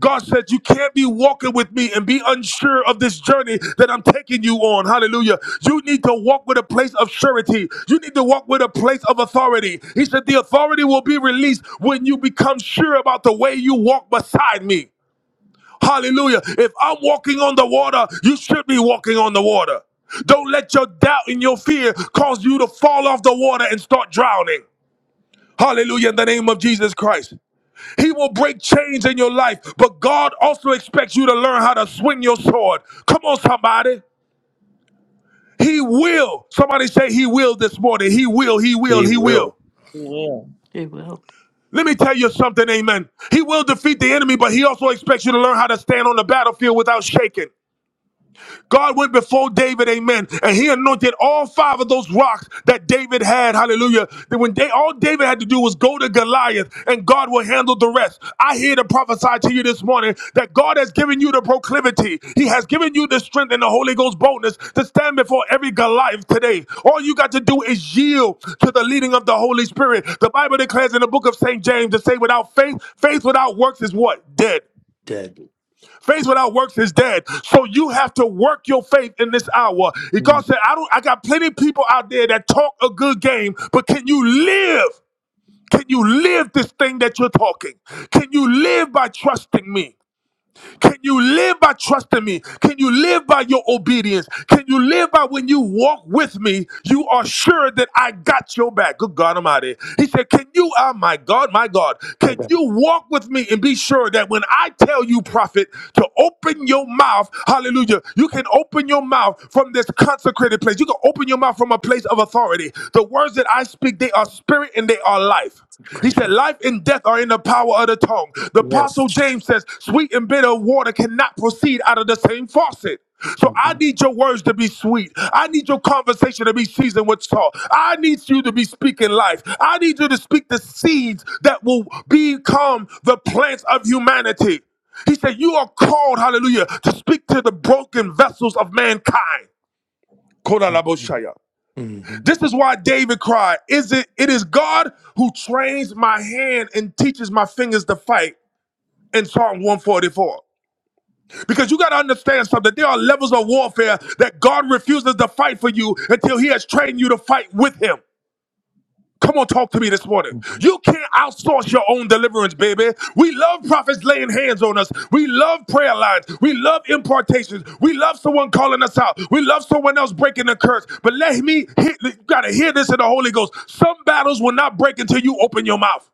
Speaker 1: God said, You can't be walking with me and be unsure of this journey that I'm taking you on. Hallelujah. You need to walk with a place of surety. You need to walk with a place of authority. He said, The authority will be released when you become sure about the way you walk beside me. Hallelujah. If I'm walking on the water, you should be walking on the water. Don't let your doubt and your fear cause you to fall off the water and start drowning. Hallelujah in the name of Jesus Christ. He will break chains in your life, but God also expects you to learn how to swing your sword. Come on, somebody. He will. Somebody say, He will this morning. He will, He will,
Speaker 4: Be
Speaker 1: He will.
Speaker 4: will,
Speaker 5: He will.
Speaker 1: Let me tell you something, amen. He will defeat the enemy, but He also expects you to learn how to stand on the battlefield without shaking. God went before David, amen, and he anointed all five of those rocks that David had, hallelujah. That when they all David had to do was go to Goliath and God will handle the rest. I hear to prophesy to you this morning that God has given you the proclivity. He has given you the strength and the Holy Ghost boldness to stand before every Goliath today. All you got to do is yield to the leading of the Holy Spirit. The Bible declares in the book of St. James to say without faith, faith without works is what? Dead.
Speaker 4: dead.
Speaker 1: Faith without works is dead. So you have to work your faith in this hour. And God
Speaker 4: Mm.
Speaker 1: said, I don't I got plenty of people out there that talk a good game, but can you live? Can you live this thing that you're talking? Can you live by trusting me? Can you live by trusting me? Can you live by your obedience? Can you live by when you walk with me, you are sure that I got your back? Good God Almighty. He said, Can you, oh my God, my God,
Speaker 4: My
Speaker 1: can
Speaker 4: God,
Speaker 1: you walk with me and be sure that when I tell you, prophet, to open your mouth, hallelujah, you can open your mouth from this consecrated place. You can open your mouth from a place of authority. The words that I speak, they are spirit and they are life.
Speaker 4: it's
Speaker 1: He said,
Speaker 4: crazy.
Speaker 1: Life and death are in the power of the tongue. The
Speaker 4: Yes.
Speaker 1: Apostle James says, Sweet and bitter water cannot proceed out of the same faucet. So I
Speaker 4: Mhm.
Speaker 1: need your words to be sweet. I need your conversation to be seasoned with salt. I need you to be speaking life. I need you to speak the seeds that will become the plants of humanity. He said, You are called, hallelujah, to speak to the broken vessels of mankind.
Speaker 4: Mhm.
Speaker 1: Kodalaboshaya.
Speaker 4: Mhm.
Speaker 1: This is why David cried, is it it is God who trains my hand and teaches my fingers to fight in Psalm 144. Because you got to understand something. There are levels of warfare that God refuses to fight for you until he has trained you to fight with him. Come on, talk to me this morning.
Speaker 4: Mhm.
Speaker 1: You can't outsource your own deliverance, baby. We love prophets laying hands on us. We love prayer lines. We love impartations. We love someone calling us out. We love someone else breaking the curse. But let me, hear- you gotta hear this in the Holy Ghost. Some battles will not break until you open your mouth.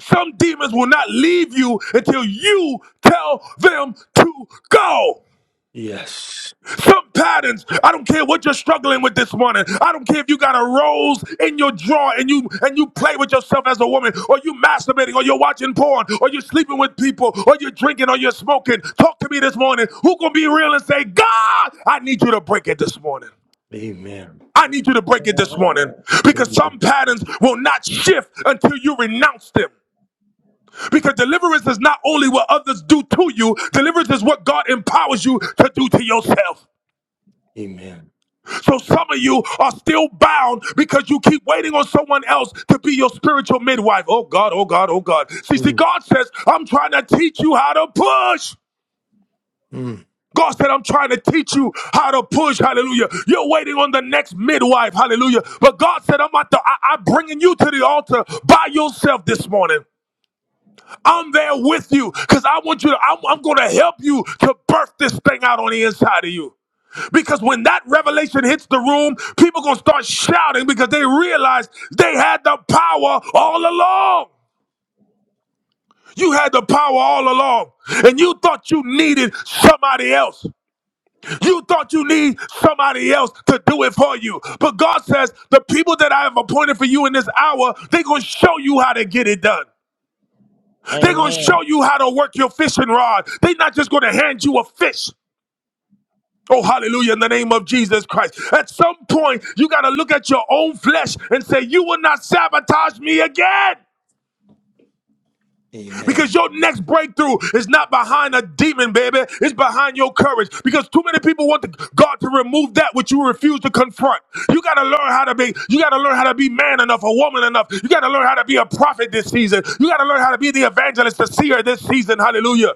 Speaker 1: Some demons will not leave you until you tell them to go.
Speaker 4: Yes.
Speaker 1: Some patterns, I don't care what you're struggling with this morning. I don't care if you got a rose in your drawer and you and you play with yourself as a woman, or you masturbating, or you're watching porn, or you're sleeping with people, or you're drinking, or you're smoking. Talk to me this morning. Who gonna be real and say, God, I need you to break it this morning.
Speaker 4: Amen.
Speaker 1: I need you to break it this
Speaker 5: He
Speaker 1: morning
Speaker 5: will.
Speaker 1: because some
Speaker 4: Amen.
Speaker 1: patterns will not shift until you renounce them. Because deliverance is not only what others do to you, deliverance is what God empowers you to do to yourself.
Speaker 4: Amen.
Speaker 1: So some of you are still bound because you keep waiting on someone else to be your spiritual midwife. Oh God, oh God, oh God. See, see,
Speaker 4: Mm.
Speaker 1: God says, I'm trying to teach you how to push.
Speaker 4: Mm.
Speaker 1: God said, I'm trying to teach you how to push. Hallelujah. You're waiting on the next midwife. Hallelujah. But God said, I'm, at the, I, I'm bringing you to the altar by yourself this morning. I'm there with you because I want you to, I'm, I'm going to help you to birth this thing out on the inside of you. Because when that revelation hits the room, people going to start shouting because they realize they had the power all along. You had the power all along, and you thought you needed somebody else. You thought you need somebody else to do it for you. But God says, The people that I have appointed for you in this hour, they're going to show you how to get it done. They're going to show
Speaker 5: Amen.
Speaker 1: you how to work your fishing rod. They're not just going to hand you a fish. Oh, hallelujah, in the name of Jesus Christ. At some point, you got to look at your own flesh and say, You will not sabotage me again. Because
Speaker 4: Amen.
Speaker 1: your next breakthrough is not behind a demon, baby. It's behind your courage. Because too many people want to, God to remove that which you refuse to confront. You got to learn how to be. You got to learn how to be man enough, a woman enough. You got to learn how to be a prophet this season. You got to learn how to be the evangelist, the seer this season. Hallelujah.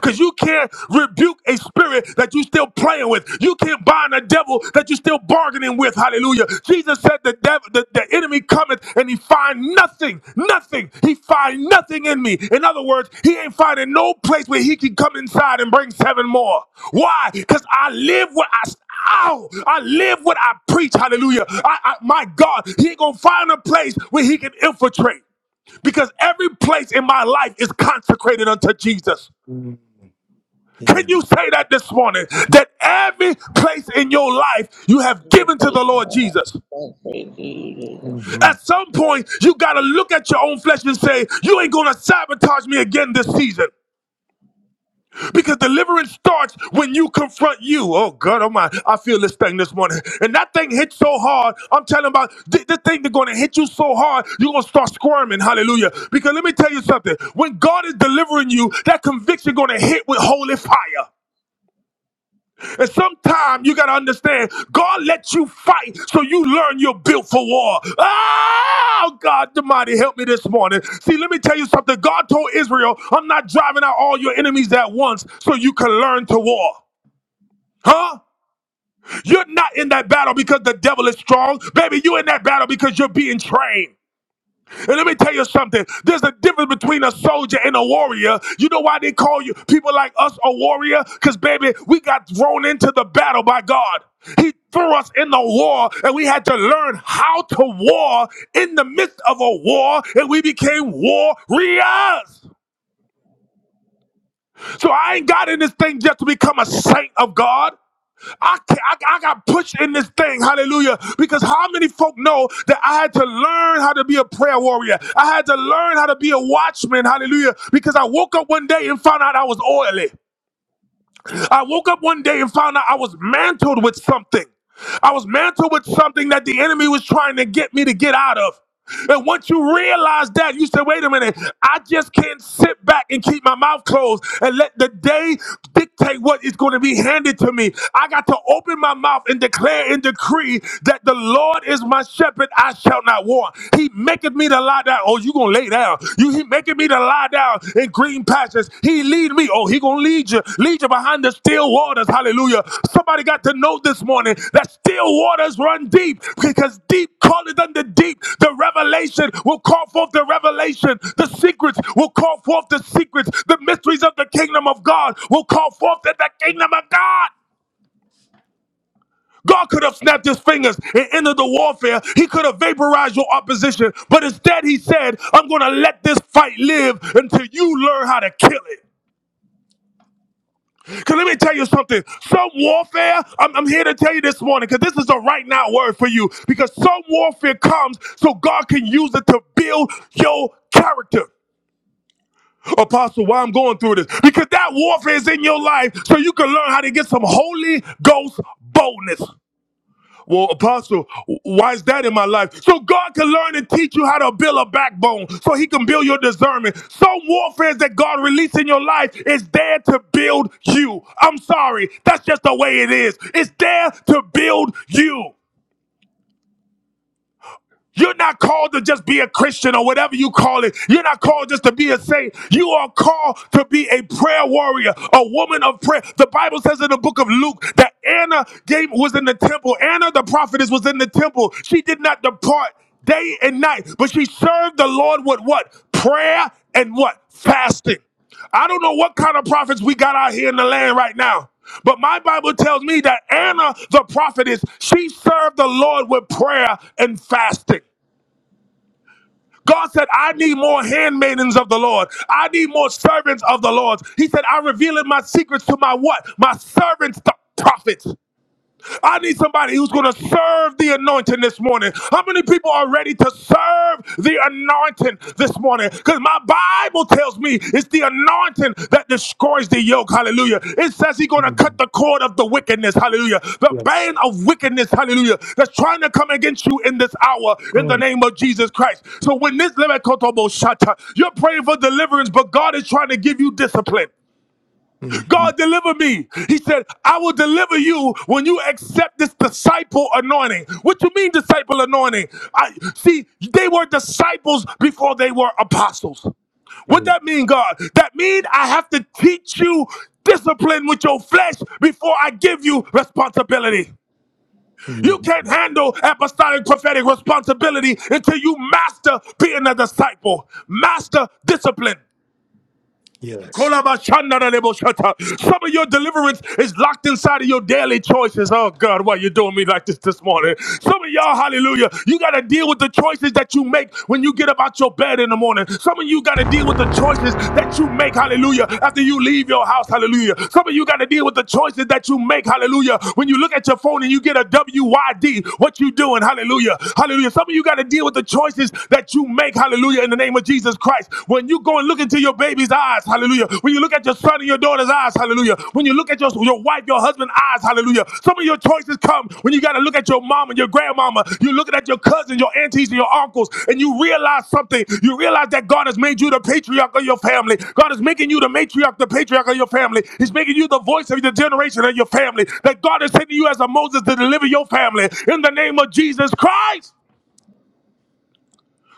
Speaker 1: Because you can't rebuke a spirit that you're still playing with. You can't bind a devil that you're still bargaining with. Hallelujah. Jesus said the devil, the, the enemy cometh and he find nothing, nothing. He find nothing in me. In other words, he ain't finding no place where he can come inside and bring seven more. Why? Because I live what I, Ow! I live what I preach. Hallelujah. I, I, my God, he ain't gonna find a place where he can infiltrate because every place in my life is consecrated unto Jesus.
Speaker 4: Mm.
Speaker 1: Can you
Speaker 4: Amen.
Speaker 1: say that this morning? That every place in your life you have
Speaker 5: You can
Speaker 1: given to
Speaker 5: praise
Speaker 1: the
Speaker 5: the
Speaker 1: Lord
Speaker 5: Lord.
Speaker 1: Jesus.
Speaker 5: Thank praise you, Jesus.
Speaker 1: At
Speaker 4: Mhm.
Speaker 1: some point, you got to look at your own flesh and say, You ain't going to sabotage me again this season. Because deliverance starts when you confront you. Oh, God, oh my, I feel this thing this morning. And that thing hit so hard. I'm telling about th- this thing that's going to hit you so hard, you're going to start squirming. Hallelujah. Because let me tell you something. When God is delivering you, that conviction going to hit with holy fire. And sometimes you got to understand, God lets you fight so you learn you're built for war. Oh, God, the mighty, help me this morning. See, let me tell you something. God told Israel, I'm not driving out all your enemies at once so you can learn to war. Huh? You're not in that battle because the devil is strong. Baby, you're in that battle because you're being trained. And let me tell you something. There's a difference between a soldier and a warrior. You know why they call you people like us a warrior? Because, baby, we got thrown into the battle by God. He threw us in the war, and we had to learn how to war in the midst of a war, and we became warriors. So I ain't got in this thing just to become a saint of God. I, ca- I, I got pushed in this thing. Hallelujah. Because how many folk know that I had to learn how to be a prayer warrior? I had to learn how to be a watchman. Hallelujah. Because I woke up one day and found out I was oily. I woke up one day and found out I was mantled with something. I was mantled with something that the enemy was trying to get me to get out of. And once you realize that, you say, wait a minute, I just can't sit back and keep my mouth closed and let the day dictate what is going to be handed to me. I got to open my mouth and declare and decree that the Lord is my shepherd, I shall not want. He maketh me maketh me to lie down. Oh, you gonna lay down. You he making me to lie down in green pastures. He lead me. Oh, he gonna lead you. Lead you behind the still waters. Hallelujah. Somebody got to know this morning that still waters run deep because deep calleth unto deep. The revelation will call forth the revelation. The secrets will call forth the secrets. The mysteries of the kingdom of God will call forth in the kingdom of God. God could have snapped his fingers and ended the warfare. He could have vaporized your opposition. But instead, he said, I'm going to let this fight live until you learn how to kill it. Because let me tell you something. Some warfare, I'm, I'm here to tell you this morning, because this is a right now word for you. Because some warfare comes so God can use it to build your character. Apostle, why I'm going through this? Because that warfare is in your life so you can learn how to get some Holy Ghost boldness. Well, Apostle, why is that in my life? So God can learn and teach you how to build a backbone so he can build your discernment. Some warfare that God released in your life is there to build you. I'm sorry. That's just the way it is. It's there to build you. You're not called to just be a Christian or whatever you call it. You're not called just to be a saint. You are called to be a prayer warrior, a woman of prayer. The Bible says in the book of Luke that Anna gave was in the temple. Anna the prophetess was in the temple. She did not depart day and night, but she served the Lord with what? Prayer and what? Fasting. I don't know what kind of prophets we got out here in the land right now. But my Bible tells me that Anna, the prophetess, she served the Lord with prayer and fasting. God said, I need more handmaidens of the Lord. I need more servants of the Lord. He said, I'm revealing my secrets to my what? My servants, the prophets. I need somebody who's going to serve the anointing this morning. How many people are ready to serve the anointing this morning? Because my Bible tells me it's the anointing that destroys the yoke. Hallelujah. It says he's going to cut
Speaker 4: Mm.
Speaker 1: the cord of the wickedness. Hallelujah. The
Speaker 4: Yes.
Speaker 1: bane of wickedness. Hallelujah. That's trying to come against you in this hour in the
Speaker 4: Mm.
Speaker 1: name of Jesus Christ. So when this Lemekotobo shata, you're praying for deliverance, but God is trying to give you discipline.
Speaker 4: Mhm.
Speaker 1: God deliver me. He said, I will deliver you when you accept this disciple anointing. What you mean, disciple anointing? I see they were disciples before they were apostles. What
Speaker 4: Mm.
Speaker 1: that mean, God? That mean I have to teach you discipline with your flesh before I give you responsibility. You can't
Speaker 4: Mm.
Speaker 1: handle apostolic prophetic responsibility until you master being a disciple, master discipline.
Speaker 4: Yes.
Speaker 1: Some of your deliverance is locked inside of your daily choices. Oh God, why are you doing me like this this morning? Some of y'all, hallelujah, you got to deal with the choices that you make when you get up out your bed in the morning. Some of you got to deal with the choices that you make, hallelujah, after you leave your house, hallelujah. Some of you got to deal with the choices that you make, hallelujah, when you look at your phone and you get a W Y D, what you doing, hallelujah, hallelujah. Some of you got to deal with the choices that you make, hallelujah, in the name name of Jesus Christ. When you go and look into your baby's eyes, hallelujah. When you look at your son and your daughter's eyes, hallelujah. When you look at your, your wife, your husband's eyes, hallelujah. Some of your choices come when you got to look at your mom and your grandmama. You're looking at your cousins, your aunties, and your uncles, and you realize something. You realize that God has made you the patriarch of your family. God is making you the matriarch, the patriarch of your family. He's making you the voice of the generation of your family. That God is sending you as a Moses to deliver your family in the name of Jesus Christ.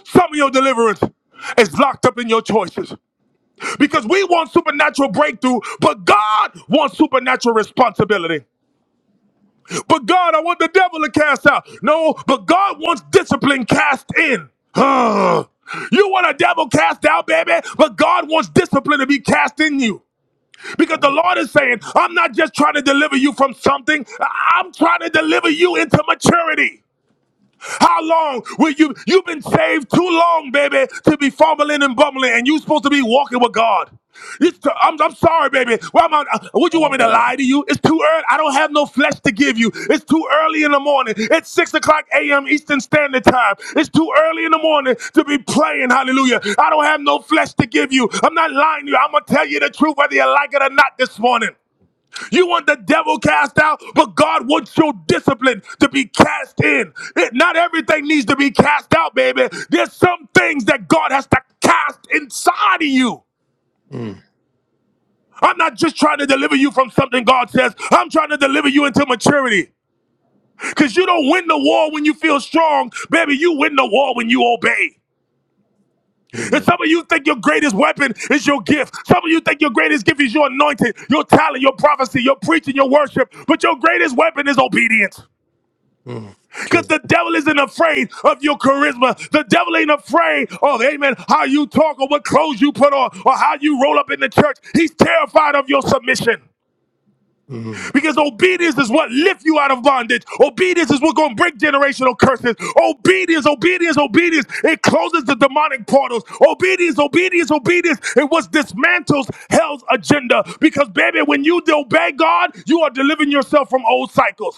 Speaker 1: Some of your deliverance is locked up in your choices because we want supernatural breakthrough, but God wants supernatural responsibility. But God, I want the devil to cast out. No, but God wants discipline cast in. Ugh. you want a devil cast out, baby, but God wants discipline to be cast in you. Because the Lord is saying, I'm not just trying to deliver you from something, I- I'm trying to deliver you into maturity. How long will you? You've been saved too long, baby, to be fumbling and bumbling, and you supposed to be walking with God. It's t- I'm, I'm sorry, baby. Why am I, uh, would you
Speaker 5: My
Speaker 1: want me to
Speaker 5: God,
Speaker 1: lie to you? It's too early. I don't have no flesh to give you. It's too early in the morning. It's 6 o'clock a.m. Eastern Standard Time. It's too early in the morning to be playing, hallelujah. I don't have no flesh to give you. I'm not lying to you. I'm going to tell you the truth whether you like it or not this morning. You want the devil cast out, but God wants your discipline to be cast in. It, not everything needs to be cast out, baby. There's some things that God has to cast inside of you.
Speaker 4: Mm.
Speaker 1: I'm not just trying to deliver you from something God says. I'm trying to deliver you into maturity. Because you don't win the war when you feel strong. Baby, you win the war when you obey. And
Speaker 4: Amen.
Speaker 1: some of you think your greatest weapon is your gift. Some of you think your greatest gift is your anointing, your talent, your prophecy, your preaching, your worship. But your greatest weapon is obedience.
Speaker 4: Mm.
Speaker 1: Because
Speaker 4: Good.
Speaker 1: the devil isn't afraid of your charisma. The devil ain't afraid of, amen, how you talk or what clothes you put on or how you roll up in the church. He's terrified of your submission.
Speaker 4: Mm.
Speaker 1: Because obedience is what lifts you out of bondage. Obedience is what's gonna break generational curses. Obedience, obedience, obedience. It closes the demonic portals. Obedience, obedience, obedience. It what dismantles hell's agenda. Because baby, when you obey God, you are delivering yourself from old cycles.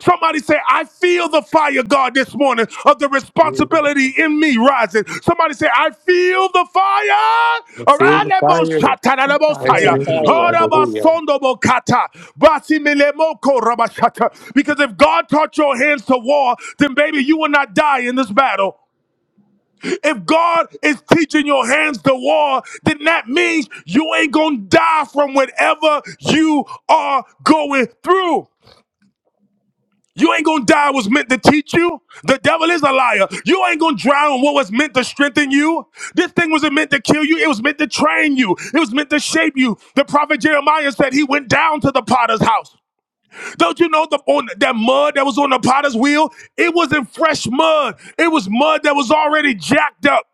Speaker 1: Somebody say, I feel the fire, God, this morning of the
Speaker 4: Mm.
Speaker 1: responsibility in me rising. Somebody say, I feel the fire.
Speaker 4: I feel
Speaker 1: Around
Speaker 4: the
Speaker 1: that most
Speaker 4: fire.
Speaker 1: shatta,
Speaker 5: you're
Speaker 4: That's an
Speaker 5: the
Speaker 4: enemy.
Speaker 1: Oh,
Speaker 5: fire.
Speaker 4: Hallelujah.
Speaker 1: Because if God taught your hands to war, then baby, you will not die in this battle. If God is teaching your hands to war, then that means you ain't gonna die from whatever you are going through. You ain't gonna die was meant to teach you. The devil is a liar. You ain't gonna drown what was meant to strengthen you. This thing wasn't meant to kill you. It was meant to train you. It was meant to shape you. The prophet Jeremiah said he went down to the potter's house. Don't you know the on that mud that was on the potter's wheel? It wasn't fresh mud. It was mud that was already jacked up.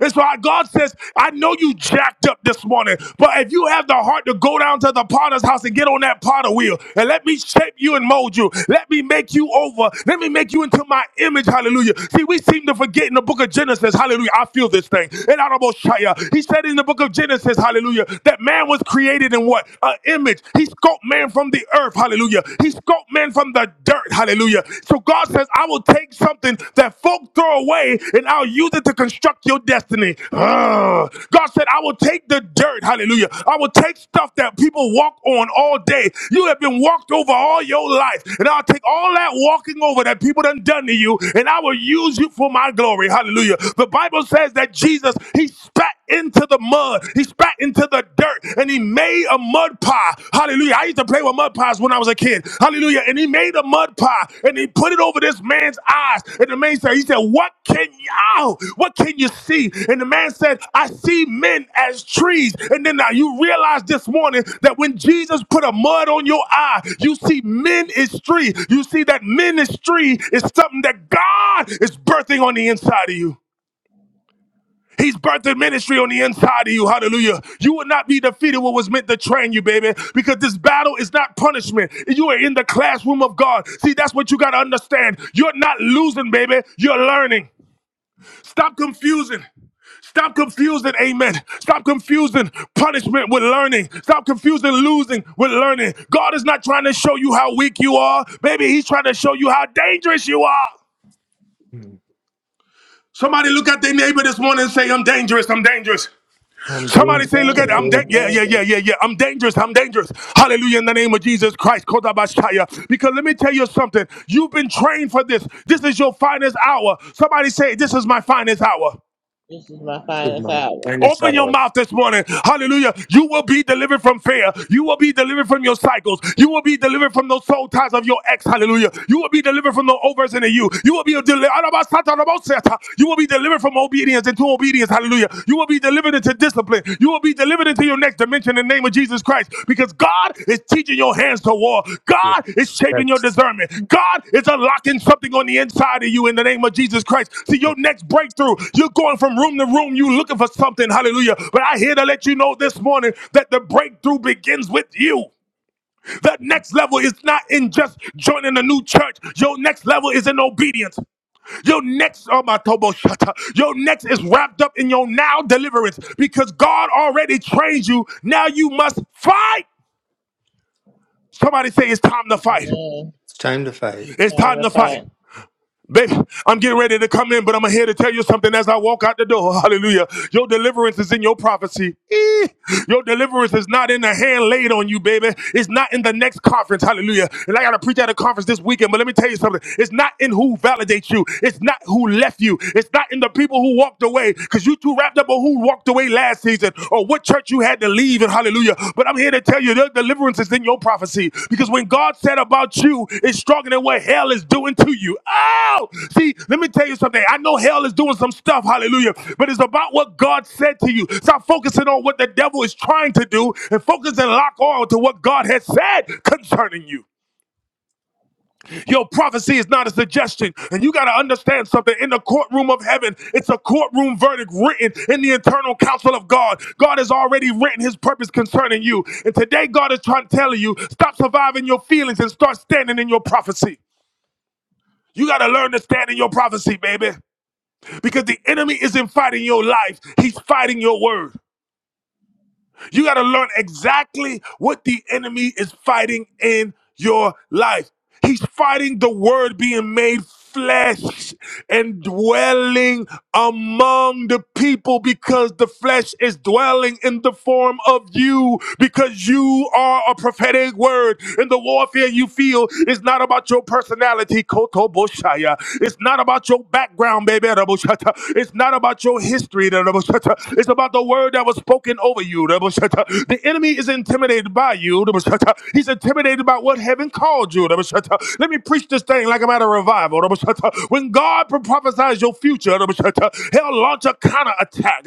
Speaker 1: It's why God says, I know you jacked up this morning, but if you have the heart to go down to the potter's house and get on that potter wheel and let me shape you and mold you, let me make you over, let me make you into my image, hallelujah. See, we seem to forget in the book of Genesis, hallelujah, I feel this thing. And Shaya, he said in the book of Genesis, hallelujah, that man was created in what? An image. He sculpted man from the earth, hallelujah. He sculpted man from the dirt, hallelujah. Hallelujah. So God says, I will take something that folk throw away and I'll use it to construct your destiny. Ah. God said, I will take the dirt. Hallelujah. I will take stuff that people walk on all day. You have been walked over all your life. And I'll take all that walking over that people done done to you and I will use you for my glory. Hallelujah. The Bible says that Jesus, he spat spat into the mud. He spat into the dirt and he made a mud pie. Hallelujah. I used to play with mud pies when I was a kid. Hallelujah. And he made a mud pie and he put it over this man's eyes. And the man said, he said, what can you, ow, what can you see? And the man said, I see men as trees. And then now you realize this morning that when Jesus put a mud on your eye, you see men is tree. You see that ministry is something that God is birthing on the inside of you. He's birthed a ministry on the inside of you. Hallelujah. You will not be defeated what was meant to train you, baby, because this battle is not punishment. You are in the classroom of God. See, that's what you got to understand. You're not losing, baby. You're learning. Stop confusing. Stop confusing, amen. Stop confusing punishment with learning. Stop confusing losing with learning. God is not trying to show you how weak you are, baby. He's trying to show you how dangerous you are.
Speaker 4: Mm.
Speaker 1: Somebody look at their neighbor this morning and say, I'm dangerous, I'm dangerous.
Speaker 4: I'm
Speaker 1: Somebody
Speaker 4: doing
Speaker 5: I'm
Speaker 4: it.
Speaker 1: say, look
Speaker 4: I'm
Speaker 1: at,
Speaker 5: dangerous.
Speaker 1: I'm
Speaker 4: doing
Speaker 1: dead.
Speaker 5: I'm
Speaker 4: it.
Speaker 1: Yeah, yeah, yeah,
Speaker 5: dangerous.
Speaker 1: yeah, yeah. I'm dangerous. I'm dangerous. Hallelujah in the name of Jesus Christ. Kodabashaya. Because let me tell you something. You've been trained for this. This is your finest hour. Somebody say, this is my finest hour.
Speaker 5: This is my
Speaker 4: This is
Speaker 5: finest
Speaker 4: my
Speaker 5: hour.
Speaker 4: finest
Speaker 1: Open your
Speaker 4: hour.
Speaker 1: mouth this morning. Hallelujah. You will be delivered from fear. You will be delivered from your cycles. You will be delivered from those soul ties of your ex. Hallelujah. You will be delivered from the overs into you. You will be delivered. You will be delivered from obedience into obedience. Hallelujah. You will be delivered into discipline. You will be delivered into your next to mention the name of Jesus Christ because God is teaching your hands to war. God is
Speaker 4: Yes.
Speaker 1: shaping your
Speaker 4: That's
Speaker 1: discernment. God is unlocking something on the inside of you in the name of Jesus Christ. See, your next breakthrough, you're going from room to room, you looking for something. Hallelujah. But I here to let you know this morning that the breakthrough begins with you. The next level is not in just joining a new church. Your next level is in obedience. Your next, oh my tobo shata, your next is wrapped up in your now deliverance because God already trained you. Now you must fight. Somebody say it's time to
Speaker 5: And
Speaker 1: fight.
Speaker 5: then
Speaker 4: it's time to fight.
Speaker 1: It's
Speaker 5: time
Speaker 1: time to
Speaker 5: to
Speaker 1: fight.
Speaker 5: fight.
Speaker 1: Baby, I'm getting ready to come in, but I'm here to tell you something as I walk out the door. Hallelujah. Your deliverance is in your prophecy. Eh. Your deliverance is not in the hand laid on you, baby. It's not in the next conference. Hallelujah. And I got to preach at a conference this weekend, but let me tell you something. It's not in who validates you. It's not who left you. It's not in the people who walked away because you too wrapped up on who walked away last prophecies and or what church you had to leave and hallelujah. But I'm here to tell you the deliverance is in your prophecy because when God said about you, it's stronger than what hell is doing to you. Oh, see, let me tell you something. I know hell is doing some stuff, hallelujah, but it's about what God said to you. Stop focusing on what the devil is trying to do and focus and lock on to what God has said concerning you. Your prophecy is not a suggestion. And you got to understand something. In the courtroom of heaven, it's a courtroom verdict written in the internal counsel of God. God has already written his purpose concerning you. And today, God is trying to tell you stop surviving your feelings and start standing in your prophecy. You got to learn to stand in your prophecy, baby, because the enemy isn't fighting your life, he's fighting your word. You got to learn exactly what the enemy is fighting in your life. He's fighting the word being made flesh and dwelling among the people because the flesh is dwelling in the form of you because you are a prophetic word and the warfare you feel is not about your personality koto boshaya it's not about your background baby Raboshata. it's not about your history Raboshata. it's about the word that was spoken over you. The enemy is intimidated by you. He's intimidated by what heaven called you. Let me preach this thing like I'm at a revival. When God prophesies your future, he'll launch a counter attack.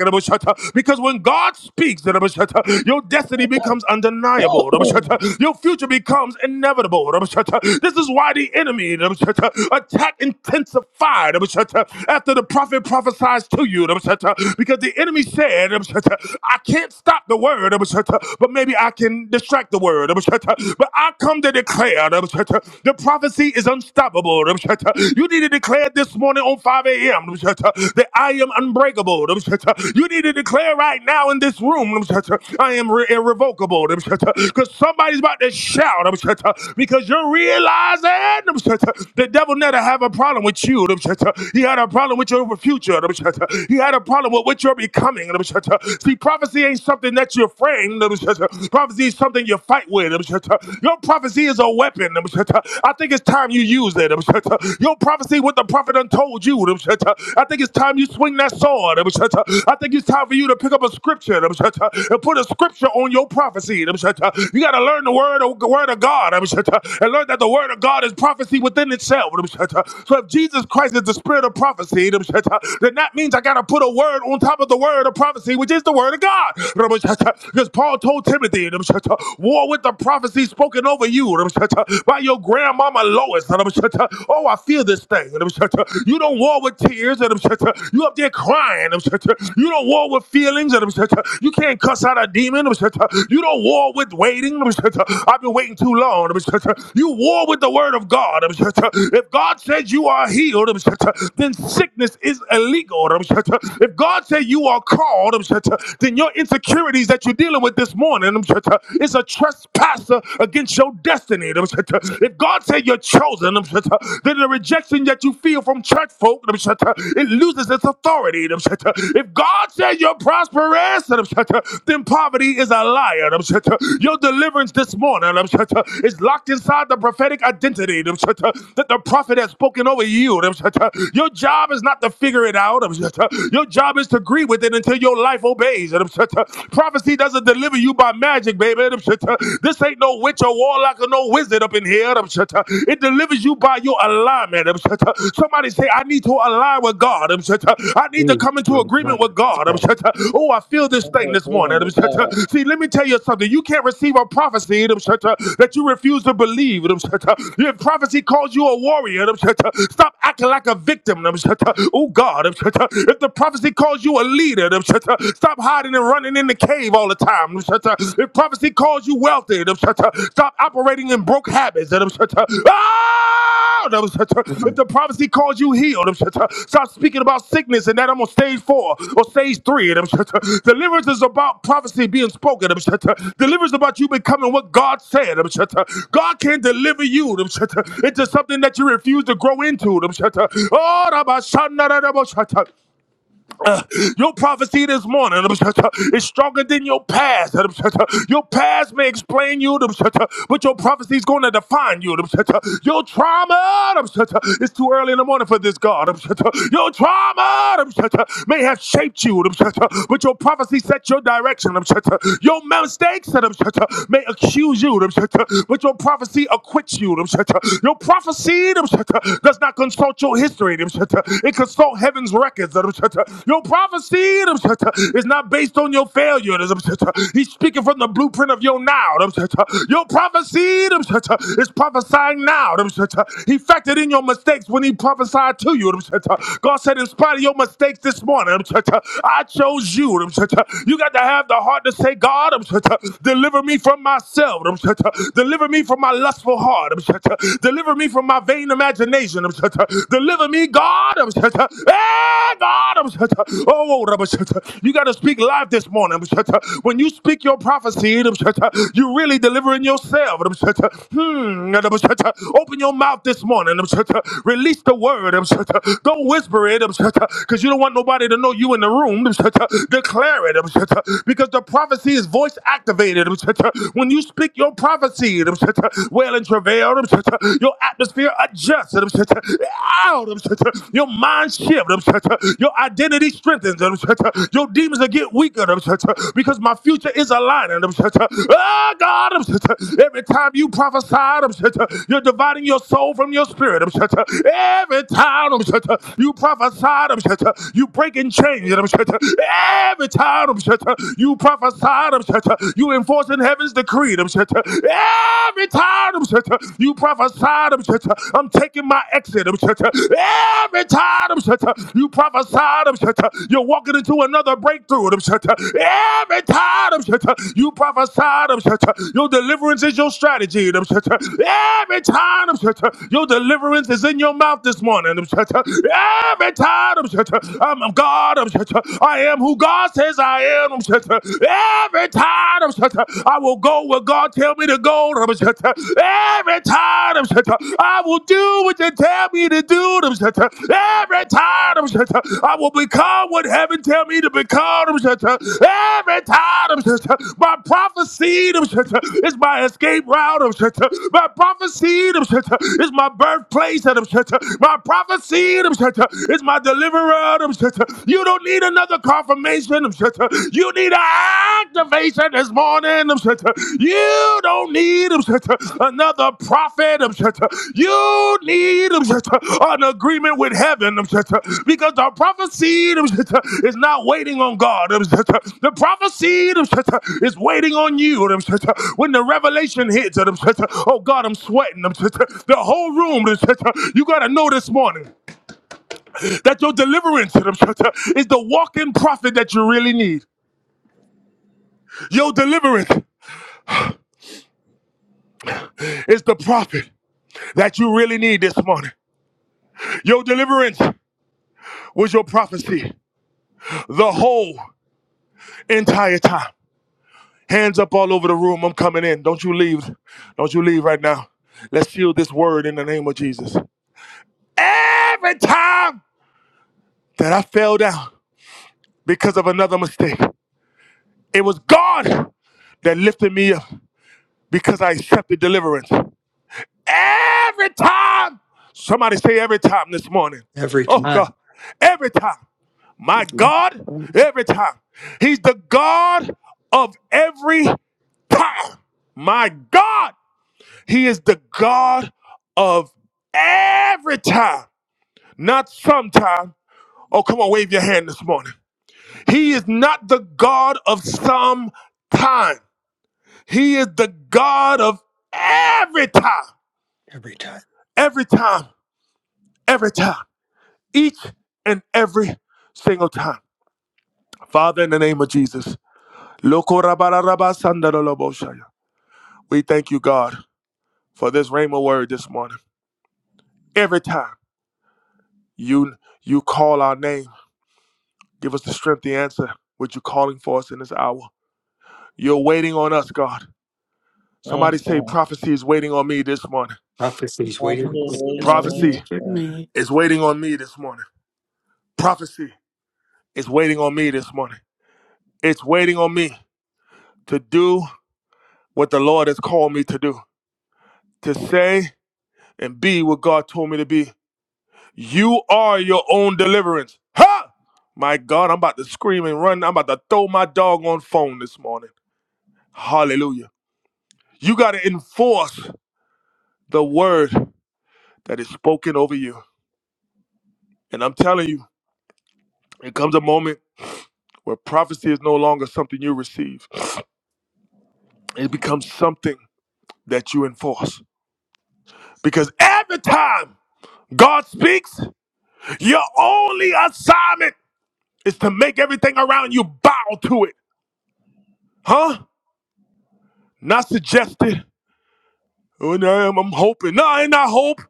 Speaker 1: Because when God speaks, your destiny becomes undeniable. Your future becomes inevitable. This is why the enemy attack intensified after the prophet prophesies to you. Because the enemy said, "I." I can't stop the word, but maybe I can distract the word. But I come to declare the prophecy is unstoppable. You need to declare this morning on 5 a.m. that I am unbreakable. You need to declare right now in this room I am re- irrevocable. Because somebody's about to shout because you're realizing the devil never have a problem with you. He had a problem with your future. He had a problem with what you're becoming. See, prophecy ain't something that you're framed. Prophecy is something you fight with. Your prophecy is a weapon. I think it's time you use it. Your prophecy, what the prophet done told you. I think it's time you swing that sword. I think it's time for you to pick up a scripture and put a scripture on your prophecy. You got to learn the word, the word of God and learn that the word of God is prophecy within itself. So if Jesus Christ is the spirit of prophecy, then that means I got to put a word on top of the word of prophecy prophecy, which is the word of God. Because Paul told Timothy, war with the prophecy spoken over you by your grandmama Lois. Oh, I feel this thing. You don't war with tears. You up there crying. You don't war with feelings. You can't cuss out a demon. You don't war with waiting. I've been waiting too long. You war with the word of God. If God says you are healed, then sickness is illegal. If God says you you are called, um, uh, then your insecurities that you're dealing with this morning um, uh, is a trespasser against your destiny. um, uh. If God said you're chosen, um, uh, then the rejection that you feel from church folk, um, uh, it loses its authority. um, uh. If God said you're prosperous, um, uh, then poverty is a liar. um, uh. Your deliverance this morning um, uh, is locked inside the prophetic identity um, uh, that the prophet has spoken over you. um, uh. Your job is not to figure it out. um, uh. Your job promise to agree with it until your life obeys. Prophecy doesn't deliver you by magic, baby. This ain't no witch or warlock or no wizard up in here. It delivers you by your alignment. Somebody say, I need to align with God. I need to
Speaker 4: Please,
Speaker 1: come into
Speaker 4: do
Speaker 1: agreement
Speaker 4: not
Speaker 1: with God.
Speaker 4: stop.
Speaker 1: Oh, I feel this
Speaker 5: That's
Speaker 1: thing
Speaker 5: what
Speaker 1: this morning.
Speaker 5: agreement with God.
Speaker 1: See, let me tell you something. You can't receive a prophecy that you refuse to believe. If prophecy calls you a warrior, stop acting like a victim. Oh, God. If the the prophecy calls you a leader. then Stop hiding and running in the cave all the time. If prophecy calls you wealthy, then stop operating in broke habits. Ah! If the prophecy calls you healed, stop speaking about sickness and that I'm on stage four or stage three. Deliverance is about prophecy being spoken. Deliverance is about you becoming what God said. God can deliver you into something that you refuse to grow into. Oh, Uh, your prophecy this morning is stronger than your past. Your past may explain you, but your prophecy is going to define you. Your trauma, it's too early in the morning for this, God. Your trauma may have shaped you, but your prophecy sets your direction. Your mistakes may accuse you, but your prophecy acquits you. Your prophecy does not consult your history. It can salt heaven's records. Your prophecy is not based on your failure. He's speaking from the blueprint of your now. Your prophecy is prophesying now. He factored in your mistakes when he prophesied to you. God said, in spite of your mistakes this morning, I chose you. You got to have the heart to say, God, deliver me from myself. Deliver me from my lustful heart. Deliver me from my my vain imagination. Deliver me, God. Hey, God. Oh, you got to speak live this morning. When you speak your prophecy, you're really delivering yourself. Hmm. Open your mouth this morning. Release the word. Don't whisper it because you don't want nobody to know you in the room. Declare it because the prophecy is voice activated. When you speak your prophecy, wail and travail. Your atmosphere adjusts. Out. Your mind shifts. Your identity strengthens. Your demons will get weaker because my future is aligning. Oh, God. Every time you prophesy, you're dividing your soul from your spirit. Every time you prophesy, you break and change. Every time you prophesy, you enforcing heaven's decree. Every time you prophesy, I'm taking my exit. Every time you prophesy, you're walking into another breakthrough. Every time you prophesy, your deliverance is your strategy. Every time your deliverance is in your mouth this morning. Every time I'm God. I am who God says I I am. uh, Every time i will go where God tell me to go. uh, Every time i will do what they tell me to do. uh, Every time i will become what heaven tell me to become. uh, Every time uh, my prophecy uh, is my escape route. uh, My prophecy uh, is my birthplace. uh, My prophecy uh, is my deliverer. You don't need another confirmation. You need an activation this morning. You don't need another prophet. You need an agreement with heaven because the prophecy is not waiting on God. The prophecy is waiting on you. When the revelation hits, oh God, I'm sweating. The whole room, you got to know this morning. That your deliverance is the walking prophet that you really need. Your deliverance is the prophet that you really need this morning. Your deliverance was your prophecy the whole entire time. Hands up all over the room. I'm coming in. Don't you leave. Don't you leave right now. Let's shield this word in the name of Jesus. Every time that I fell down because of another mistake, it was God that lifted me up because I accepted deliverance. Every time. Somebody say every time this morning.
Speaker 4: Every
Speaker 1: Oh
Speaker 4: time.
Speaker 1: God. Every time. My God, every time. He's the God of every time. My God, He is the God of every time, not sometime. Oh, come on, wave your hand this morning. He is not the God of some time. He is the God of every time,
Speaker 4: Every time.
Speaker 1: every time, every time. each and every single time. Father, in the name of Jesus, we thank you, God, for this rhema word this morning. Every time you you call our name, give us the strength to answer what you're calling for us in this hour. You're waiting on us, God. Somebody
Speaker 5: Yes,
Speaker 1: say,
Speaker 5: God.
Speaker 1: prophecy is waiting on me this morning.
Speaker 4: Prophecy's
Speaker 5: I'm
Speaker 4: waiting for
Speaker 5: still
Speaker 4: me.
Speaker 2: waiting
Speaker 1: Prophecy
Speaker 5: waiting on
Speaker 2: for
Speaker 5: me.
Speaker 2: me.
Speaker 1: is waiting on me this morning. Prophecy is waiting on me this morning. It's waiting on me to do what the Lord has called me to do, to say and be what God told me to be. You are your own deliverance. Ha! My God, I'm about to scream and run. I'm about to throw my dog on phone this morning. Hallelujah. You got to enforce the word that is spoken over you. And I'm telling you, it comes a moment where prophecy is no longer something you receive, it becomes something that you enforce. Because every time God speaks, your only assignment is to make everything around you bow to it. Huh? Not suggested. Oh, no, I'm, I'm hoping. No, ain't not hope.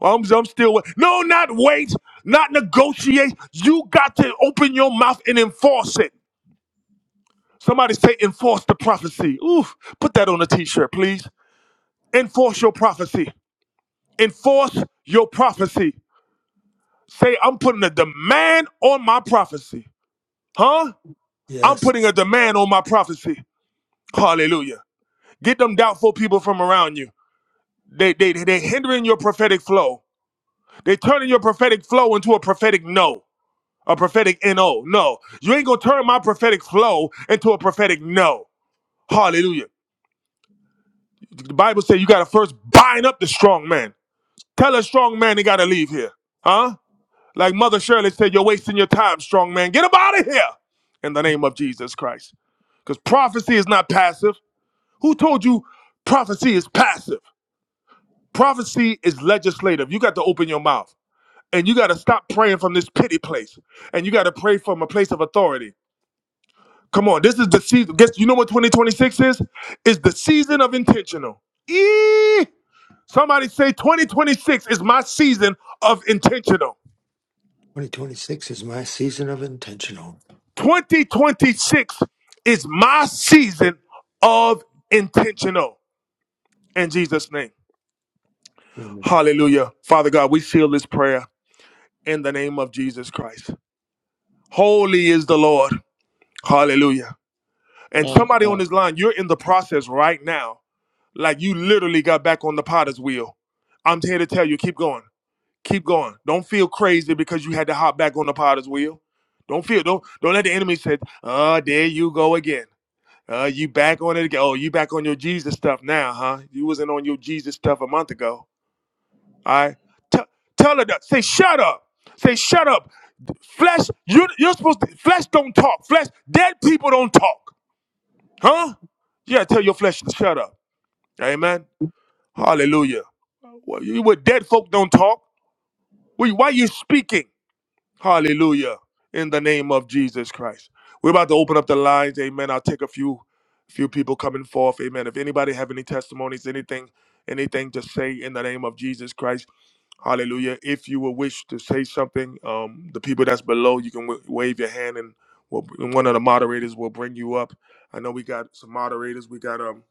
Speaker 1: I'm, I'm still wait. No, not wait. Not negotiate. You got to open your mouth and enforce it. Somebody say enforce the prophecy. Oof. Put that on a t-shirt, please. Enforce your prophecy. Enforce your prophecy. Say, I'm putting a demand on my prophecy. Huh? I'm
Speaker 4: Yes.
Speaker 1: putting a demand on my prophecy. Hallelujah. Get them doubtful people from around you. They they they they hindering your prophetic flow. They turning your prophetic flow into a prophetic no, a prophetic no. No, you ain't gonna turn my prophetic flow into a prophetic no. Hallelujah. The Bible says you gotta first bind up the strong man. Tell a strong man he gotta leave here, huh? Like Mother Shirley said, you're wasting your time, strong man. Get him out of here in the name of Jesus Christ. Because prophecy is not passive. Who told you prophecy is passive? Prophecy is legislative. You got to open your mouth. And you got to stop praying from this pity place. And you got to pray from a place of authority. Come on, this is the season. Guess you know what 2026 is? It's the season of intentional. Eee! Somebody say 2026 is my season of intentional.
Speaker 4: 2026 is my season of intentional.
Speaker 1: 2026 is my season of intentional in Jesus' name.
Speaker 4: Amen.
Speaker 1: Hallelujah. Father God, we seal this prayer in the name of Jesus Christ. Holy is the Lord. Hallelujah. And
Speaker 5: Yes,
Speaker 1: somebody
Speaker 5: God.
Speaker 1: on this line, you're in the process right now. Like you literally got back on the potter's wheel. I'm here to tell you, keep going. Keep going. Don't feel crazy because you had to hop back on the potter's wheel. Don't feel don't don't let the enemy say, oh, there you go again. Uh, you back on it again. Oh, you back on your Jesus stuff now, huh? You wasn't on your Jesus stuff a month ago. All right. Tell tell her that. Say, shut up. Say, shut up. Flesh, you you're supposed to flesh don't talk. Flesh, dead people don't talk. Huh? Yeah, tell your flesh to shut up. Amen. Hallelujah. Well, you were dead folk don't talk. We- Why are you speaking? Hallelujah. In the name of Jesus Christ. We're about to open up the lines. Amen. I'll take a few few people coming forth. Amen. If anybody have any testimonies, anything, anything to say in the name of Jesus Christ. Hallelujah. If you will wish to say something, um, the people that's below, you can w- wave your hand and we'll, and one of the moderators will bring you up. I know we got some moderators. We got um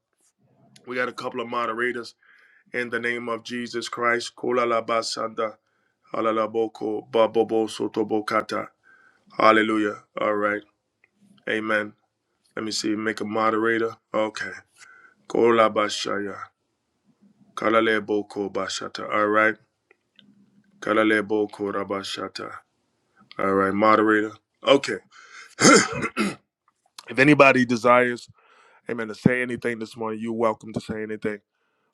Speaker 1: We got a couple of moderators in the name of Jesus Christ. Hallelujah. All right. Amen. Let me see. Make a moderator. Okay. All right. All right. Moderator. Okay. if anybody desires, amen, to say anything this morning, you're welcome to say anything.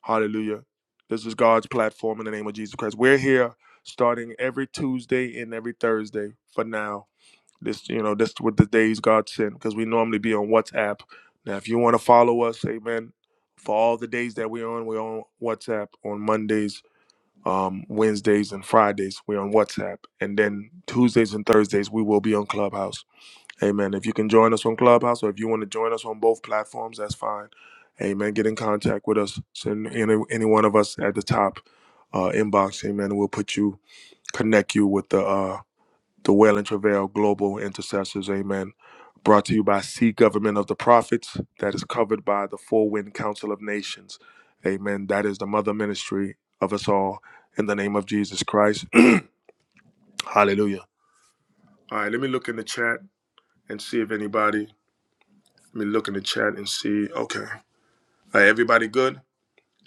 Speaker 1: Hallelujah. This is God's platform in the name of Jesus Christ. We're here starting every Tuesday and every Thursday for now. This, you know, this is what the days God sent because we normally be on WhatsApp. Now, if you want to follow us, amen. For all the days that we're on, we're on WhatsApp on Mondays, um, Wednesdays, and Fridays. We're on WhatsApp. And then Tuesdays and Thursdays, we will be on Clubhouse. Amen. If you can join us on Clubhouse or if you want to join us on both platforms, that's fine. Amen. Get in contact with us. Send any, any one of us at the top uh, inbox. Amen. We'll put you, connect you with the uh, the Well and Travail Global Intercessors. Amen. Brought to you by Sea Government of the Prophets. That is covered by the Four Wind Council of Nations. Amen. That is the mother ministry of us all in the name of Jesus Christ. Hallelujah. All right. Let me look in the chat and see if anybody Let me look in the chat and see. Okay. All right, everybody good?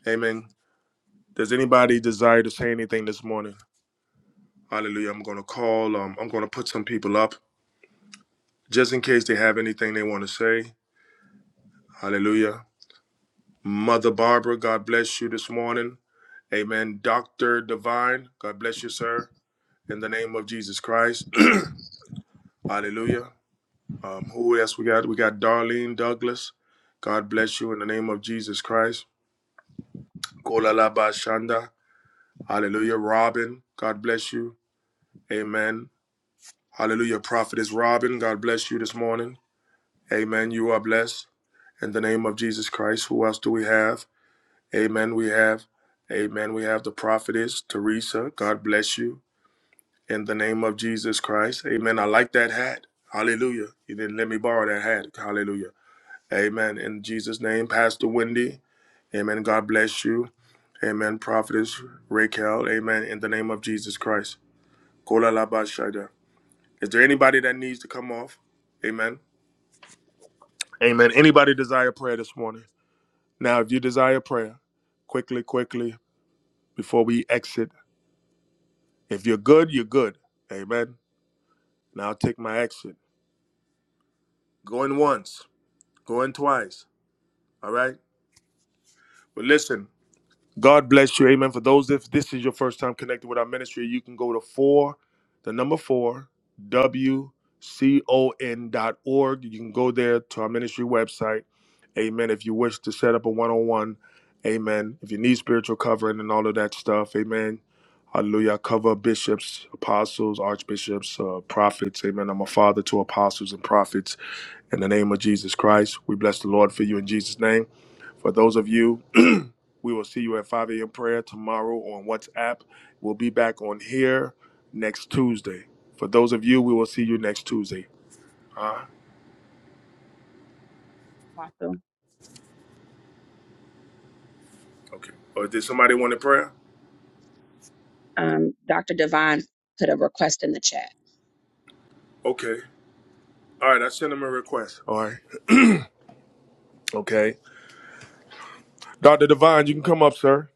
Speaker 1: Amen. Does anybody desire to say anything this morning? Hallelujah. I'm going to call. Um, I'm going to put some people up just in case they have anything they want to say. Hallelujah. Mother Barbara, God bless you this morning. Amen. Dr. Divine, God bless you, sir, in the name of Jesus Christ. Hallelujah. Um, who else we got? We got Darlene Douglas. God bless you in the name of Jesus Christ. Kola la ba shanda. Hallelujah, Robin. God bless you. Amen. Hallelujah, Prophetess Robin. God bless you this morning. Amen. You are blessed in the name of Jesus Christ. Who else do we have? Amen. We have, Amen. We have the Prophetess Teresa. God bless you in the name of Jesus Christ. Amen. I like that hat. Hallelujah. You didn't let me borrow that hat. Hallelujah. Amen. In Jesus' name, Pastor Wendy. Amen. God bless you. Amen. Prophetess Raquel. Amen. In the name of Jesus Christ. Kola la ba shada. Is there anybody that needs to come off? Amen. Amen. Anybody desire prayer this morning? Now, if you desire prayer, quickly, quickly, before we exit, if you're good, you're good. Amen. Now I'll take my exit. Going once, going twice. All right. But listen, God bless you. Amen. For those, if this is your first time connected with our ministry, you can go to four, the number four, W c o n dot org. You can go there to our ministry website. Amen. If you wish to set up a one on one, amen. If you need spiritual covering and all of that stuff, amen. Hallelujah. I Cover bishops, apostles, archbishops, uh, prophets. Amen. I'm a father to apostles and prophets in the name of Jesus Christ. We bless the Lord for you in Jesus' name. For those of you we will see you at 5 a.m. prayer tomorrow on WhatsApp. We'll be back on here next Tuesday. For those of you, we will see you next Tuesday.
Speaker 6: Apostle.
Speaker 1: Okay. Or did somebody want a prayer?
Speaker 6: Um, Dr. Devine put a request in the chat.
Speaker 1: Okay. All right, I sent him a request. All right. Okay. Dr. Divine, you can come up, sir.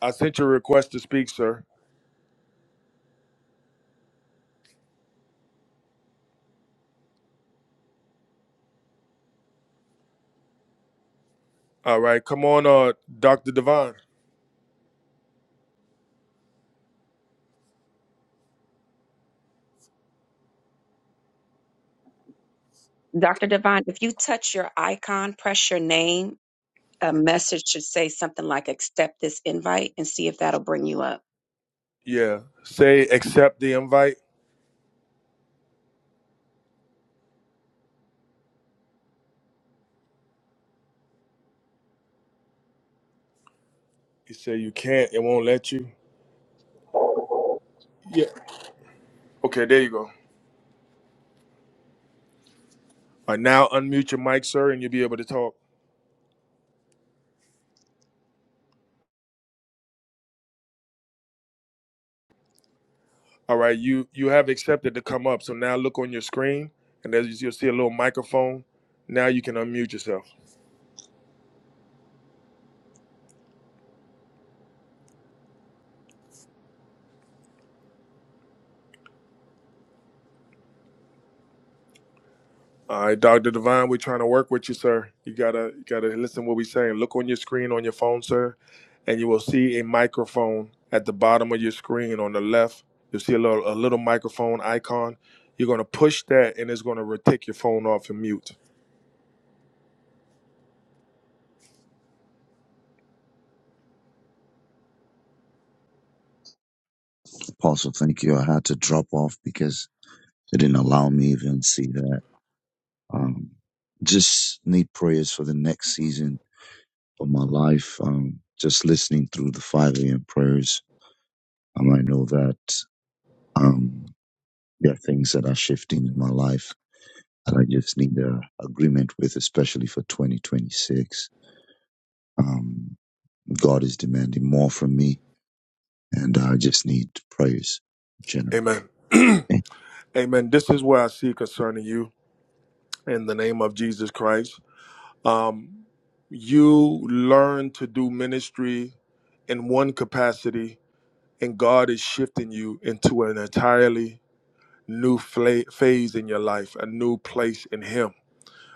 Speaker 1: I sent you a request to speak, sir. All right. Come on, uh, Dr. Divine.
Speaker 6: Dr. Devine, if you touch your icon, press your name a message should say something like accept this invite and see if that'll bring you up.
Speaker 1: Yeah. Say accept the invite. You say you can't, it won't let you. Yeah. Okay, there you go. All right, now unmute your mic, sir, and you'll be able to talk. All right, you you have accepted to come up. So now look on your screen, and as you'll see a little microphone. Now you can unmute yourself. All right, Doctor Divine, we're trying to work with you, sir. You gotta you gotta listen to what we're saying. Look on your screen on your phone, sir, and you will see a microphone at the bottom of your screen on the left. You'll see a little a little microphone icon. You're gonna push that, and it's gonna re- take your phone off and mute.
Speaker 7: Apostle, thank you. I had to drop off because they didn't allow me even see that. Um, just need prayers for the next season of my life. Um, just listening through the 5 a.m. prayers, um, I know that um, there are things that are shifting in my life that I just need a agreement with, especially for 2026. Um, God is demanding more from me, and I just need prayers generally.
Speaker 1: Amen. Amen. This is what I see concerning you in the name of Jesus Christ. you learn to do ministry in one capacity and God is shifting you into an entirely new fla- phase in your life, a new place in him.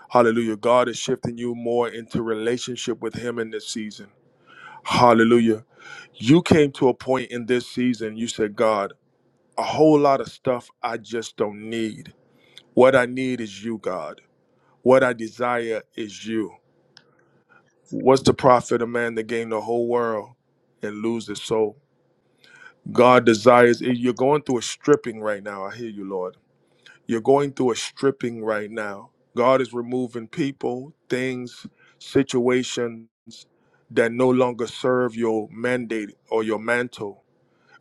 Speaker 1: Hallelujah. God is shifting you more into relationship with him in this season. Hallelujah. You came to a point in this season you said, "God, a whole lot of stuff I just don't need. What I need is you, God. What I desire is you." What's the profit of man that gain the whole world and lose his soul? God desires, eh, you're going through a stripping right now. I hear you, Lord. You're going through a stripping right now. God is removing people, things, situations that no longer serve your mandate or your mantle.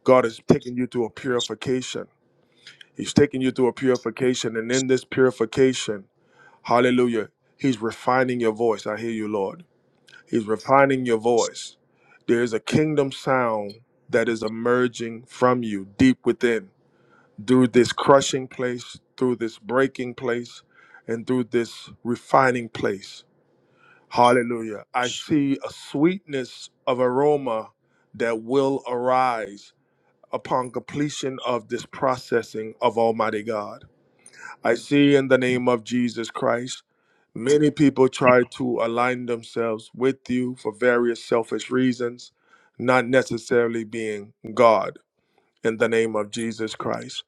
Speaker 1: God is taking you through a purification. He's taking you through a purification. And in this purification, hallelujah, He's refining your voice. I hear you, Lord. He's refining your voice. There is a kingdom sound that is emerging from you deep within through this crushing place, through this breaking place, and through this refining place. Hallelujah. I see a sweetness of aroma that will arise upon completion of this processing of Almighty God. I see in the name of Jesus Christ Many people try to align themselves with you for various selfish reasons, not necessarily being God in the name of Jesus Christ.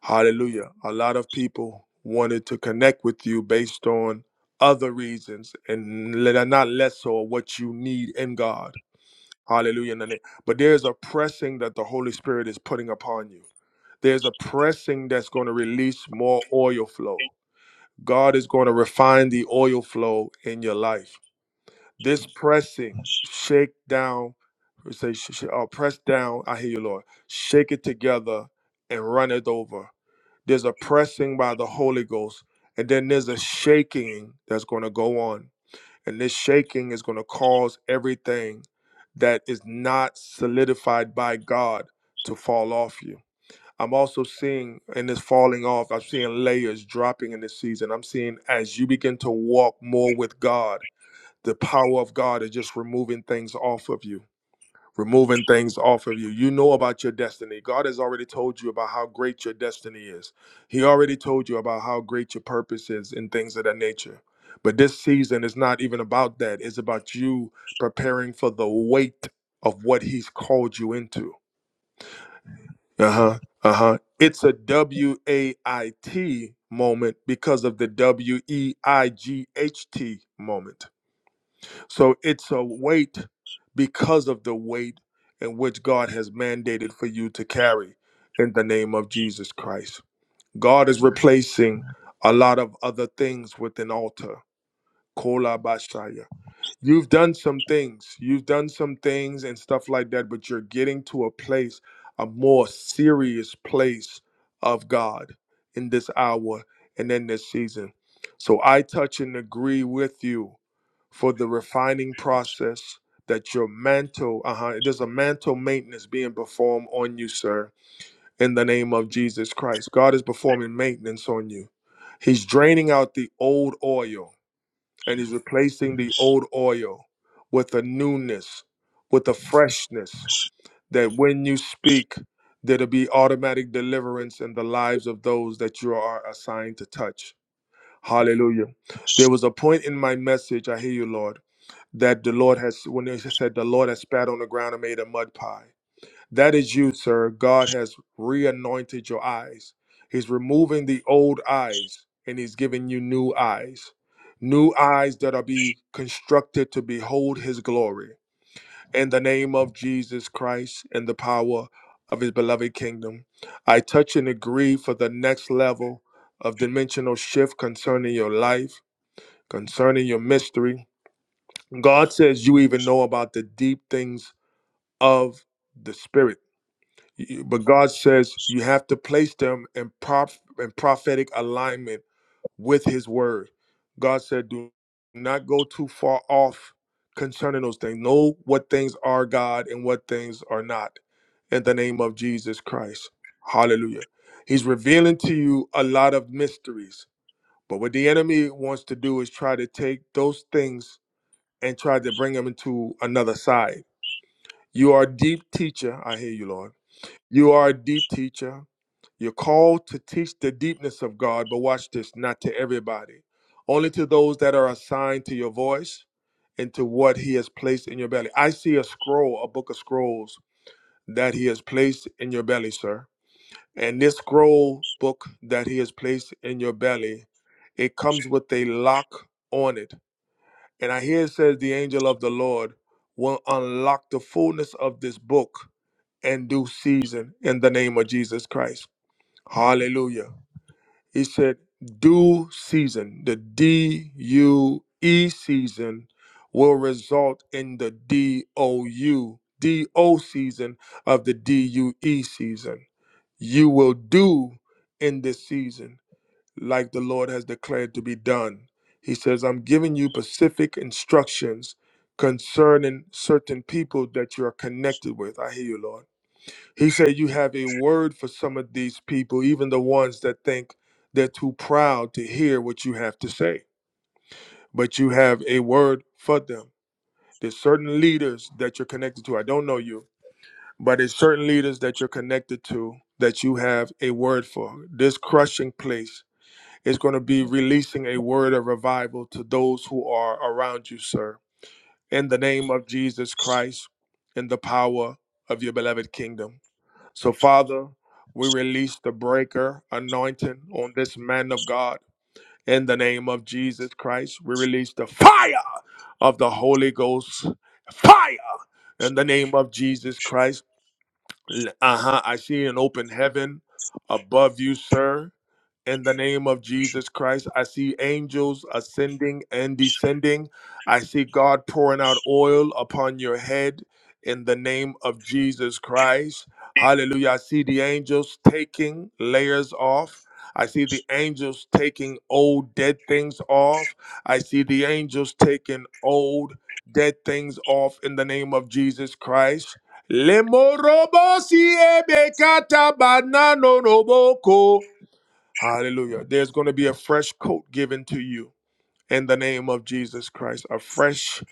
Speaker 1: Hallelujah. A lot of people wanted to connect with you based on other reasons and le- not less so of what you need in God. Hallelujah. in the name- But there's a pressing that the Holy Spirit is putting upon you. There's a pressing that's going to release more oil flow. God is going to refine the oil flow in your life. This pressing, shake down, or say, sh- sh- uh, press down. I hear you, Lord. Shake it together and run it over. There's a pressing by the Holy Ghost, and then there's a shaking that's going to go on. And this shaking is going to cause everything that is not solidified by God to fall off you I'm also seeing, and it's falling off. I'm seeing layers dropping in this season. I'm seeing as you begin to walk more with God, the power of God is just removing things off of you, removing things off of you. You know about your destiny. God has already told you about how great your destiny is, He already told you about how great your purpose is and things of that nature. But this season is not even about that, it's about you preparing for the weight of what He's called you into uh huh. Uh huh. It's a W A I T moment because of the W E I G H T moment. So it's a weight because of the weight in which God has mandated for you to carry in the name of Jesus Christ. God is replacing a lot of other things with an altar. Kolabashaya you've done some things you've done some things and stuff like that but you're getting to a place a more serious place of god in this hour and in this season so i touch and agree with you for the refining process that your mantle uh-huh there's a mantle maintenance being performed on you sir in the name of jesus christ god is performing maintenance on you he's draining out the old oil and he's replacing the old oil with a newness, with a freshness that when you speak, there'll be automatic deliverance in the lives of those that you are assigned to touch. Hallelujah. There was a point in my message, I hear you, Lord, that the Lord has, when they said, the Lord has spat on the ground and made a mud pie. That is you, sir. God has reanointed your eyes. He's removing the old eyes and he's giving you new eyes. New eyes that are be constructed to behold his glory. In the name of Jesus Christ and the power of his beloved kingdom, I touch and agree for the next level of dimensional shift concerning your life, concerning your mystery. God says you even know about the deep things of the spirit Y- But God says you have to place them in, prof- in prophetic alignment with His word. God said, do not go too far off concerning those things. Know what things are God and what things are not in the name of Jesus Christ. Hallelujah. He's revealing to you a lot of mysteries. But what the enemy wants to do is try to take those things and try to bring them into another side. You are a deep teacher. I hear you, Lord. You are a deep teacher. You're called to teach the deepness of God, but watch this, not to everybody, only to those that are assigned to your voice and to what He has placed in your belly. I see a scroll, a book of scrolls that He has placed in your belly, sir. And this scroll book that He has placed in your belly, it comes with a lock on it. And I hear it says, The angel of the Lord will unlock the fullness of this book and due season in the name of Jesus Christ. Hallelujah. He said, due season, the D U E season will result in the D O U, D O season of the D U E season. You will do in this season like the Lord has declared to be done. He says, I'm giving you specific instructions concerning certain people that you are connected with. I hear you, Lord. He said, You have a word for some of these people, even the ones that think they're too proud to hear what you have to say, but you have a word for them. There's certain leaders that you're connected to. I don't know you, but there's certain leaders that you're connected to that you have a word for. This crushing place is going to be releasing a word of revival to those who are around you, sir. In the name of Jesus Christ, in the power of your beloved kingdom. So, Father, we release the breaker anointing on this man of God. In the name of Jesus Christ, we release the fire of the Holy Ghost. Fire in the name of Jesus Christ. Uh huh. I see an open heaven above you, sir. In the name of Jesus Christ, I see angels ascending and descending. I see God pouring out oil upon your head in the name of Jesus Christ. Hallelujah. I see the angels taking layers off. I see the angels taking old dead things off. I see the angels taking old dead things off in the name of Jesus Christ. Le morobosi ebekata banano noboko. Hallelujah. There's going to be a fresh coat given to you in the name of Jesus Christ. A fresh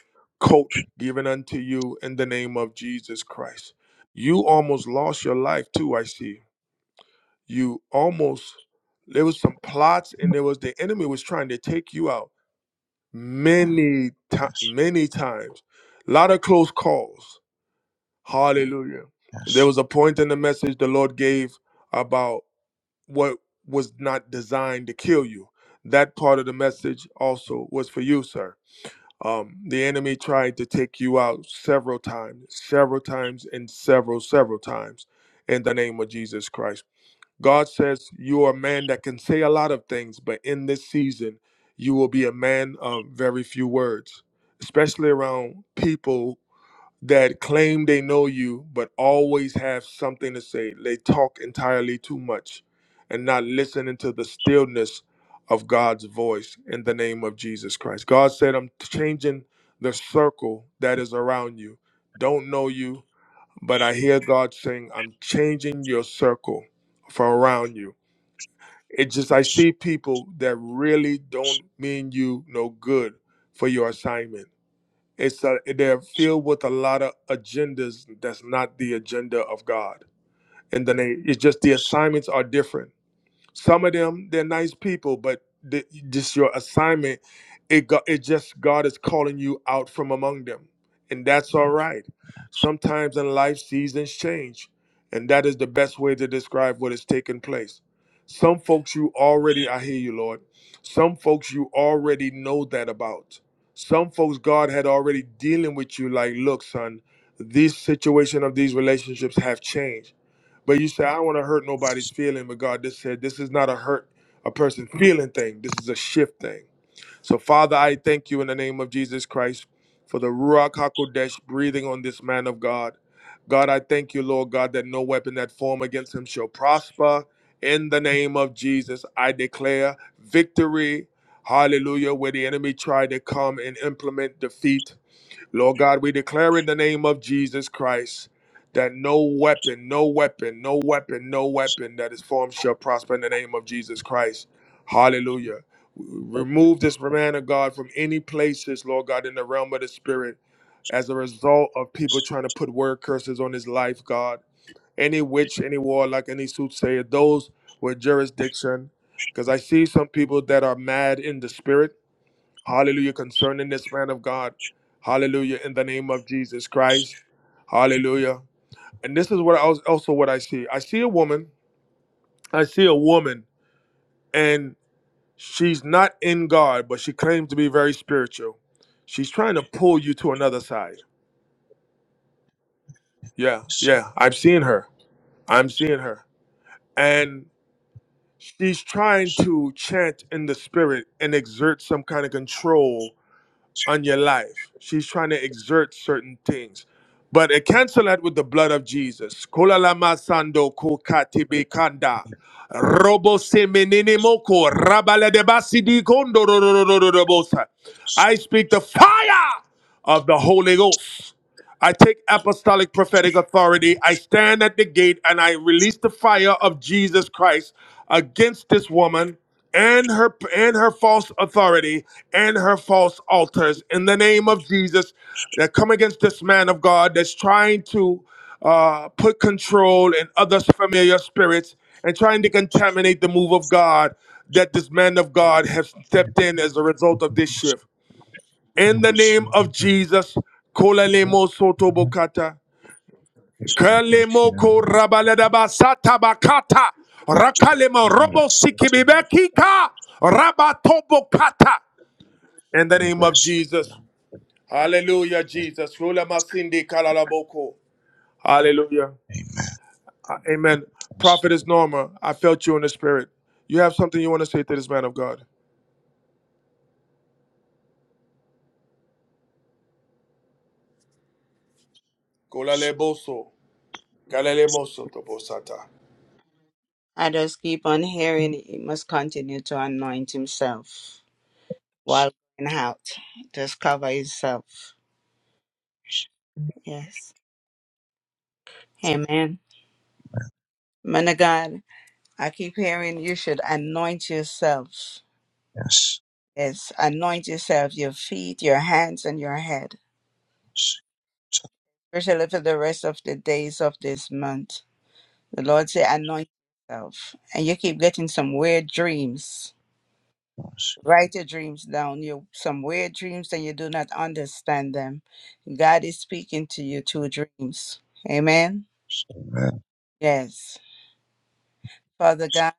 Speaker 1: coat given unto you in the name of Jesus Christ. You almost lost your life too, I see. You almost there was some plots and there was the enemy was trying to take you out many ti- many times. A lot of close calls Hallelujah. There
Speaker 7: Yes.
Speaker 1: was a point in the message the Lord gave about what was not designed to kill you. That part of the message also was for you, sir. Um, the enemy tried to take you out several times, several times, and several, several times in the name of Jesus Christ. God says you are a man that can say a lot of things, but in this season, you will be a man of very few words, especially around people that claim they know you but always have something to say. They talk entirely too much and not listening to the stillness of God's voice in the name of Jesus Christ. God said, I'm changing the circle that is around you. Don't know you, but I hear God saying, I'm changing your circle for around you. It just, I see people that really don't mean you no good for your assignment it's a, they're filled with a lot of agendas that's not the agenda of God. And then they, it's just the assignments are different. Some of them they're nice people, but the, just your assignment, it go, it just God is calling you out from among them, and that's all right. Sometimes in life, seasons change, and that is the best way to describe what is taking place. Some folks you already, I hear you, Lord. Some folks you already know that about. Some folks God had already dealing with you, like, look, son, this situation of these relationships have changed but you say, I don't want to hurt nobody's feeling, but God just said, this is not a hurt a person feeling thing. This is a shift thing. So, Father, I thank you in the name of Jesus Christ for the Ruach HaKodesh breathing on this man of God. God, I thank you, Lord God, that no weapon that form against him shall prosper. In the name of Jesus, I declare victory. Hallelujah. Where the enemy tried to come and implement defeat. Lord God, we declare in the name of Jesus Christ that no weapon, no weapon, no weapon, no weapon that is formed shall prosper in the name of Jesus Christ. Hallelujah. Remove this man of God from any places, Lord God, in the realm of the spirit as a result of people trying to put word curses on his life, God. Any witch, any warlock, any soothsayer, those with jurisdiction. Because I see some people that are mad in the spirit Hallelujah. Concerning this man of God. Hallelujah. In the name of Jesus Christ. Hallelujah. And this is what I was also what I see. I see a woman. I see a woman, and she's not in God, but she claims to be very spiritual. She's trying to pull you to another side. Yeah,
Speaker 7: yes.
Speaker 1: yeah. I'm seeing her. I'm seeing her. And she's trying to chant in the spirit and exert some kind of control on your life. She's trying to exert certain things. But I cancel that with the blood of Jesus. Kola lama sando ko katibe kanda. Robo semenene moko rabala de basidi kondo ro ro ro ro ro ro bosa. I speak the fire of the Holy Ghost. I take apostolic prophetic authority. I stand at the gate and I release the fire of Jesus Christ against this woman and her and her false authority and her false altars in the name of Jesus that come against this man of God that's trying to uh, put control and other familiar spirits and trying to contaminate the move of God that this man of God has stepped in as a result of this shift. In the name of Jesus, Kolalemo Sotobokata, Kalemo Korabaladaba Satabakata, Rakalemo Robo Sikibibekika, Rabatobokata. In the name of Jesus. Hallelujah, Jesus. Rulamasindi Kalalaboko. Hallelujah.
Speaker 7: Amen.
Speaker 1: Uh, Amen. Prophet is Norma. I felt you in the spirit. You have something you want to say to this man of God. Kolaleboso, Kalalemo Sotobosata.
Speaker 8: I just keep on hearing he must continue to anoint himself while going out. Just cover himself. Yes. Amen. Man of God, I keep hearing you should anoint yourself.
Speaker 7: Yes.
Speaker 8: Yes, anoint yourself, your feet, your hands, and your head,
Speaker 7: Yes.
Speaker 8: especially for the rest of the days of this month. The Lord say, anoint yourself. And you keep getting some weird dreams Write your dreams down. You some weird dreams and you do not understand them. God is speaking to you through dreams. Amen.
Speaker 7: Amen.
Speaker 8: Yes. Father God,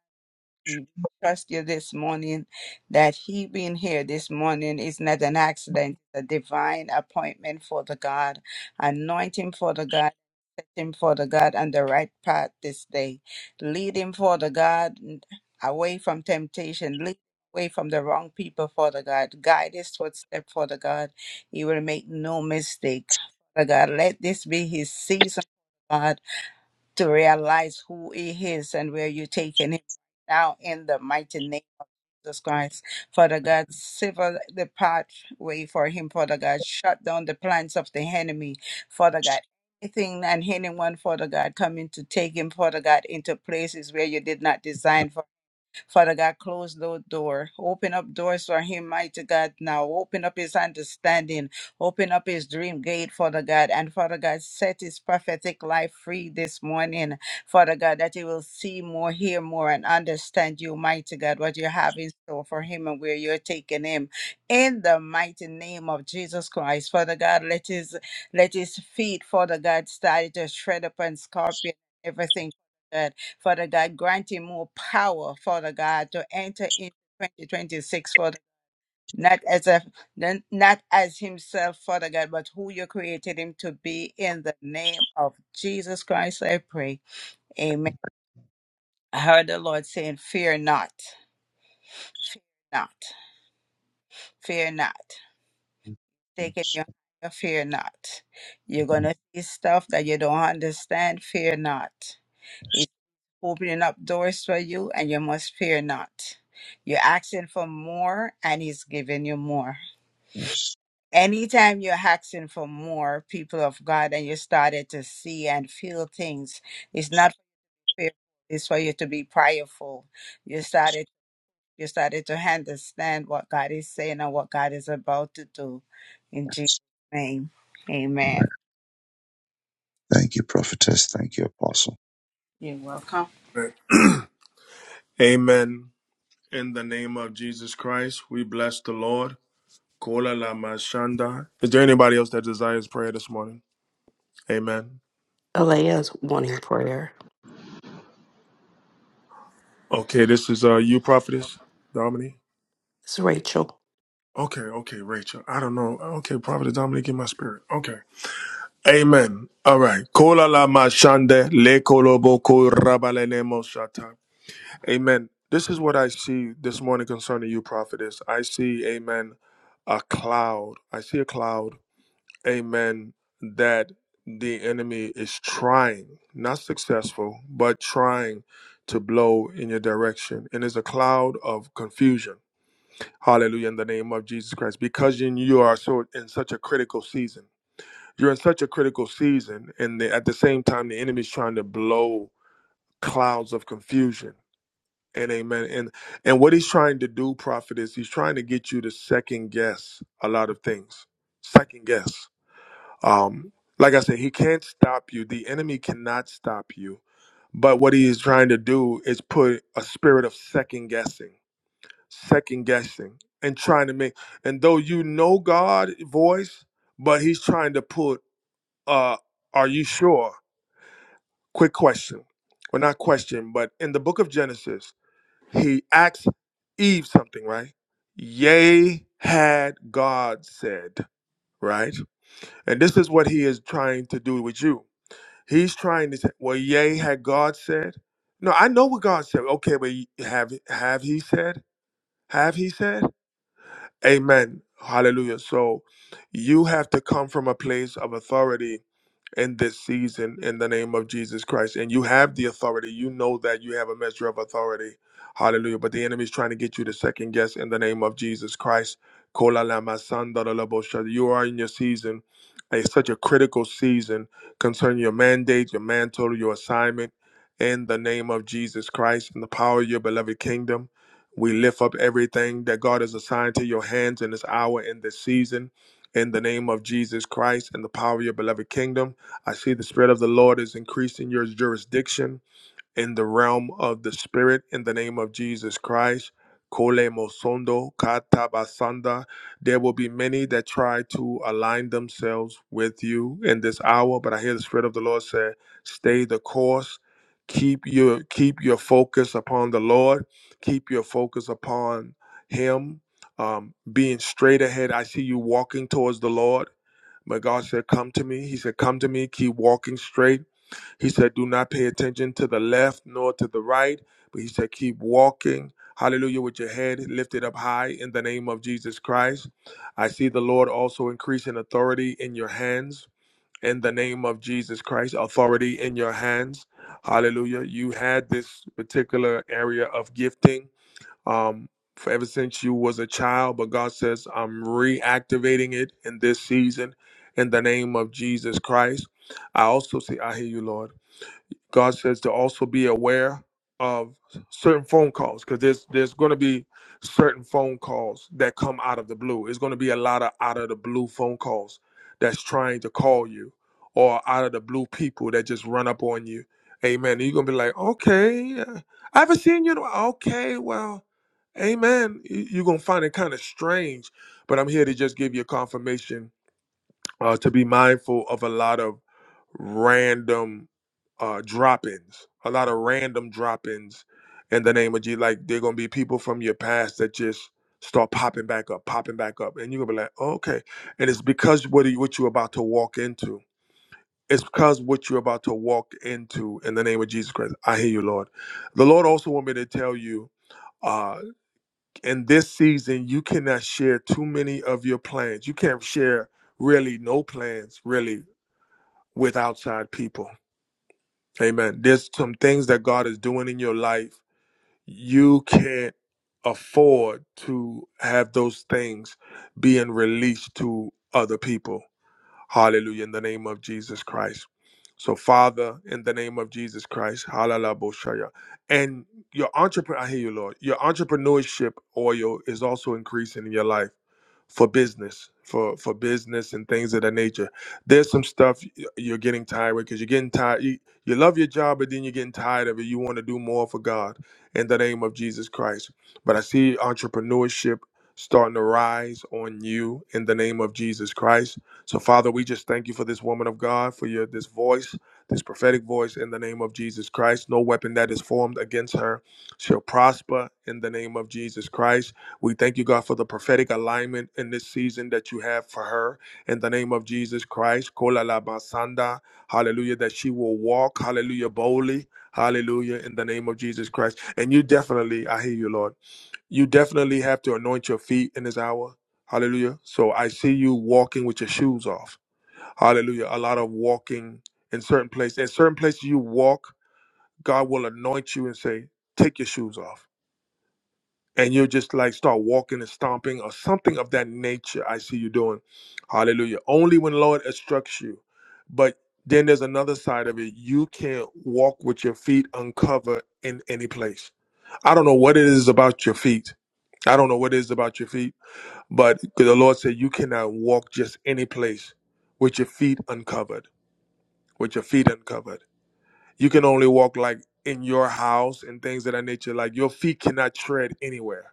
Speaker 8: we trust you this morning that He being here this morning is not an accident, a divine appointment for the God. Anointing for the God. him, Father God, on the right path this day. Lead him, Father God, away from temptation. Lead him away from the wrong people, Father God. Guide his footstep, Father God. He will make no mistake. Father God, let this be his season. God to realize who he is and where you're taking him now in the mighty name of Jesus Christ. Father God, sever the pathway for him, Father God. Shut down the plans of the enemy, Father God. Anything and anyone, Father God, coming to take him, Father God, into places where you did not design, Father God, close no door. Open up doors for him, mighty God, now. Open up his understanding. Open up his dream gate, Father God. And Father God, set his prophetic life free this morning, Father God, that he will see more, hear more, and understand you, mighty God, what you have in store for him and where you're taking him. In the mighty name of Jesus Christ, Father God, let his let his feet, Father God, start to shred up scorpion everything. God. Father God, grant him more power, Father God, to enter into 2026, Father. Not as a n- not as himself, Father God, but who you created him to be in the name of Jesus Christ, I pray. Amen. I heard the Lord saying, Fear not, fear not, fear not. Take it your fear not. You're gonna see stuff that you don't understand, fear not. He's opening up doors for you, and you must fear not. You're asking for more, and He's giving you more.
Speaker 7: Yes.
Speaker 8: Anytime you're asking for more, people of God, and you started to see and feel things, it's not for fear, it's for you to be prayerful. You started you started to understand what God is saying and what God is about to do. In Jesus' name. Amen.
Speaker 7: Thank you, prophetess. Thank you, apostle.
Speaker 8: You're welcome.
Speaker 1: Amen. In the name of Jesus Christ, we bless the Lord. Kola lama shanda. Is there anybody else that desires prayer this morning? Amen.
Speaker 2: Alea's wanting prayer.
Speaker 1: Okay, this is uh you, prophetess Dominique.
Speaker 2: It's Rachel.
Speaker 1: Okay, okay, Rachel. I don't know. Okay, prophetess Dominique in my spirit. Okay. Amen. All right. Kola lama shanda le koloboko rabalene moshata. Amen. This is what I see this morning concerning you, prophetess. I see, amen, a cloud. I see a cloud amen, that the enemy is trying, not successful, but trying to blow in your direction. And it's a cloud of confusion. Hallelujah in the name of Jesus Christ. Because you you are so in such a critical season. You're in such a critical season, and the, at the same time, the enemy's trying to blow clouds of confusion. And amen. And and what he's trying to do, prophet, is he's trying to get you to second guess a lot of things. Second guess. Um, like I said, he can't stop you. The enemy cannot stop you. But what he is trying to do is put a spirit of second guessing, second guessing, and trying to make. And though you know God voice, but he's trying to put. Uh, are you sure? Quick question, or not question, but in the book of Genesis, he asks Eve something, right? Yea, had God said, right? And this is what he is trying to do with you He's trying to say, well, yea, had God said? No, I know what God said. Okay, but have have he said? Have he said? Amen. Hallelujah. So you have to come from a place of authority in this season in the name of Jesus Christ. And you have the authority. You know that you have a measure of authority. Hallelujah. But the enemy is trying to get you to second guess in the name of Jesus Christ. Kola lama sanda la labo shada. You are in your season. It's such a critical season concerning your mandate, your mantle, your assignment in the name of Jesus Christ and the power of your beloved kingdom. We lift up everything that God has assigned to your hands in this hour, in this season, in the name of Jesus Christ and the power of your beloved kingdom. I see the Spirit of the Lord is increasing your jurisdiction in the realm of the spirit in the name of Jesus Christ. Kole mosondo katabasanda. There will be many that try to align themselves with you in this hour, but I hear the Spirit of the Lord say, stay the course. Keep your keep your focus upon the Lord. Keep your focus upon Him. Um, being straight ahead, I see you walking towards the Lord. But God said, "Come to me." He said, "Come to me. Keep walking straight." He said, Do not pay attention to the left nor to the right, but he said, Keep walking. Hallelujah, with your head lifted up high in the name of Jesus Christ. I see the Lord also increasing authority in your hands in the name of Jesus Christ, authority in your hands. Hallelujah. You had this particular area of gifting um, for ever since you was a child, but God says, I'm reactivating it in this season in the name of Jesus Christ. I also see, I hear you, Lord. God says to also be aware of certain phone calls because there's there's going to be certain phone calls that come out of the blue. It's going to be a lot of out of the blue phone calls that's trying to call you, or out of the blue people that just run up on you. Amen. And you're gonna be like, okay, uh, I haven't seen you. in a while." Okay, well, amen. You- You're gonna find it kind of strange, but I'm here to just give you a confirmation uh, to be mindful of a lot of random uh, drop-ins, a lot of random drop-ins in the name of Jesus. Like they're gonna be people from your past that just start popping back up, popping back up, and you're gonna be like, oh, okay. And it's because what you what you're about to walk into. It's because what you're about to walk into in the name of Jesus Christ. I hear you, Lord. The Lord also want me to tell you uh in this season you cannot share too many of your plans you can't share really no plans really with outside people. Amen. There's some things that God is doing in your life. You can't afford to have those things being released to other people. Hallelujah. In the name of Jesus Christ. So, Father, in the name of Jesus Christ, hallelujah, boshaya. and your entrepreneur, I hear you, Lord. Your entrepreneurship oil is also increasing in your life for business for for business and things of that nature there's some stuff y- you're getting tired with because you're getting tired you, you love your job but then you're getting tired of it you want to do more for god in the name of jesus christ but i see entrepreneurship starting to rise on you in the name of jesus christ so father we just thank you for this woman of god for your this voice this prophetic voice in the name of jesus christ no weapon that is formed against her shall prosper in the name of jesus christ we thank you, God, for the prophetic alignment in this season that you have for her. In the name of Jesus Christ, kola la basanda, hallelujah, that she will walk, hallelujah, boldly, hallelujah, in the name of Jesus Christ. And you definitely, I hear you, Lord, you definitely have to anoint your feet in this hour. Hallelujah. So I see you walking with your shoes off. Hallelujah. A lot of walking in certain places. In certain places you walk, God will anoint you and say, take your shoes off and you'll just like start walking and stomping or something of that nature. I see you doing. Hallelujah. Only when Lord instructs you. But then there's another side of it. You can't walk with your feet uncovered in any place. I don't know what it is about your feet. I don't know what it is about your feet, but 'cause the Lord said you cannot walk just any place with your feet uncovered. With your feet uncovered. You can only walk like in your house and things of that nature. Like your feet cannot tread anywhere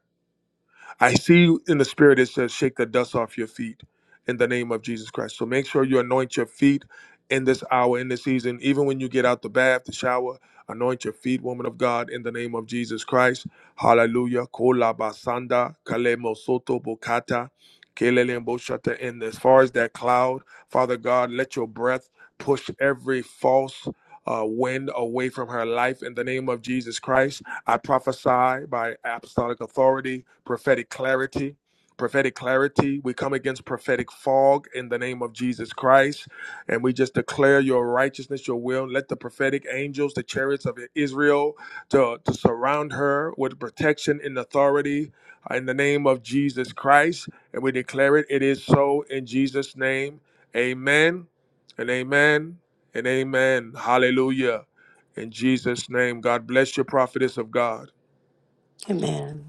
Speaker 1: I see you in the spirit it says, shake the dust off your feet in the name of Jesus Christ. So make sure you anoint your feet in this hour, in this season, even when you get out the bath, the shower, anoint your feet, woman of God, in the name of Jesus Christ. Hallelujah. Kola basanda, kalemo soto bokata, kelele shata. And as far as that cloud, Father God, let your breath push every false uh, wind away from her life in the name of Jesus Christ. I prophesy by apostolic authority, prophetic clarity. Prophetic clarity. We come against prophetic fog in the name of Jesus Christ. And we just declare your righteousness, your will. Let the prophetic angels, the chariots of Israel, to, to surround her with protection and authority in the name of Jesus Christ. And we declare it, it is so in Jesus' name. Amen and amen and amen. Hallelujah. In Jesus' name, God bless your prophetess of God.
Speaker 2: Amen.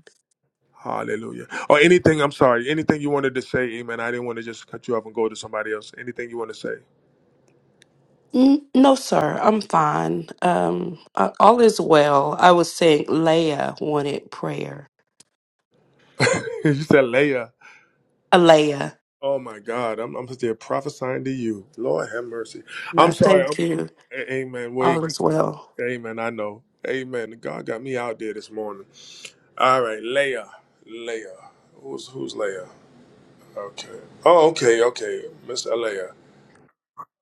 Speaker 1: Hallelujah. Or anything, I'm sorry, anything you wanted to say, amen. I didn't want to just cut you off and go to somebody else. Anything you want to say?
Speaker 2: N- No, sir. I'm fine. Um, uh, all is well. I was saying Leah wanted prayer.
Speaker 1: you said Leah.
Speaker 2: Alea.
Speaker 1: Oh my God, I'm, I'm still prophesying to you. Lord have mercy. I'm
Speaker 2: No,
Speaker 1: sorry.
Speaker 2: thank
Speaker 1: I'm,
Speaker 2: you.
Speaker 1: a- amen. Wait.
Speaker 2: All is well.
Speaker 1: Amen. I know. Amen. God got me out there this morning. All right, Leah. Leah. Who's who's Leah? Okay. Oh, okay, okay. Miss Leah.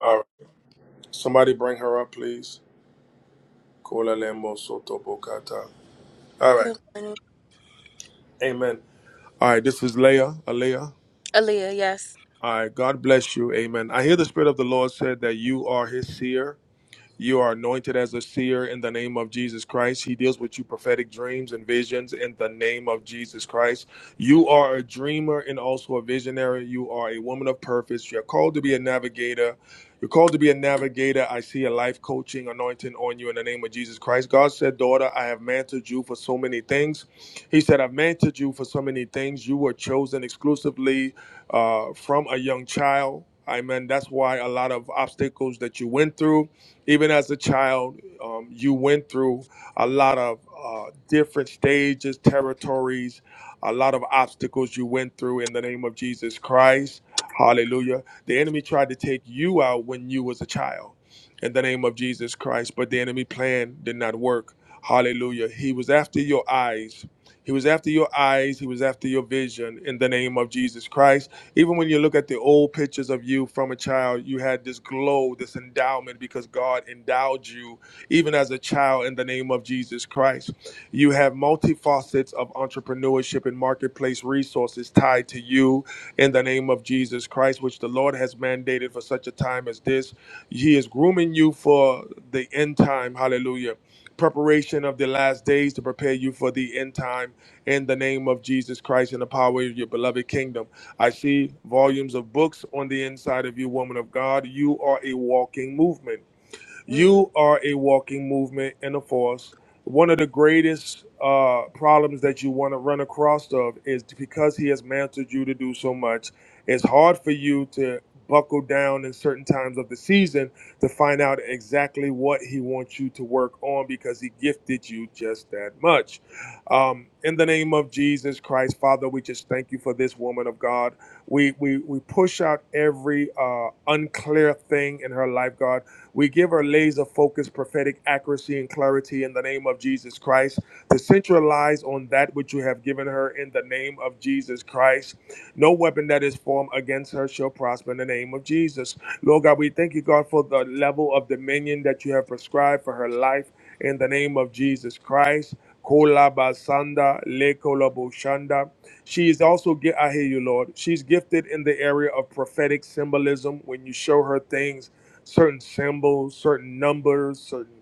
Speaker 1: All right. Somebody bring her up, please. Kola lemo soto bokata. All right.
Speaker 9: Good morning.
Speaker 1: Amen. All right. This is Leah. Alea.
Speaker 9: Aaliyah, yes.
Speaker 1: All right. God bless you. Amen. I hear the Spirit of the Lord said that you are his seer. You are anointed as a seer in the name of Jesus Christ. He deals with you prophetic dreams and visions in the name of Jesus Christ. You are a dreamer and also a visionary. You are a woman of purpose. You're called to be a navigator. You're called to be a navigator. I see a life coaching anointing on you in the name of Jesus Christ. God said, Daughter, I have mantled you for so many things. He said, I've mantled you for so many things. You were chosen exclusively uh, from a young child. Amen. That's why a lot of obstacles that you went through even as a child, um, you went through a lot of uh, different stages, territories, a lot of obstacles you went through in the name of Jesus Christ. Hallelujah. The enemy tried to take you out when you was a child in the name of Jesus Christ, but the enemy plan did not work. Hallelujah. He was after your eyes. He was after your eyes. He was after your vision in the name of Jesus Christ. Even when you look at the old pictures of you from a child, you had this glow, this endowment because God endowed you even as a child in the name of Jesus Christ. You have multifacets of entrepreneurship and marketplace resources tied to you in the name of Jesus Christ, which the Lord has mandated for such a time as this. He is grooming you for the end time. Hallelujah. Preparation of the last days to prepare you for the end time in the name of Jesus Christ and the power of your beloved kingdom. I see volumes of books on the inside of you, woman of God. You are a walking movement.
Speaker 9: Mm,
Speaker 1: You are a walking movement and a force. One of the greatest uh, problems that you want to run across of is because he has mantled you to do so much. It's hard for you to buckle down in certain times of the season to find out exactly what he wants you to work on because he gifted you just that much. Um, in the name of Jesus Christ, Father, we just thank you for this woman of God. We we we push out every uh, unclear thing in her life, God. We give her laser focused prophetic accuracy and clarity in the name of Jesus Christ to centralize on that which you have given her in the name of Jesus Christ. No weapon that is formed against her shall prosper in the name of Jesus. Lord God, we thank you, God, for the level of dominion that you have prescribed for her life in the name of Jesus Christ. Kola basanda, le kola boshanda. She is also, gi- I hear you, Lord. She's gifted in the area of prophetic symbolism when you show her things certain symbols, certain numbers, certain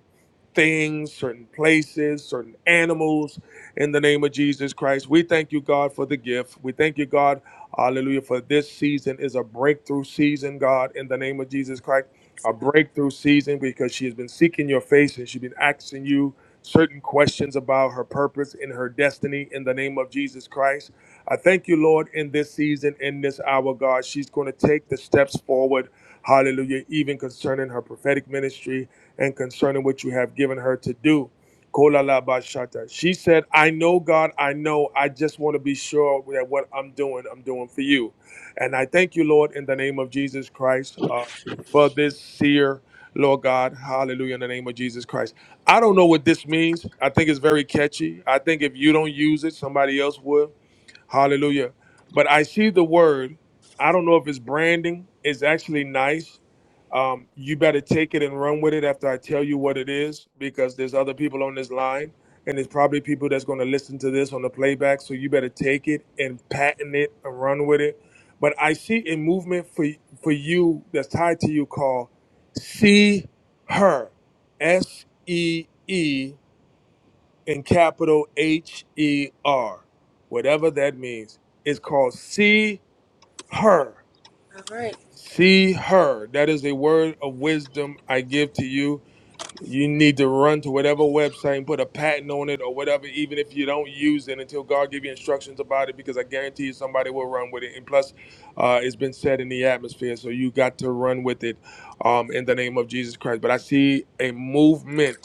Speaker 1: things, certain places, certain animals in the name of Jesus Christ. We thank you, God, for the gift. We thank you, God, hallelujah, for this season is a breakthrough season, God, in the name of Jesus Christ. A breakthrough season because she has been seeking your face and she's been asking you certain questions about her purpose and her destiny in the name of Jesus Christ. I thank you, Lord, in this season, in this hour, God. She's going to take the steps forward Hallelujah. Even concerning her prophetic ministry and concerning what you have given her to do. Kolala bashata. She said, I know God, I know. I just want to be sure that what I'm doing, I'm doing for you. And I thank you, Lord, in the name of Jesus Christ, uh, for this seer, Lord God. Hallelujah, in the name of Jesus Christ. I don't know what this means. I think it's very catchy. I think if you don't use it, somebody else will. Hallelujah. But I see the word. I don't know if it's branding. It's actually nice. Um, you better take it and run with it after I tell you what it is, because there's other people on this line, and there's probably people that's going to listen to this on the playback. So you better take it and patent it and run with it. But I see a movement for for you that's tied to you called "See Her," S E E in capital H E R, whatever that means. It's called See Her.
Speaker 9: all right.
Speaker 1: See Her. That is a word of wisdom I give to you. You need to run to whatever website and put a patent on it or whatever, even if you don't use it until God give you instructions about it, because I guarantee you somebody will run with it. And plus, uh, it's been said in the atmosphere, so you got to run with it um, in the name of Jesus Christ. But I see a movement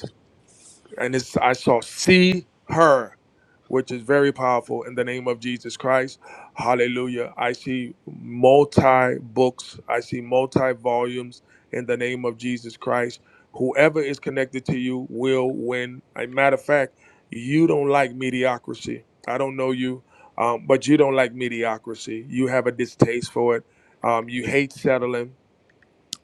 Speaker 1: and it's I shall see her, which is very powerful in the name of Jesus Christ. Hallelujah. I see multi books, I see multi volumes in the name of Jesus Christ. Whoever is connected to you will win. A matter of fact, you don't like mediocrity. I don't know you, um, but you don't like mediocrity. You have a distaste for it. Um, you hate settling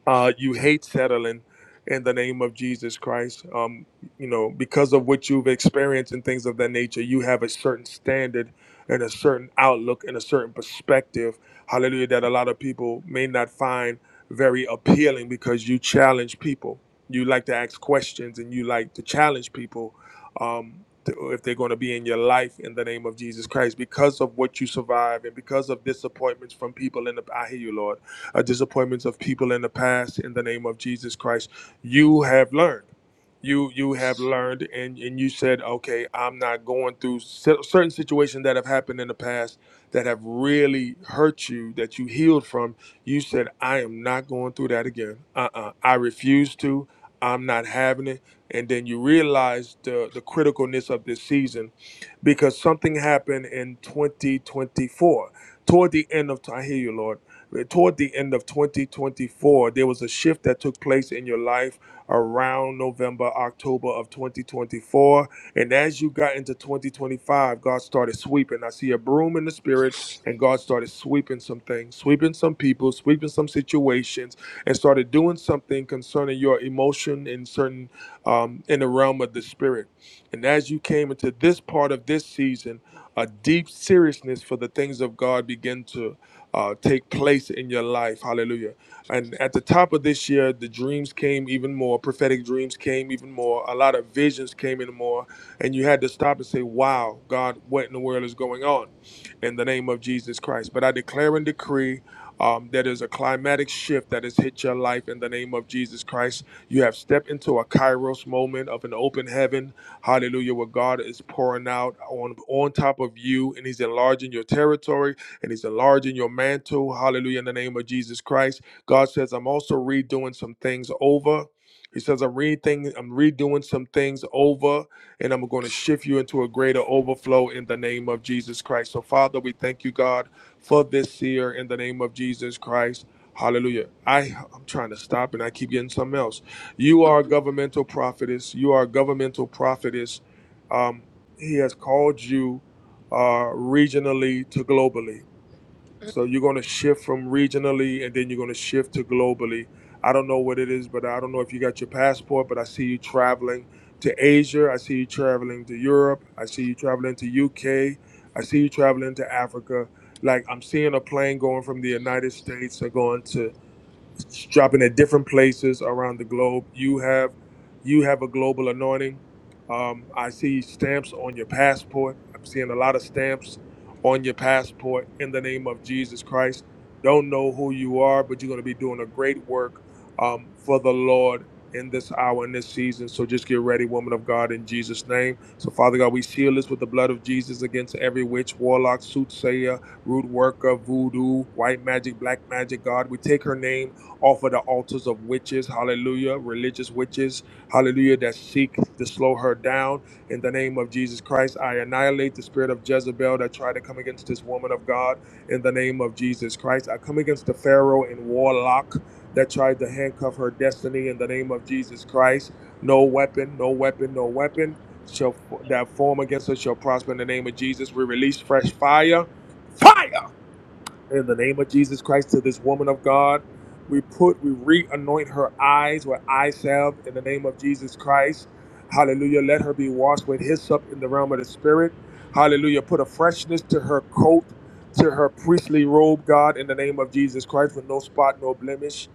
Speaker 1: uh, you hate settling in the name of Jesus Christ. Um, you know, because of what you've experienced and things of that nature, you have a certain standard and a certain outlook and a certain perspective, hallelujah, that a lot of people may not find very appealing because you challenge people. You like to ask questions and you like to challenge people um, to, if they're going to be in your life in the name of Jesus Christ because of what you survive and because of disappointments from people. In the, I hear you, Lord uh, disappointments of people in the past in the name of Jesus Christ. You have learned. You you have learned, and and you said, okay, I'm not going through cer- certain situations that have happened in the past that have really hurt you that you healed from. You said, I am not going through that again. Uh-uh. I refuse to. I'm not having it. And then you realize the the criticalness of this season because something happened in 2024 toward the end of. I hear you, Lord toward the end of 2024, there was a shift that took place in your life around November, October of 2024. And as you got into 2025, God started sweeping. I see a broom in the spirit, and God started sweeping some things, sweeping some people, sweeping some situations, and started doing something concerning your emotion in certain um, in the realm of the spirit. And as you came into this part of this season, a deep seriousness for the things of God began to uh, take place in your life. Hallelujah. And at the top of this year, the dreams came even more, prophetic dreams came even more, a lot of visions came in more. And you had to stop and say, Wow, God, what in the world is going on in the name of Jesus Christ? But I declare and decree um, that is a climatic shift that has hit your life in the name of Jesus Christ. You have stepped into a kairos moment of an open heaven. Hallelujah, where God is pouring out on, on top of you and He's enlarging your territory and He's enlarging your mantle. Hallelujah. In the name of Jesus Christ. God says, I'm also redoing some things over. He says, I'm, redoing, I'm redoing some things over, and I'm going to shift you into a greater overflow in the name of Jesus Christ. So, Father, we thank you, God, for this year in the name of Jesus Christ. Hallelujah. I, I'm trying to stop and I keep getting something else. You are a governmental prophetess. You are a governmental prophetess. Um, he has called you uh, regionally to globally. So you're going to shift from regionally and then you're going to shift to globally. I don't know what it is, but I don't know if you got your passport, but I see you traveling to Asia. I see you traveling to Europe. I see you traveling to UK. I see you traveling to Africa. Like I'm seeing a plane going from the United States or going to it's dropping at different places around the globe. You have you have a global anointing. Um, I see stamps on your passport. I'm seeing a lot of stamps on your passport in the name of Jesus Christ. Don't know who you are, but you're going to be doing a great work um, for the Lord in this hour, in this season. So just get ready, woman of God, in Jesus' name. So, Father God, we seal this with the blood of Jesus against every witch, warlock, soothsayer, root worker, voodoo, white magic, black magic, God. We take her name off of the altars of witches, hallelujah, religious witches, hallelujah, that seek to slow her down. In the name of Jesus Christ, I annihilate the spirit of Jezebel that tried to come against this woman of God. In the name of Jesus Christ, I come against the Pharaoh and warlock that tried to handcuff her destiny. In the name of Jesus Christ, no weapon, no weapon, no weapon shall that form against us shall prosper. In the name of Jesus, we release fresh fire, fire in the name of Jesus Christ to this woman of God. We put, we re anoint her eyes with eye salve in the name of Jesus Christ. Hallelujah. Let her be washed with hyssop in the realm of the Spirit. Hallelujah. Put a freshness to her coat, to her priestly robe, God, in the name of Jesus Christ, with no spot, no blemish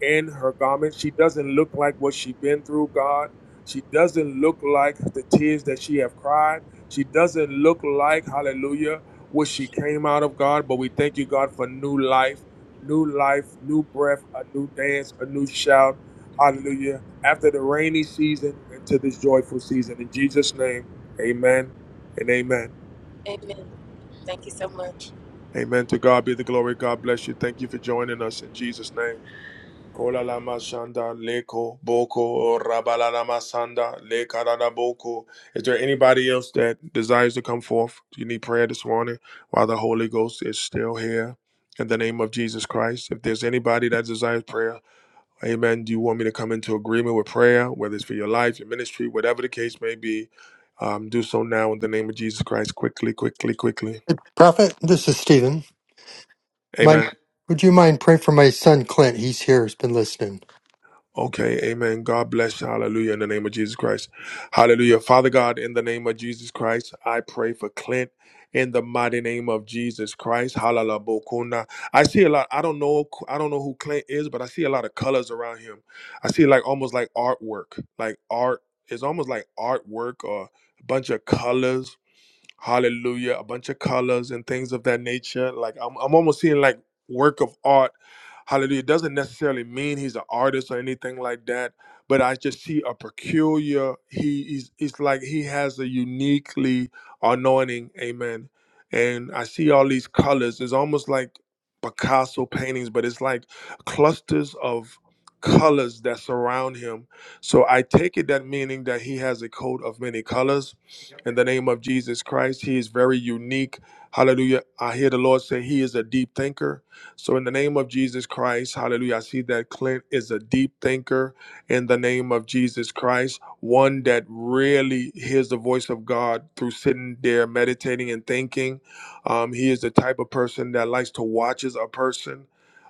Speaker 1: in her garment. She doesn't look like what she's been through, God. She doesn't look like the tears that she have cried. She doesn't look like, hallelujah, what she came out of, God. But we thank you, God, for new life, new life, new breath, a new dance, a new shout. Hallelujah. After the rainy season into this joyful season. In Jesus' name, amen and amen.
Speaker 9: Amen. Thank you so much.
Speaker 1: Amen. To God be the glory. God bless you. Thank you for joining us in Jesus' name. Kola la masanda leko boko rabala la masanda lekara boko. Is there anybody else that desires to come forth? Do you need prayer this morning while the Holy Ghost is still here? In the name of Jesus Christ, if there's anybody that desires prayer, Amen. Do you want me to come into agreement with prayer, whether it's for your life, your ministry, whatever the case may be? Um, do so now in the name of Jesus Christ, quickly, quickly, quickly.
Speaker 4: Prophet, this is Stephen. My,
Speaker 1: Amen.
Speaker 4: would you mind praying for my son Clint? He's here. He's been listening.
Speaker 1: Okay, amen. God bless you. Hallelujah. In the name of Jesus Christ. Hallelujah. Father God, in the name of Jesus Christ, I pray for Clint in the mighty name of Jesus Christ. Hallelujah. Bokuna. I see a lot. I don't know. I don't know who Clint is, but I see a lot of colors around him. I see like almost like artwork, like art. It's almost like artwork or a bunch of colors hallelujah a bunch of colors and things of that nature like i'm, I'm almost seeing like work of art hallelujah it doesn't necessarily mean he's an artist or anything like that but i just see a peculiar he is it's like he has a uniquely anointing amen and i see all these colors it's almost like picasso paintings but it's like clusters of colors that surround him so i take it that meaning that he has a coat of many colors in the name of Jesus Christ. He is very unique. Hallelujah. I hear the Lord say he is a deep thinker. So, in the name of Jesus Christ, hallelujah, I see that Clint is a deep thinker in the name of Jesus Christ, one that really hears the voice of God through sitting there meditating and thinking. Um, he is the type of person that likes to watch as a person,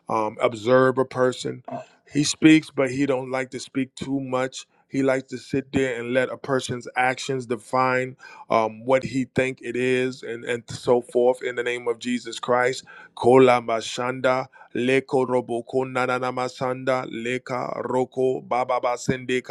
Speaker 1: um, observe a person. He speaks, but he don't like to speak too much. He likes to sit there and let a person's actions define um, what he think it is, and, and so forth. In the name of Jesus Christ, kola mashanda leko roboko nanana leka roko baba basende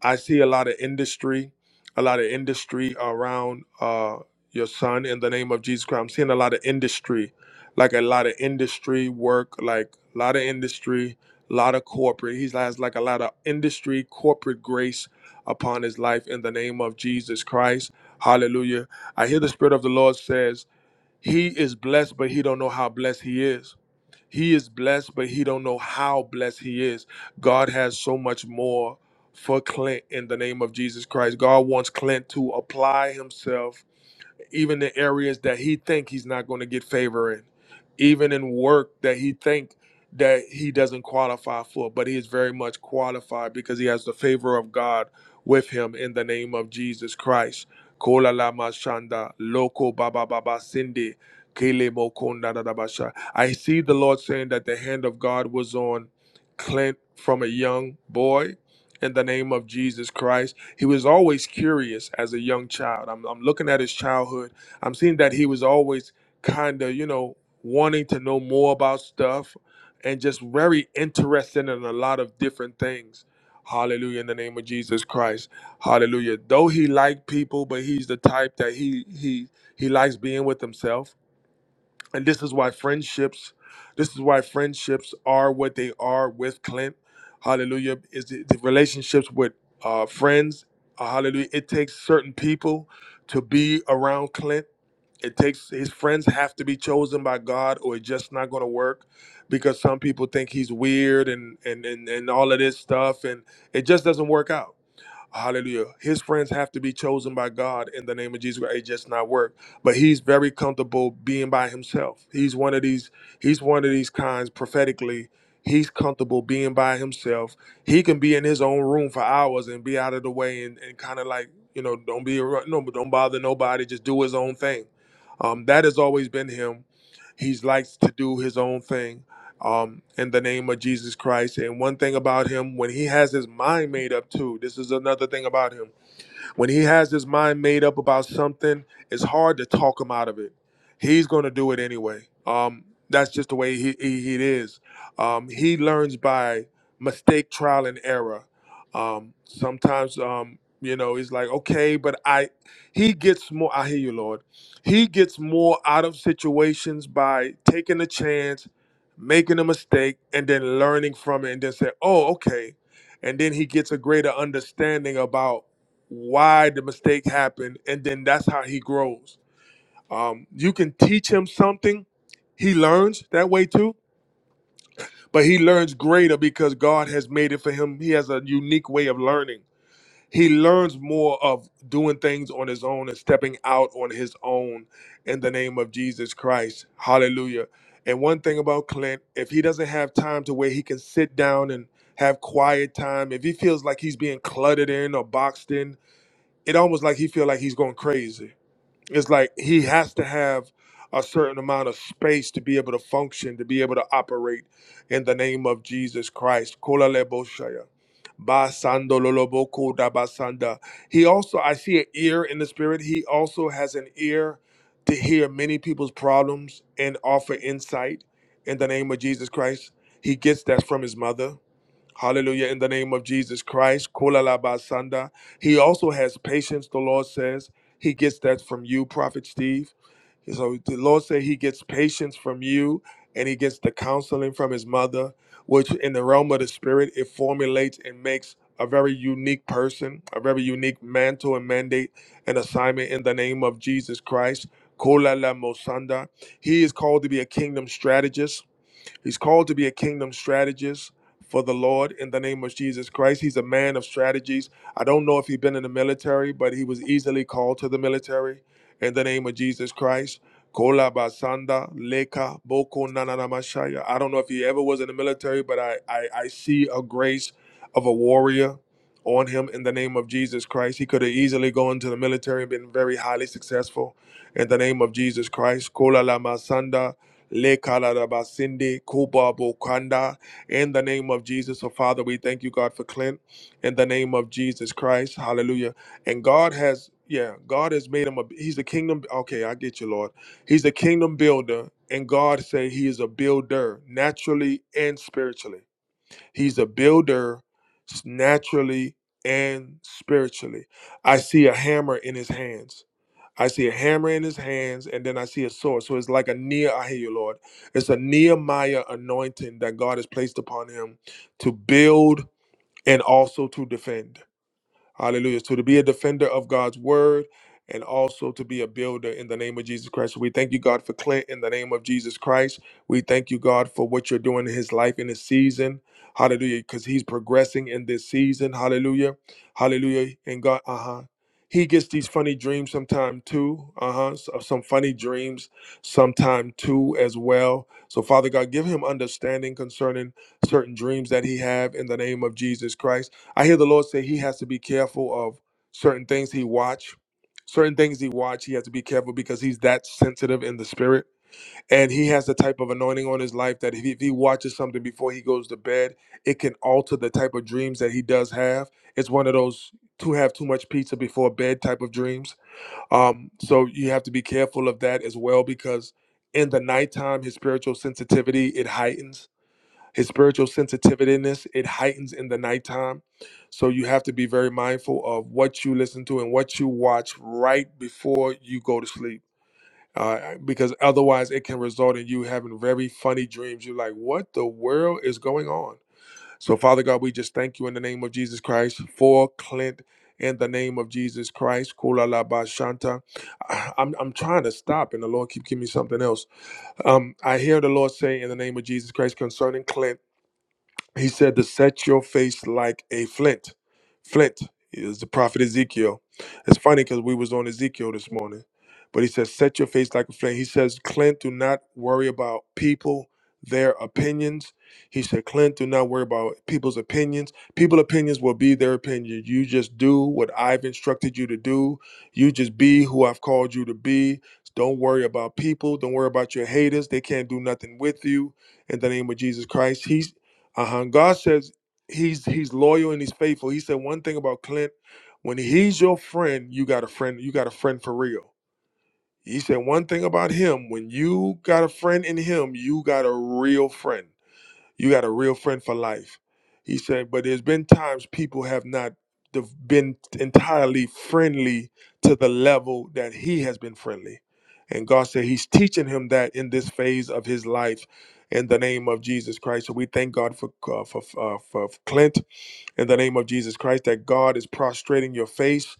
Speaker 1: I see a lot of industry, a lot of industry around uh, your son in the name of Jesus Christ. I'm seeing a lot of industry, like a lot of industry work, like a lot of industry, a lot of corporate. He's has like a lot of industry, corporate grace upon his life in the name of Jesus Christ. Hallelujah. I hear the Spirit of the Lord says, He is blessed, but he don't know how blessed he is. He is blessed, but he don't know how blessed he is. God has so much more for Clint in the name of Jesus Christ. God wants Clint to apply himself even the areas that he think he's not going to get favor in, even in work that he think that he doesn't qualify for, but he is very much qualified because he has the favor of God with him in the name of Jesus Christ. Kola lama shanda, loko baba baba sindi, kele mokonda da da basha. I see the Lord saying that the hand of God was on Clint from a young boy in the name of Jesus Christ he was always curious as a young child. I'm, I'm looking at his childhood. I'm seeing that he was always kind of, you know, wanting to know more about stuff and just very interested in a lot of different things. Hallelujah in the name of Jesus Christ. Hallelujah. Though he liked people, but he's the type that he he he likes being with himself and this is why friendships this is why friendships are what they are with clint hallelujah is the, the relationships with uh, friends uh, hallelujah it takes certain people to be around clint it takes his friends have to be chosen by god or it's just not going to work because some people think he's weird and, and and and all of this stuff and it just doesn't work out Hallelujah. His friends have to be chosen by God in the name of Jesus. It just not work. But he's very comfortable being by himself. He's one of these, he's one of these kinds prophetically. He's comfortable being by himself. He can be in his own room for hours and be out of the way and, and kind of like, you know, don't be ar- no, don't bother nobody. Just do his own thing. Um, that has always been him. He's likes to do his own thing um, in the name of Jesus Christ. And one thing about him, when he has his mind made up too, this is another thing about him when he has his mind made up about something, it's hard to talk him out of it. He's going to do it anyway. Um, that's just the way he, he, he is. Um, he learns by mistake, trial, and error. Um, sometimes, um, you know, he's like, okay, but I, he gets more, I hear you, Lord. He gets more out of situations by taking a chance, making a mistake, and then learning from it, and then say, oh, okay. And then he gets a greater understanding about why the mistake happened, and then that's how he grows. Um, you can teach him something, he learns that way too, but he learns greater because God has made it for him. He has a unique way of learning. He learns more of doing things on his own and stepping out on his own in the name of Jesus Christ. Hallelujah. And one thing about Clint, if he doesn't have time to where he can sit down and have quiet time, if he feels like he's being cluttered in or boxed in, it almost like he feel like he's going crazy. It's like he has to have a certain amount of space to be able to function, to be able to operate in the name of Jesus Christ. Kola lebo shaya. Basando lolobo koda basanda. He also, I see an ear in the spirit. He also has an ear to hear many people's problems and offer insight in the name of Jesus Christ. He gets that from his mother Hallelujah. In the name of Jesus Christ. Kolalabasanda. He also has patience, the Lord says. He gets that from you, Prophet Steve. So the Lord said he gets patience from you and he gets the counseling from his mother, which in the realm of the spirit, it formulates and makes a very unique person, a very unique mantle and mandate and assignment in the name of Jesus Christ. Kola la mosanda. He is called to be a kingdom strategist He's called to be a kingdom strategist for the Lord in the name of Jesus Christ. He's a man of strategies. I don't know if he'd been in the military, but he was easily called to the military in the name of Jesus Christ. Kola basanda leka boko nananamashaya. I don't know if he ever was in the military, but I, I, I see a grace of a warrior on him in the name of Jesus Christ. He could have easily gone to the military and been very highly successful in the name of Jesus Christ. Kola la Le kalarabasindi kubabo kanda. In the name of Jesus, so Father, we thank you, God, for Clint. In the name of Jesus Christ, Hallelujah. And God has, yeah, God has made him a. He's a kingdom. Okay, I get you, Lord. He's a kingdom builder, and God say he is a builder, naturally and spiritually. He's a builder, s- naturally and spiritually. I see a hammer in his hands. I see a hammer in his hands, and then I see a sword. So it's like a near, I hear you, Lord. It's a Nehemiah anointing that God has placed upon him to build and also to defend. Hallelujah. So to be a defender of God's word and also to be a builder in the name of Jesus Christ. So We thank you, God, for Clint in the name of Jesus Christ. We thank you, God, for what you're doing in his life in this season. Hallelujah. Because he's progressing in this season. Hallelujah. Hallelujah. And God, uh huh. He gets these funny dreams sometime too. Uh huh. Some funny dreams sometime too as well. So Father God, give him understanding concerning certain dreams that he have in the name of Jesus Christ. I hear the Lord say he has to be careful of certain things he watch. Certain things he watch, he has to be careful because he's that sensitive in the spirit. And he has the type of anointing on his life that if he, if he watches something before he goes to bed, it can alter the type of dreams that he does have. It's one of those to have too much pizza before bed type of dreams. Um, so you have to be careful of that as well because in the nighttime, his spiritual sensitivity, it heightens his spiritual sensitiveness, it heightens in the nighttime. So you have to be very mindful of what you listen to and what you watch right before you go to sleep. Uh, because otherwise it can result in you having very funny dreams. You're like, what the world is going on? So, Father God, we just thank you in the name of Jesus Christ for Clint in the name of Jesus Christ. Kula la ba shanta. I- I'm, I'm trying to stop and the Lord keep giving me something else. Um, I hear the Lord say in the name of Jesus Christ concerning Clint. He said to set your face like a flint. Flint is the prophet Ezekiel. It's funny because we was on Ezekiel this morning, but he says set your face like a flint. He says, Clint, do not worry about people, their opinions. He said, Clint, do not worry about people's opinions. People opinions will be their opinions. You just do what I've instructed you to do. You just be who I've called you to be. Don't worry about people. Don't worry about your haters. They can't do nothing with you in the name of Jesus Christ. he uh-huh. God says he's he's loyal and he's faithful. He said one thing about Clint, when he's your friend, you got a friend, you got a friend for real. He said one thing about him, when you got a friend in him, you got a real friend. You got a real friend for life. He said, but there's been times people have not de- been entirely friendly to the level that he has been friendly. And God said he's teaching him that in this phase of his life in the name of Jesus Christ. So we thank God for, uh, for, uh, for Clint in the name of Jesus Christ that God is prostrating your face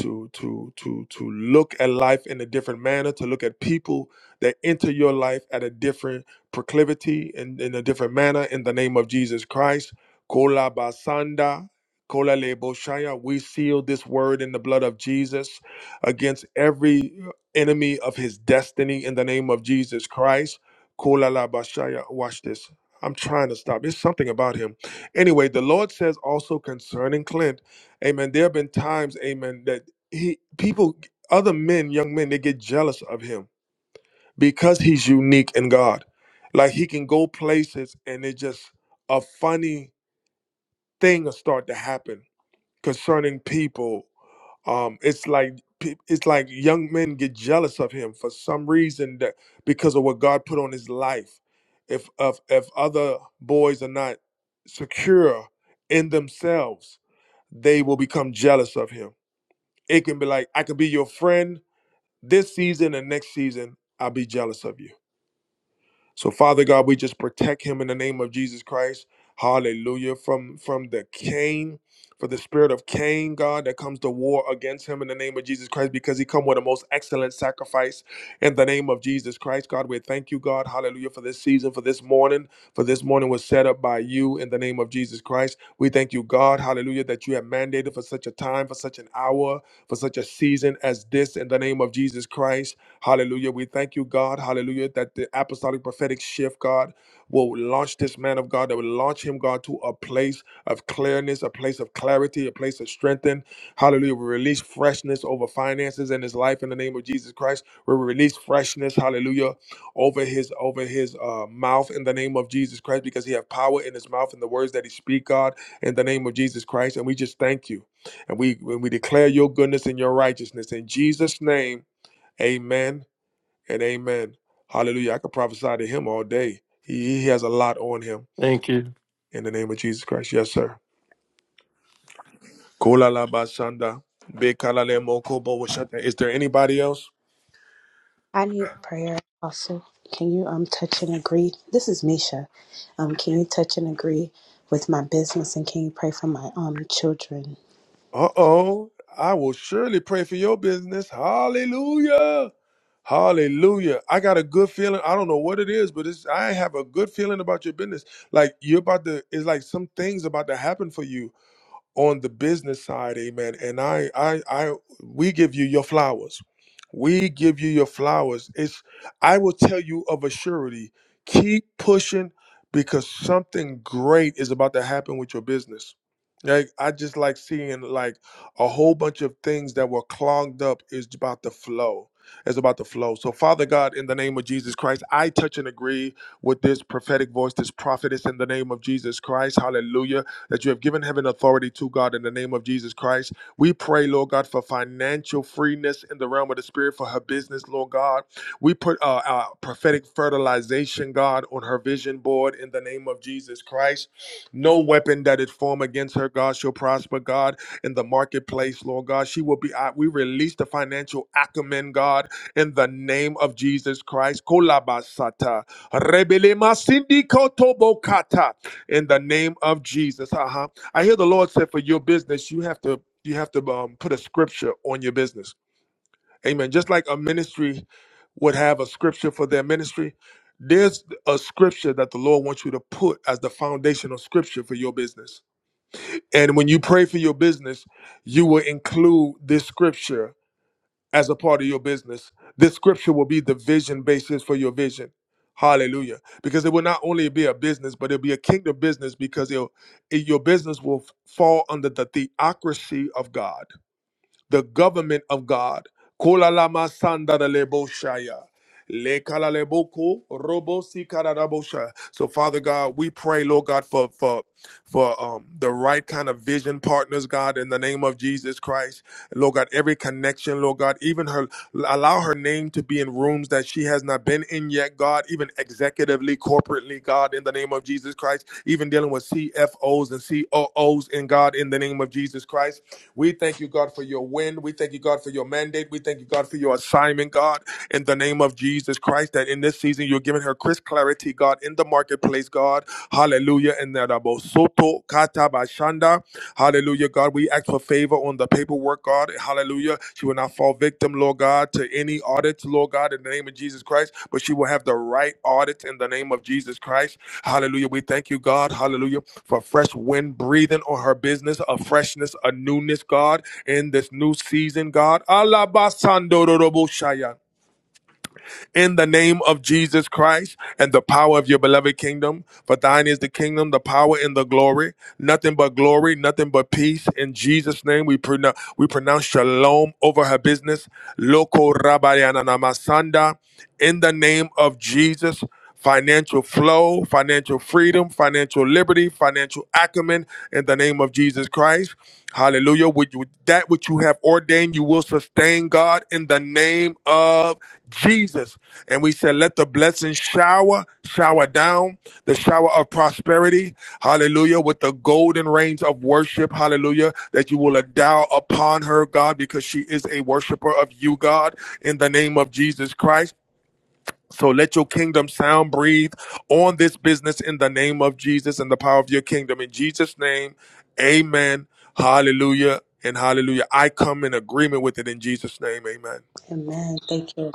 Speaker 1: to to to to look at life in a different manner, to look at people that enter your life at a different proclivity and in a different manner in the name of Jesus Christ. Kola basanda Kola lebo shaya. we seal this word in the blood of Jesus against every enemy of his destiny in the name of Jesus Christ. Kola la bashaya. Watch this. I'm trying to stop. It's something about him. Anyway, the Lord says also concerning Clint, amen, there have been times, amen, that he people other men, young men, they get jealous of him because he's unique in God. Like he can go places and it just a funny thing will start to happen concerning people. Um, it's like pe- it's like young men get jealous of him for some reason that because of what God put on his life. If if if other boys are not secure in themselves they will become jealous of him. It can be like, I can be your friend this season and next season, I'll be jealous of you. So Father God, we just protect him in the name of Jesus Christ. Hallelujah. From from the Cain, for the spirit of Cain, God, that comes to war against him in the name of Jesus Christ, because he come with the most excellent sacrifice in the name of Jesus Christ, God, we thank you, God. Hallelujah for this season, for this morning, for this morning was set up by you in the name of Jesus Christ. We thank you, God. Hallelujah that you have mandated for such a time, for such an hour, for such a season as this in the name of Jesus Christ. Hallelujah. We thank you, God. Hallelujah that the apostolic prophetic shift, God, will launch this man of God, that will launch him, God, to a place of clearness, a place of clarity, a place of strength. Hallelujah. We release freshness over finances in his life in the name of Jesus Christ. We release freshness, hallelujah, over his over his uh, mouth in the name of Jesus Christ, because he have power in his mouth and the words that he speak, God, in the name of Jesus Christ. And we just thank you. And we when we declare your goodness and your righteousness in Jesus' name, amen and amen. Hallelujah. I could prophesy to him all day. He, he has a lot on him in the name of Jesus Christ. Yes, sir. Kola la ba be kala le mo kobo Is there anybody else?
Speaker 10: I need prayer also. Can you um touch and agree? This is Misha. Um, can you touch and agree with my business and can you pray for my um children?
Speaker 1: Uh oh. I will surely pray for your business. Hallelujah. Hallelujah. I got a good feeling. I don't know what it is, but it's I have a good feeling about your business. Like you're about to it's like some things about to happen for you on the business side, amen. And I, I, I, we give you your flowers. We give you your flowers. It's, I will tell you of a surety, keep pushing because something great is about to happen with your business. Like, I just like seeing like a whole bunch of things that were clogged up is about to flow. It's about to flow. So, Father God, in the name of Jesus Christ, I touch and agree with this prophetic voice, this prophetess in the name of Jesus Christ. Hallelujah that you have given heaven authority to God in the name of Jesus Christ. We pray, Lord God, for financial freeness in the realm of the spirit for her business, Lord God. We put uh, our prophetic fertilization, God, on her vision board in the name of Jesus Christ. No weapon that is formed against her, God, shall prosper, God, in the marketplace, Lord God. She will be, uh, we release the financial acumen, God, in the name of Jesus Christ. Kolabasata. Rebelema sindikoto in the name of Jesus. Uh-huh. I hear the Lord said for your business, you have to you have to um, put a scripture on your business. Amen. Just like a ministry would have a scripture for their ministry, there's a scripture that the Lord wants you to put as the foundational scripture for your business. And when you pray for your business, you will include this scripture as a part of your business. This scripture will be the vision basis for your vision. Hallelujah. Because it will not only be a business, but it'll be a kingdom business because it'll, it- your business will f- fall under the theocracy of God, the government of God. Kola lama sanda da lebo shaya. Le kala lebo ko, robo si kala da bo shaya. So, Father God, we pray, Lord God, for for for um, the right kind of vision partners, God, in the name of Jesus Christ. Lord God, every connection, Lord God, even her, allow her name to be in rooms that she has not been in yet, God, even executively, corporately, God, in the name of Jesus Christ, even dealing with CFOs and COOs in God, in the name of Jesus Christ. We thank you, God, for your win. We thank you, God, for your mandate. We thank you, God, for your assignment, God, in the name of Jesus Christ, that in this season you're giving her crisp clarity, God, in the marketplace, God. Hallelujah. Hallelujah. And that about Soto kata bashanda. Hallelujah, God. We ask for favor on the paperwork, God. Hallelujah. She will not fall victim, Lord God, to any audits, Lord God, in the name of Jesus Christ, but she will have the right audits in the name of Jesus Christ. Hallelujah. We thank you, God. Hallelujah. For fresh wind breathing on her business, a freshness, a newness, God, in this new season, God. Alabasando in the name of Jesus Christ and the power of your beloved kingdom. For thine is the kingdom, the power, and the glory. Nothing but glory, nothing but peace. In Jesus' name, we, pronoun we pronounce shalom over her business. Loko rabayana namasanda. In the name of Jesus financial flow, financial freedom, financial liberty, financial acumen in the name of Jesus Christ. Hallelujah. With you, that which you have ordained, you will sustain God in the name of Jesus. And we said, let the blessings shower, shower down, the shower of prosperity. Hallelujah. With the golden rains of worship. Hallelujah. That you will endow upon her, God, because she is a worshiper of you, God, in the name of Jesus Christ. So let your kingdom sound breathe on this business in the name of Jesus and the power of your kingdom. In Jesus' name, amen. Hallelujah and hallelujah. I come in agreement with it in Jesus' name. Amen.
Speaker 10: Amen. Thank you.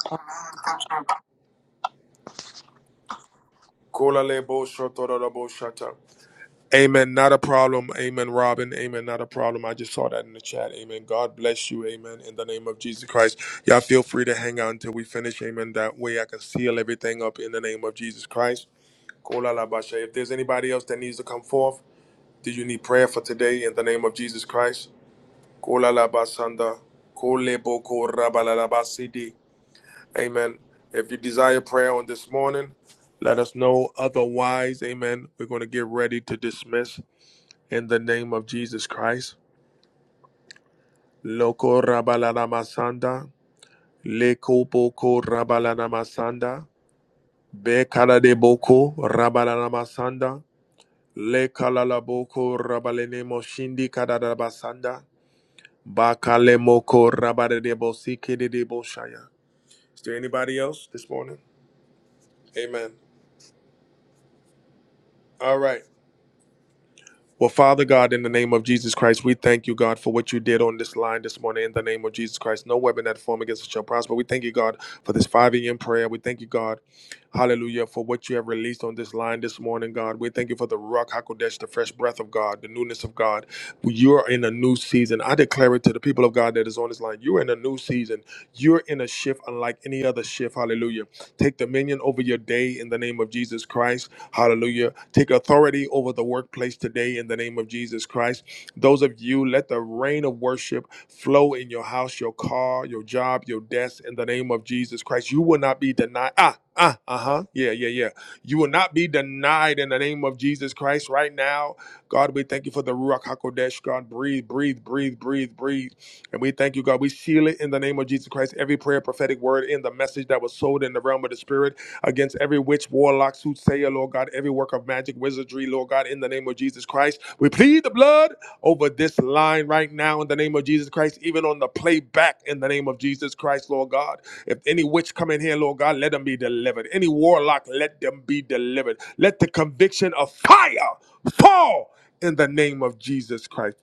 Speaker 1: Amen. Not a problem. Amen, Robin. Amen. Not a problem. I just saw that in the chat. Amen. God bless you. Amen. In the name of Jesus Christ. Y'all feel free to hang out until we finish. Amen. That way I can seal everything up in the name of Jesus Christ. If there's anybody else that needs to come forth, Do you need prayer for today in the name of Jesus Christ? Amen. If you desire prayer on this morning, let us know. Otherwise, amen. We're going to get ready to dismiss in the name of Jesus Christ. Loko rabalalamasanda, lekoboko rabalalamasanda, bekaladeboko rabalalamasanda, lekalalaboko rabalenemo shindi kadadabasanda. Bakalemoko rabarebo sikedebo shaya. Is there anybody else this morning? Amen. All right. Well, Father God, in the name of Jesus Christ, we thank you, God, for what you did on this line this morning. In the name of Jesus Christ, no weapon that form against us shall prosper. We thank you, God, for this 5 a.m. prayer. We thank you, God, hallelujah, for what you have released on this line this morning, God. We thank you for the Rock Hakodesh, the fresh breath of God, the newness of God. You are in a new season. I declare it to the people of God that is on this line. You're in a new season. You're in a shift unlike any other shift. Hallelujah. Take dominion over your day in the name of Jesus Christ. Hallelujah. Take authority over the workplace today in the name of Jesus Christ. Those of you, let the rain of worship flow in your house, your car, your job, your desk in the name of Jesus Christ. You will not be denied. Ah, ah, uh huh. Yeah, yeah, yeah. You will not be denied in the name of Jesus Christ right now. God, we thank you for the Ruach HaKodesh. God, breathe, breathe, breathe, breathe, breathe. And we thank you, God. We seal it in the name of Jesus Christ. Every prayer, prophetic word in the message that was sold in the realm of the spirit against every witch, warlock, soothsayer, Lord God, every work of magic, wizardry, Lord God, in the name of Jesus Christ. We plead the blood over this line right now in the name of Jesus Christ, even on the playback in the name of Jesus Christ, Lord God. If any witch come in here, Lord God, let them be delivered. Any warlock, let them be delivered. Let the conviction of fire fall in the name of Jesus Christ.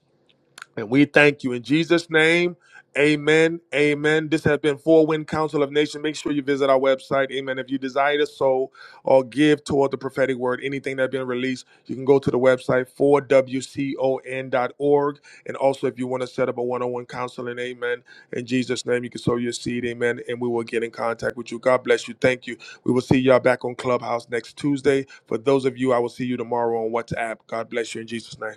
Speaker 1: And we thank you in Jesus' name. Amen. Amen. This has been Four Wind Council of Nation. Make sure you visit our website. Amen. If you desire to sow or give toward the prophetic word, anything that's been released, you can go to the website 4 w con dot org. And also, if you want to set up a one on one counseling, amen. In Jesus' name, you can sow your seed. Amen. And we will get in contact with you. God bless you. Thank you. We will see y'all back on Clubhouse next Tuesday. For those of you, I will see you tomorrow on WhatsApp. God bless you in Jesus' name.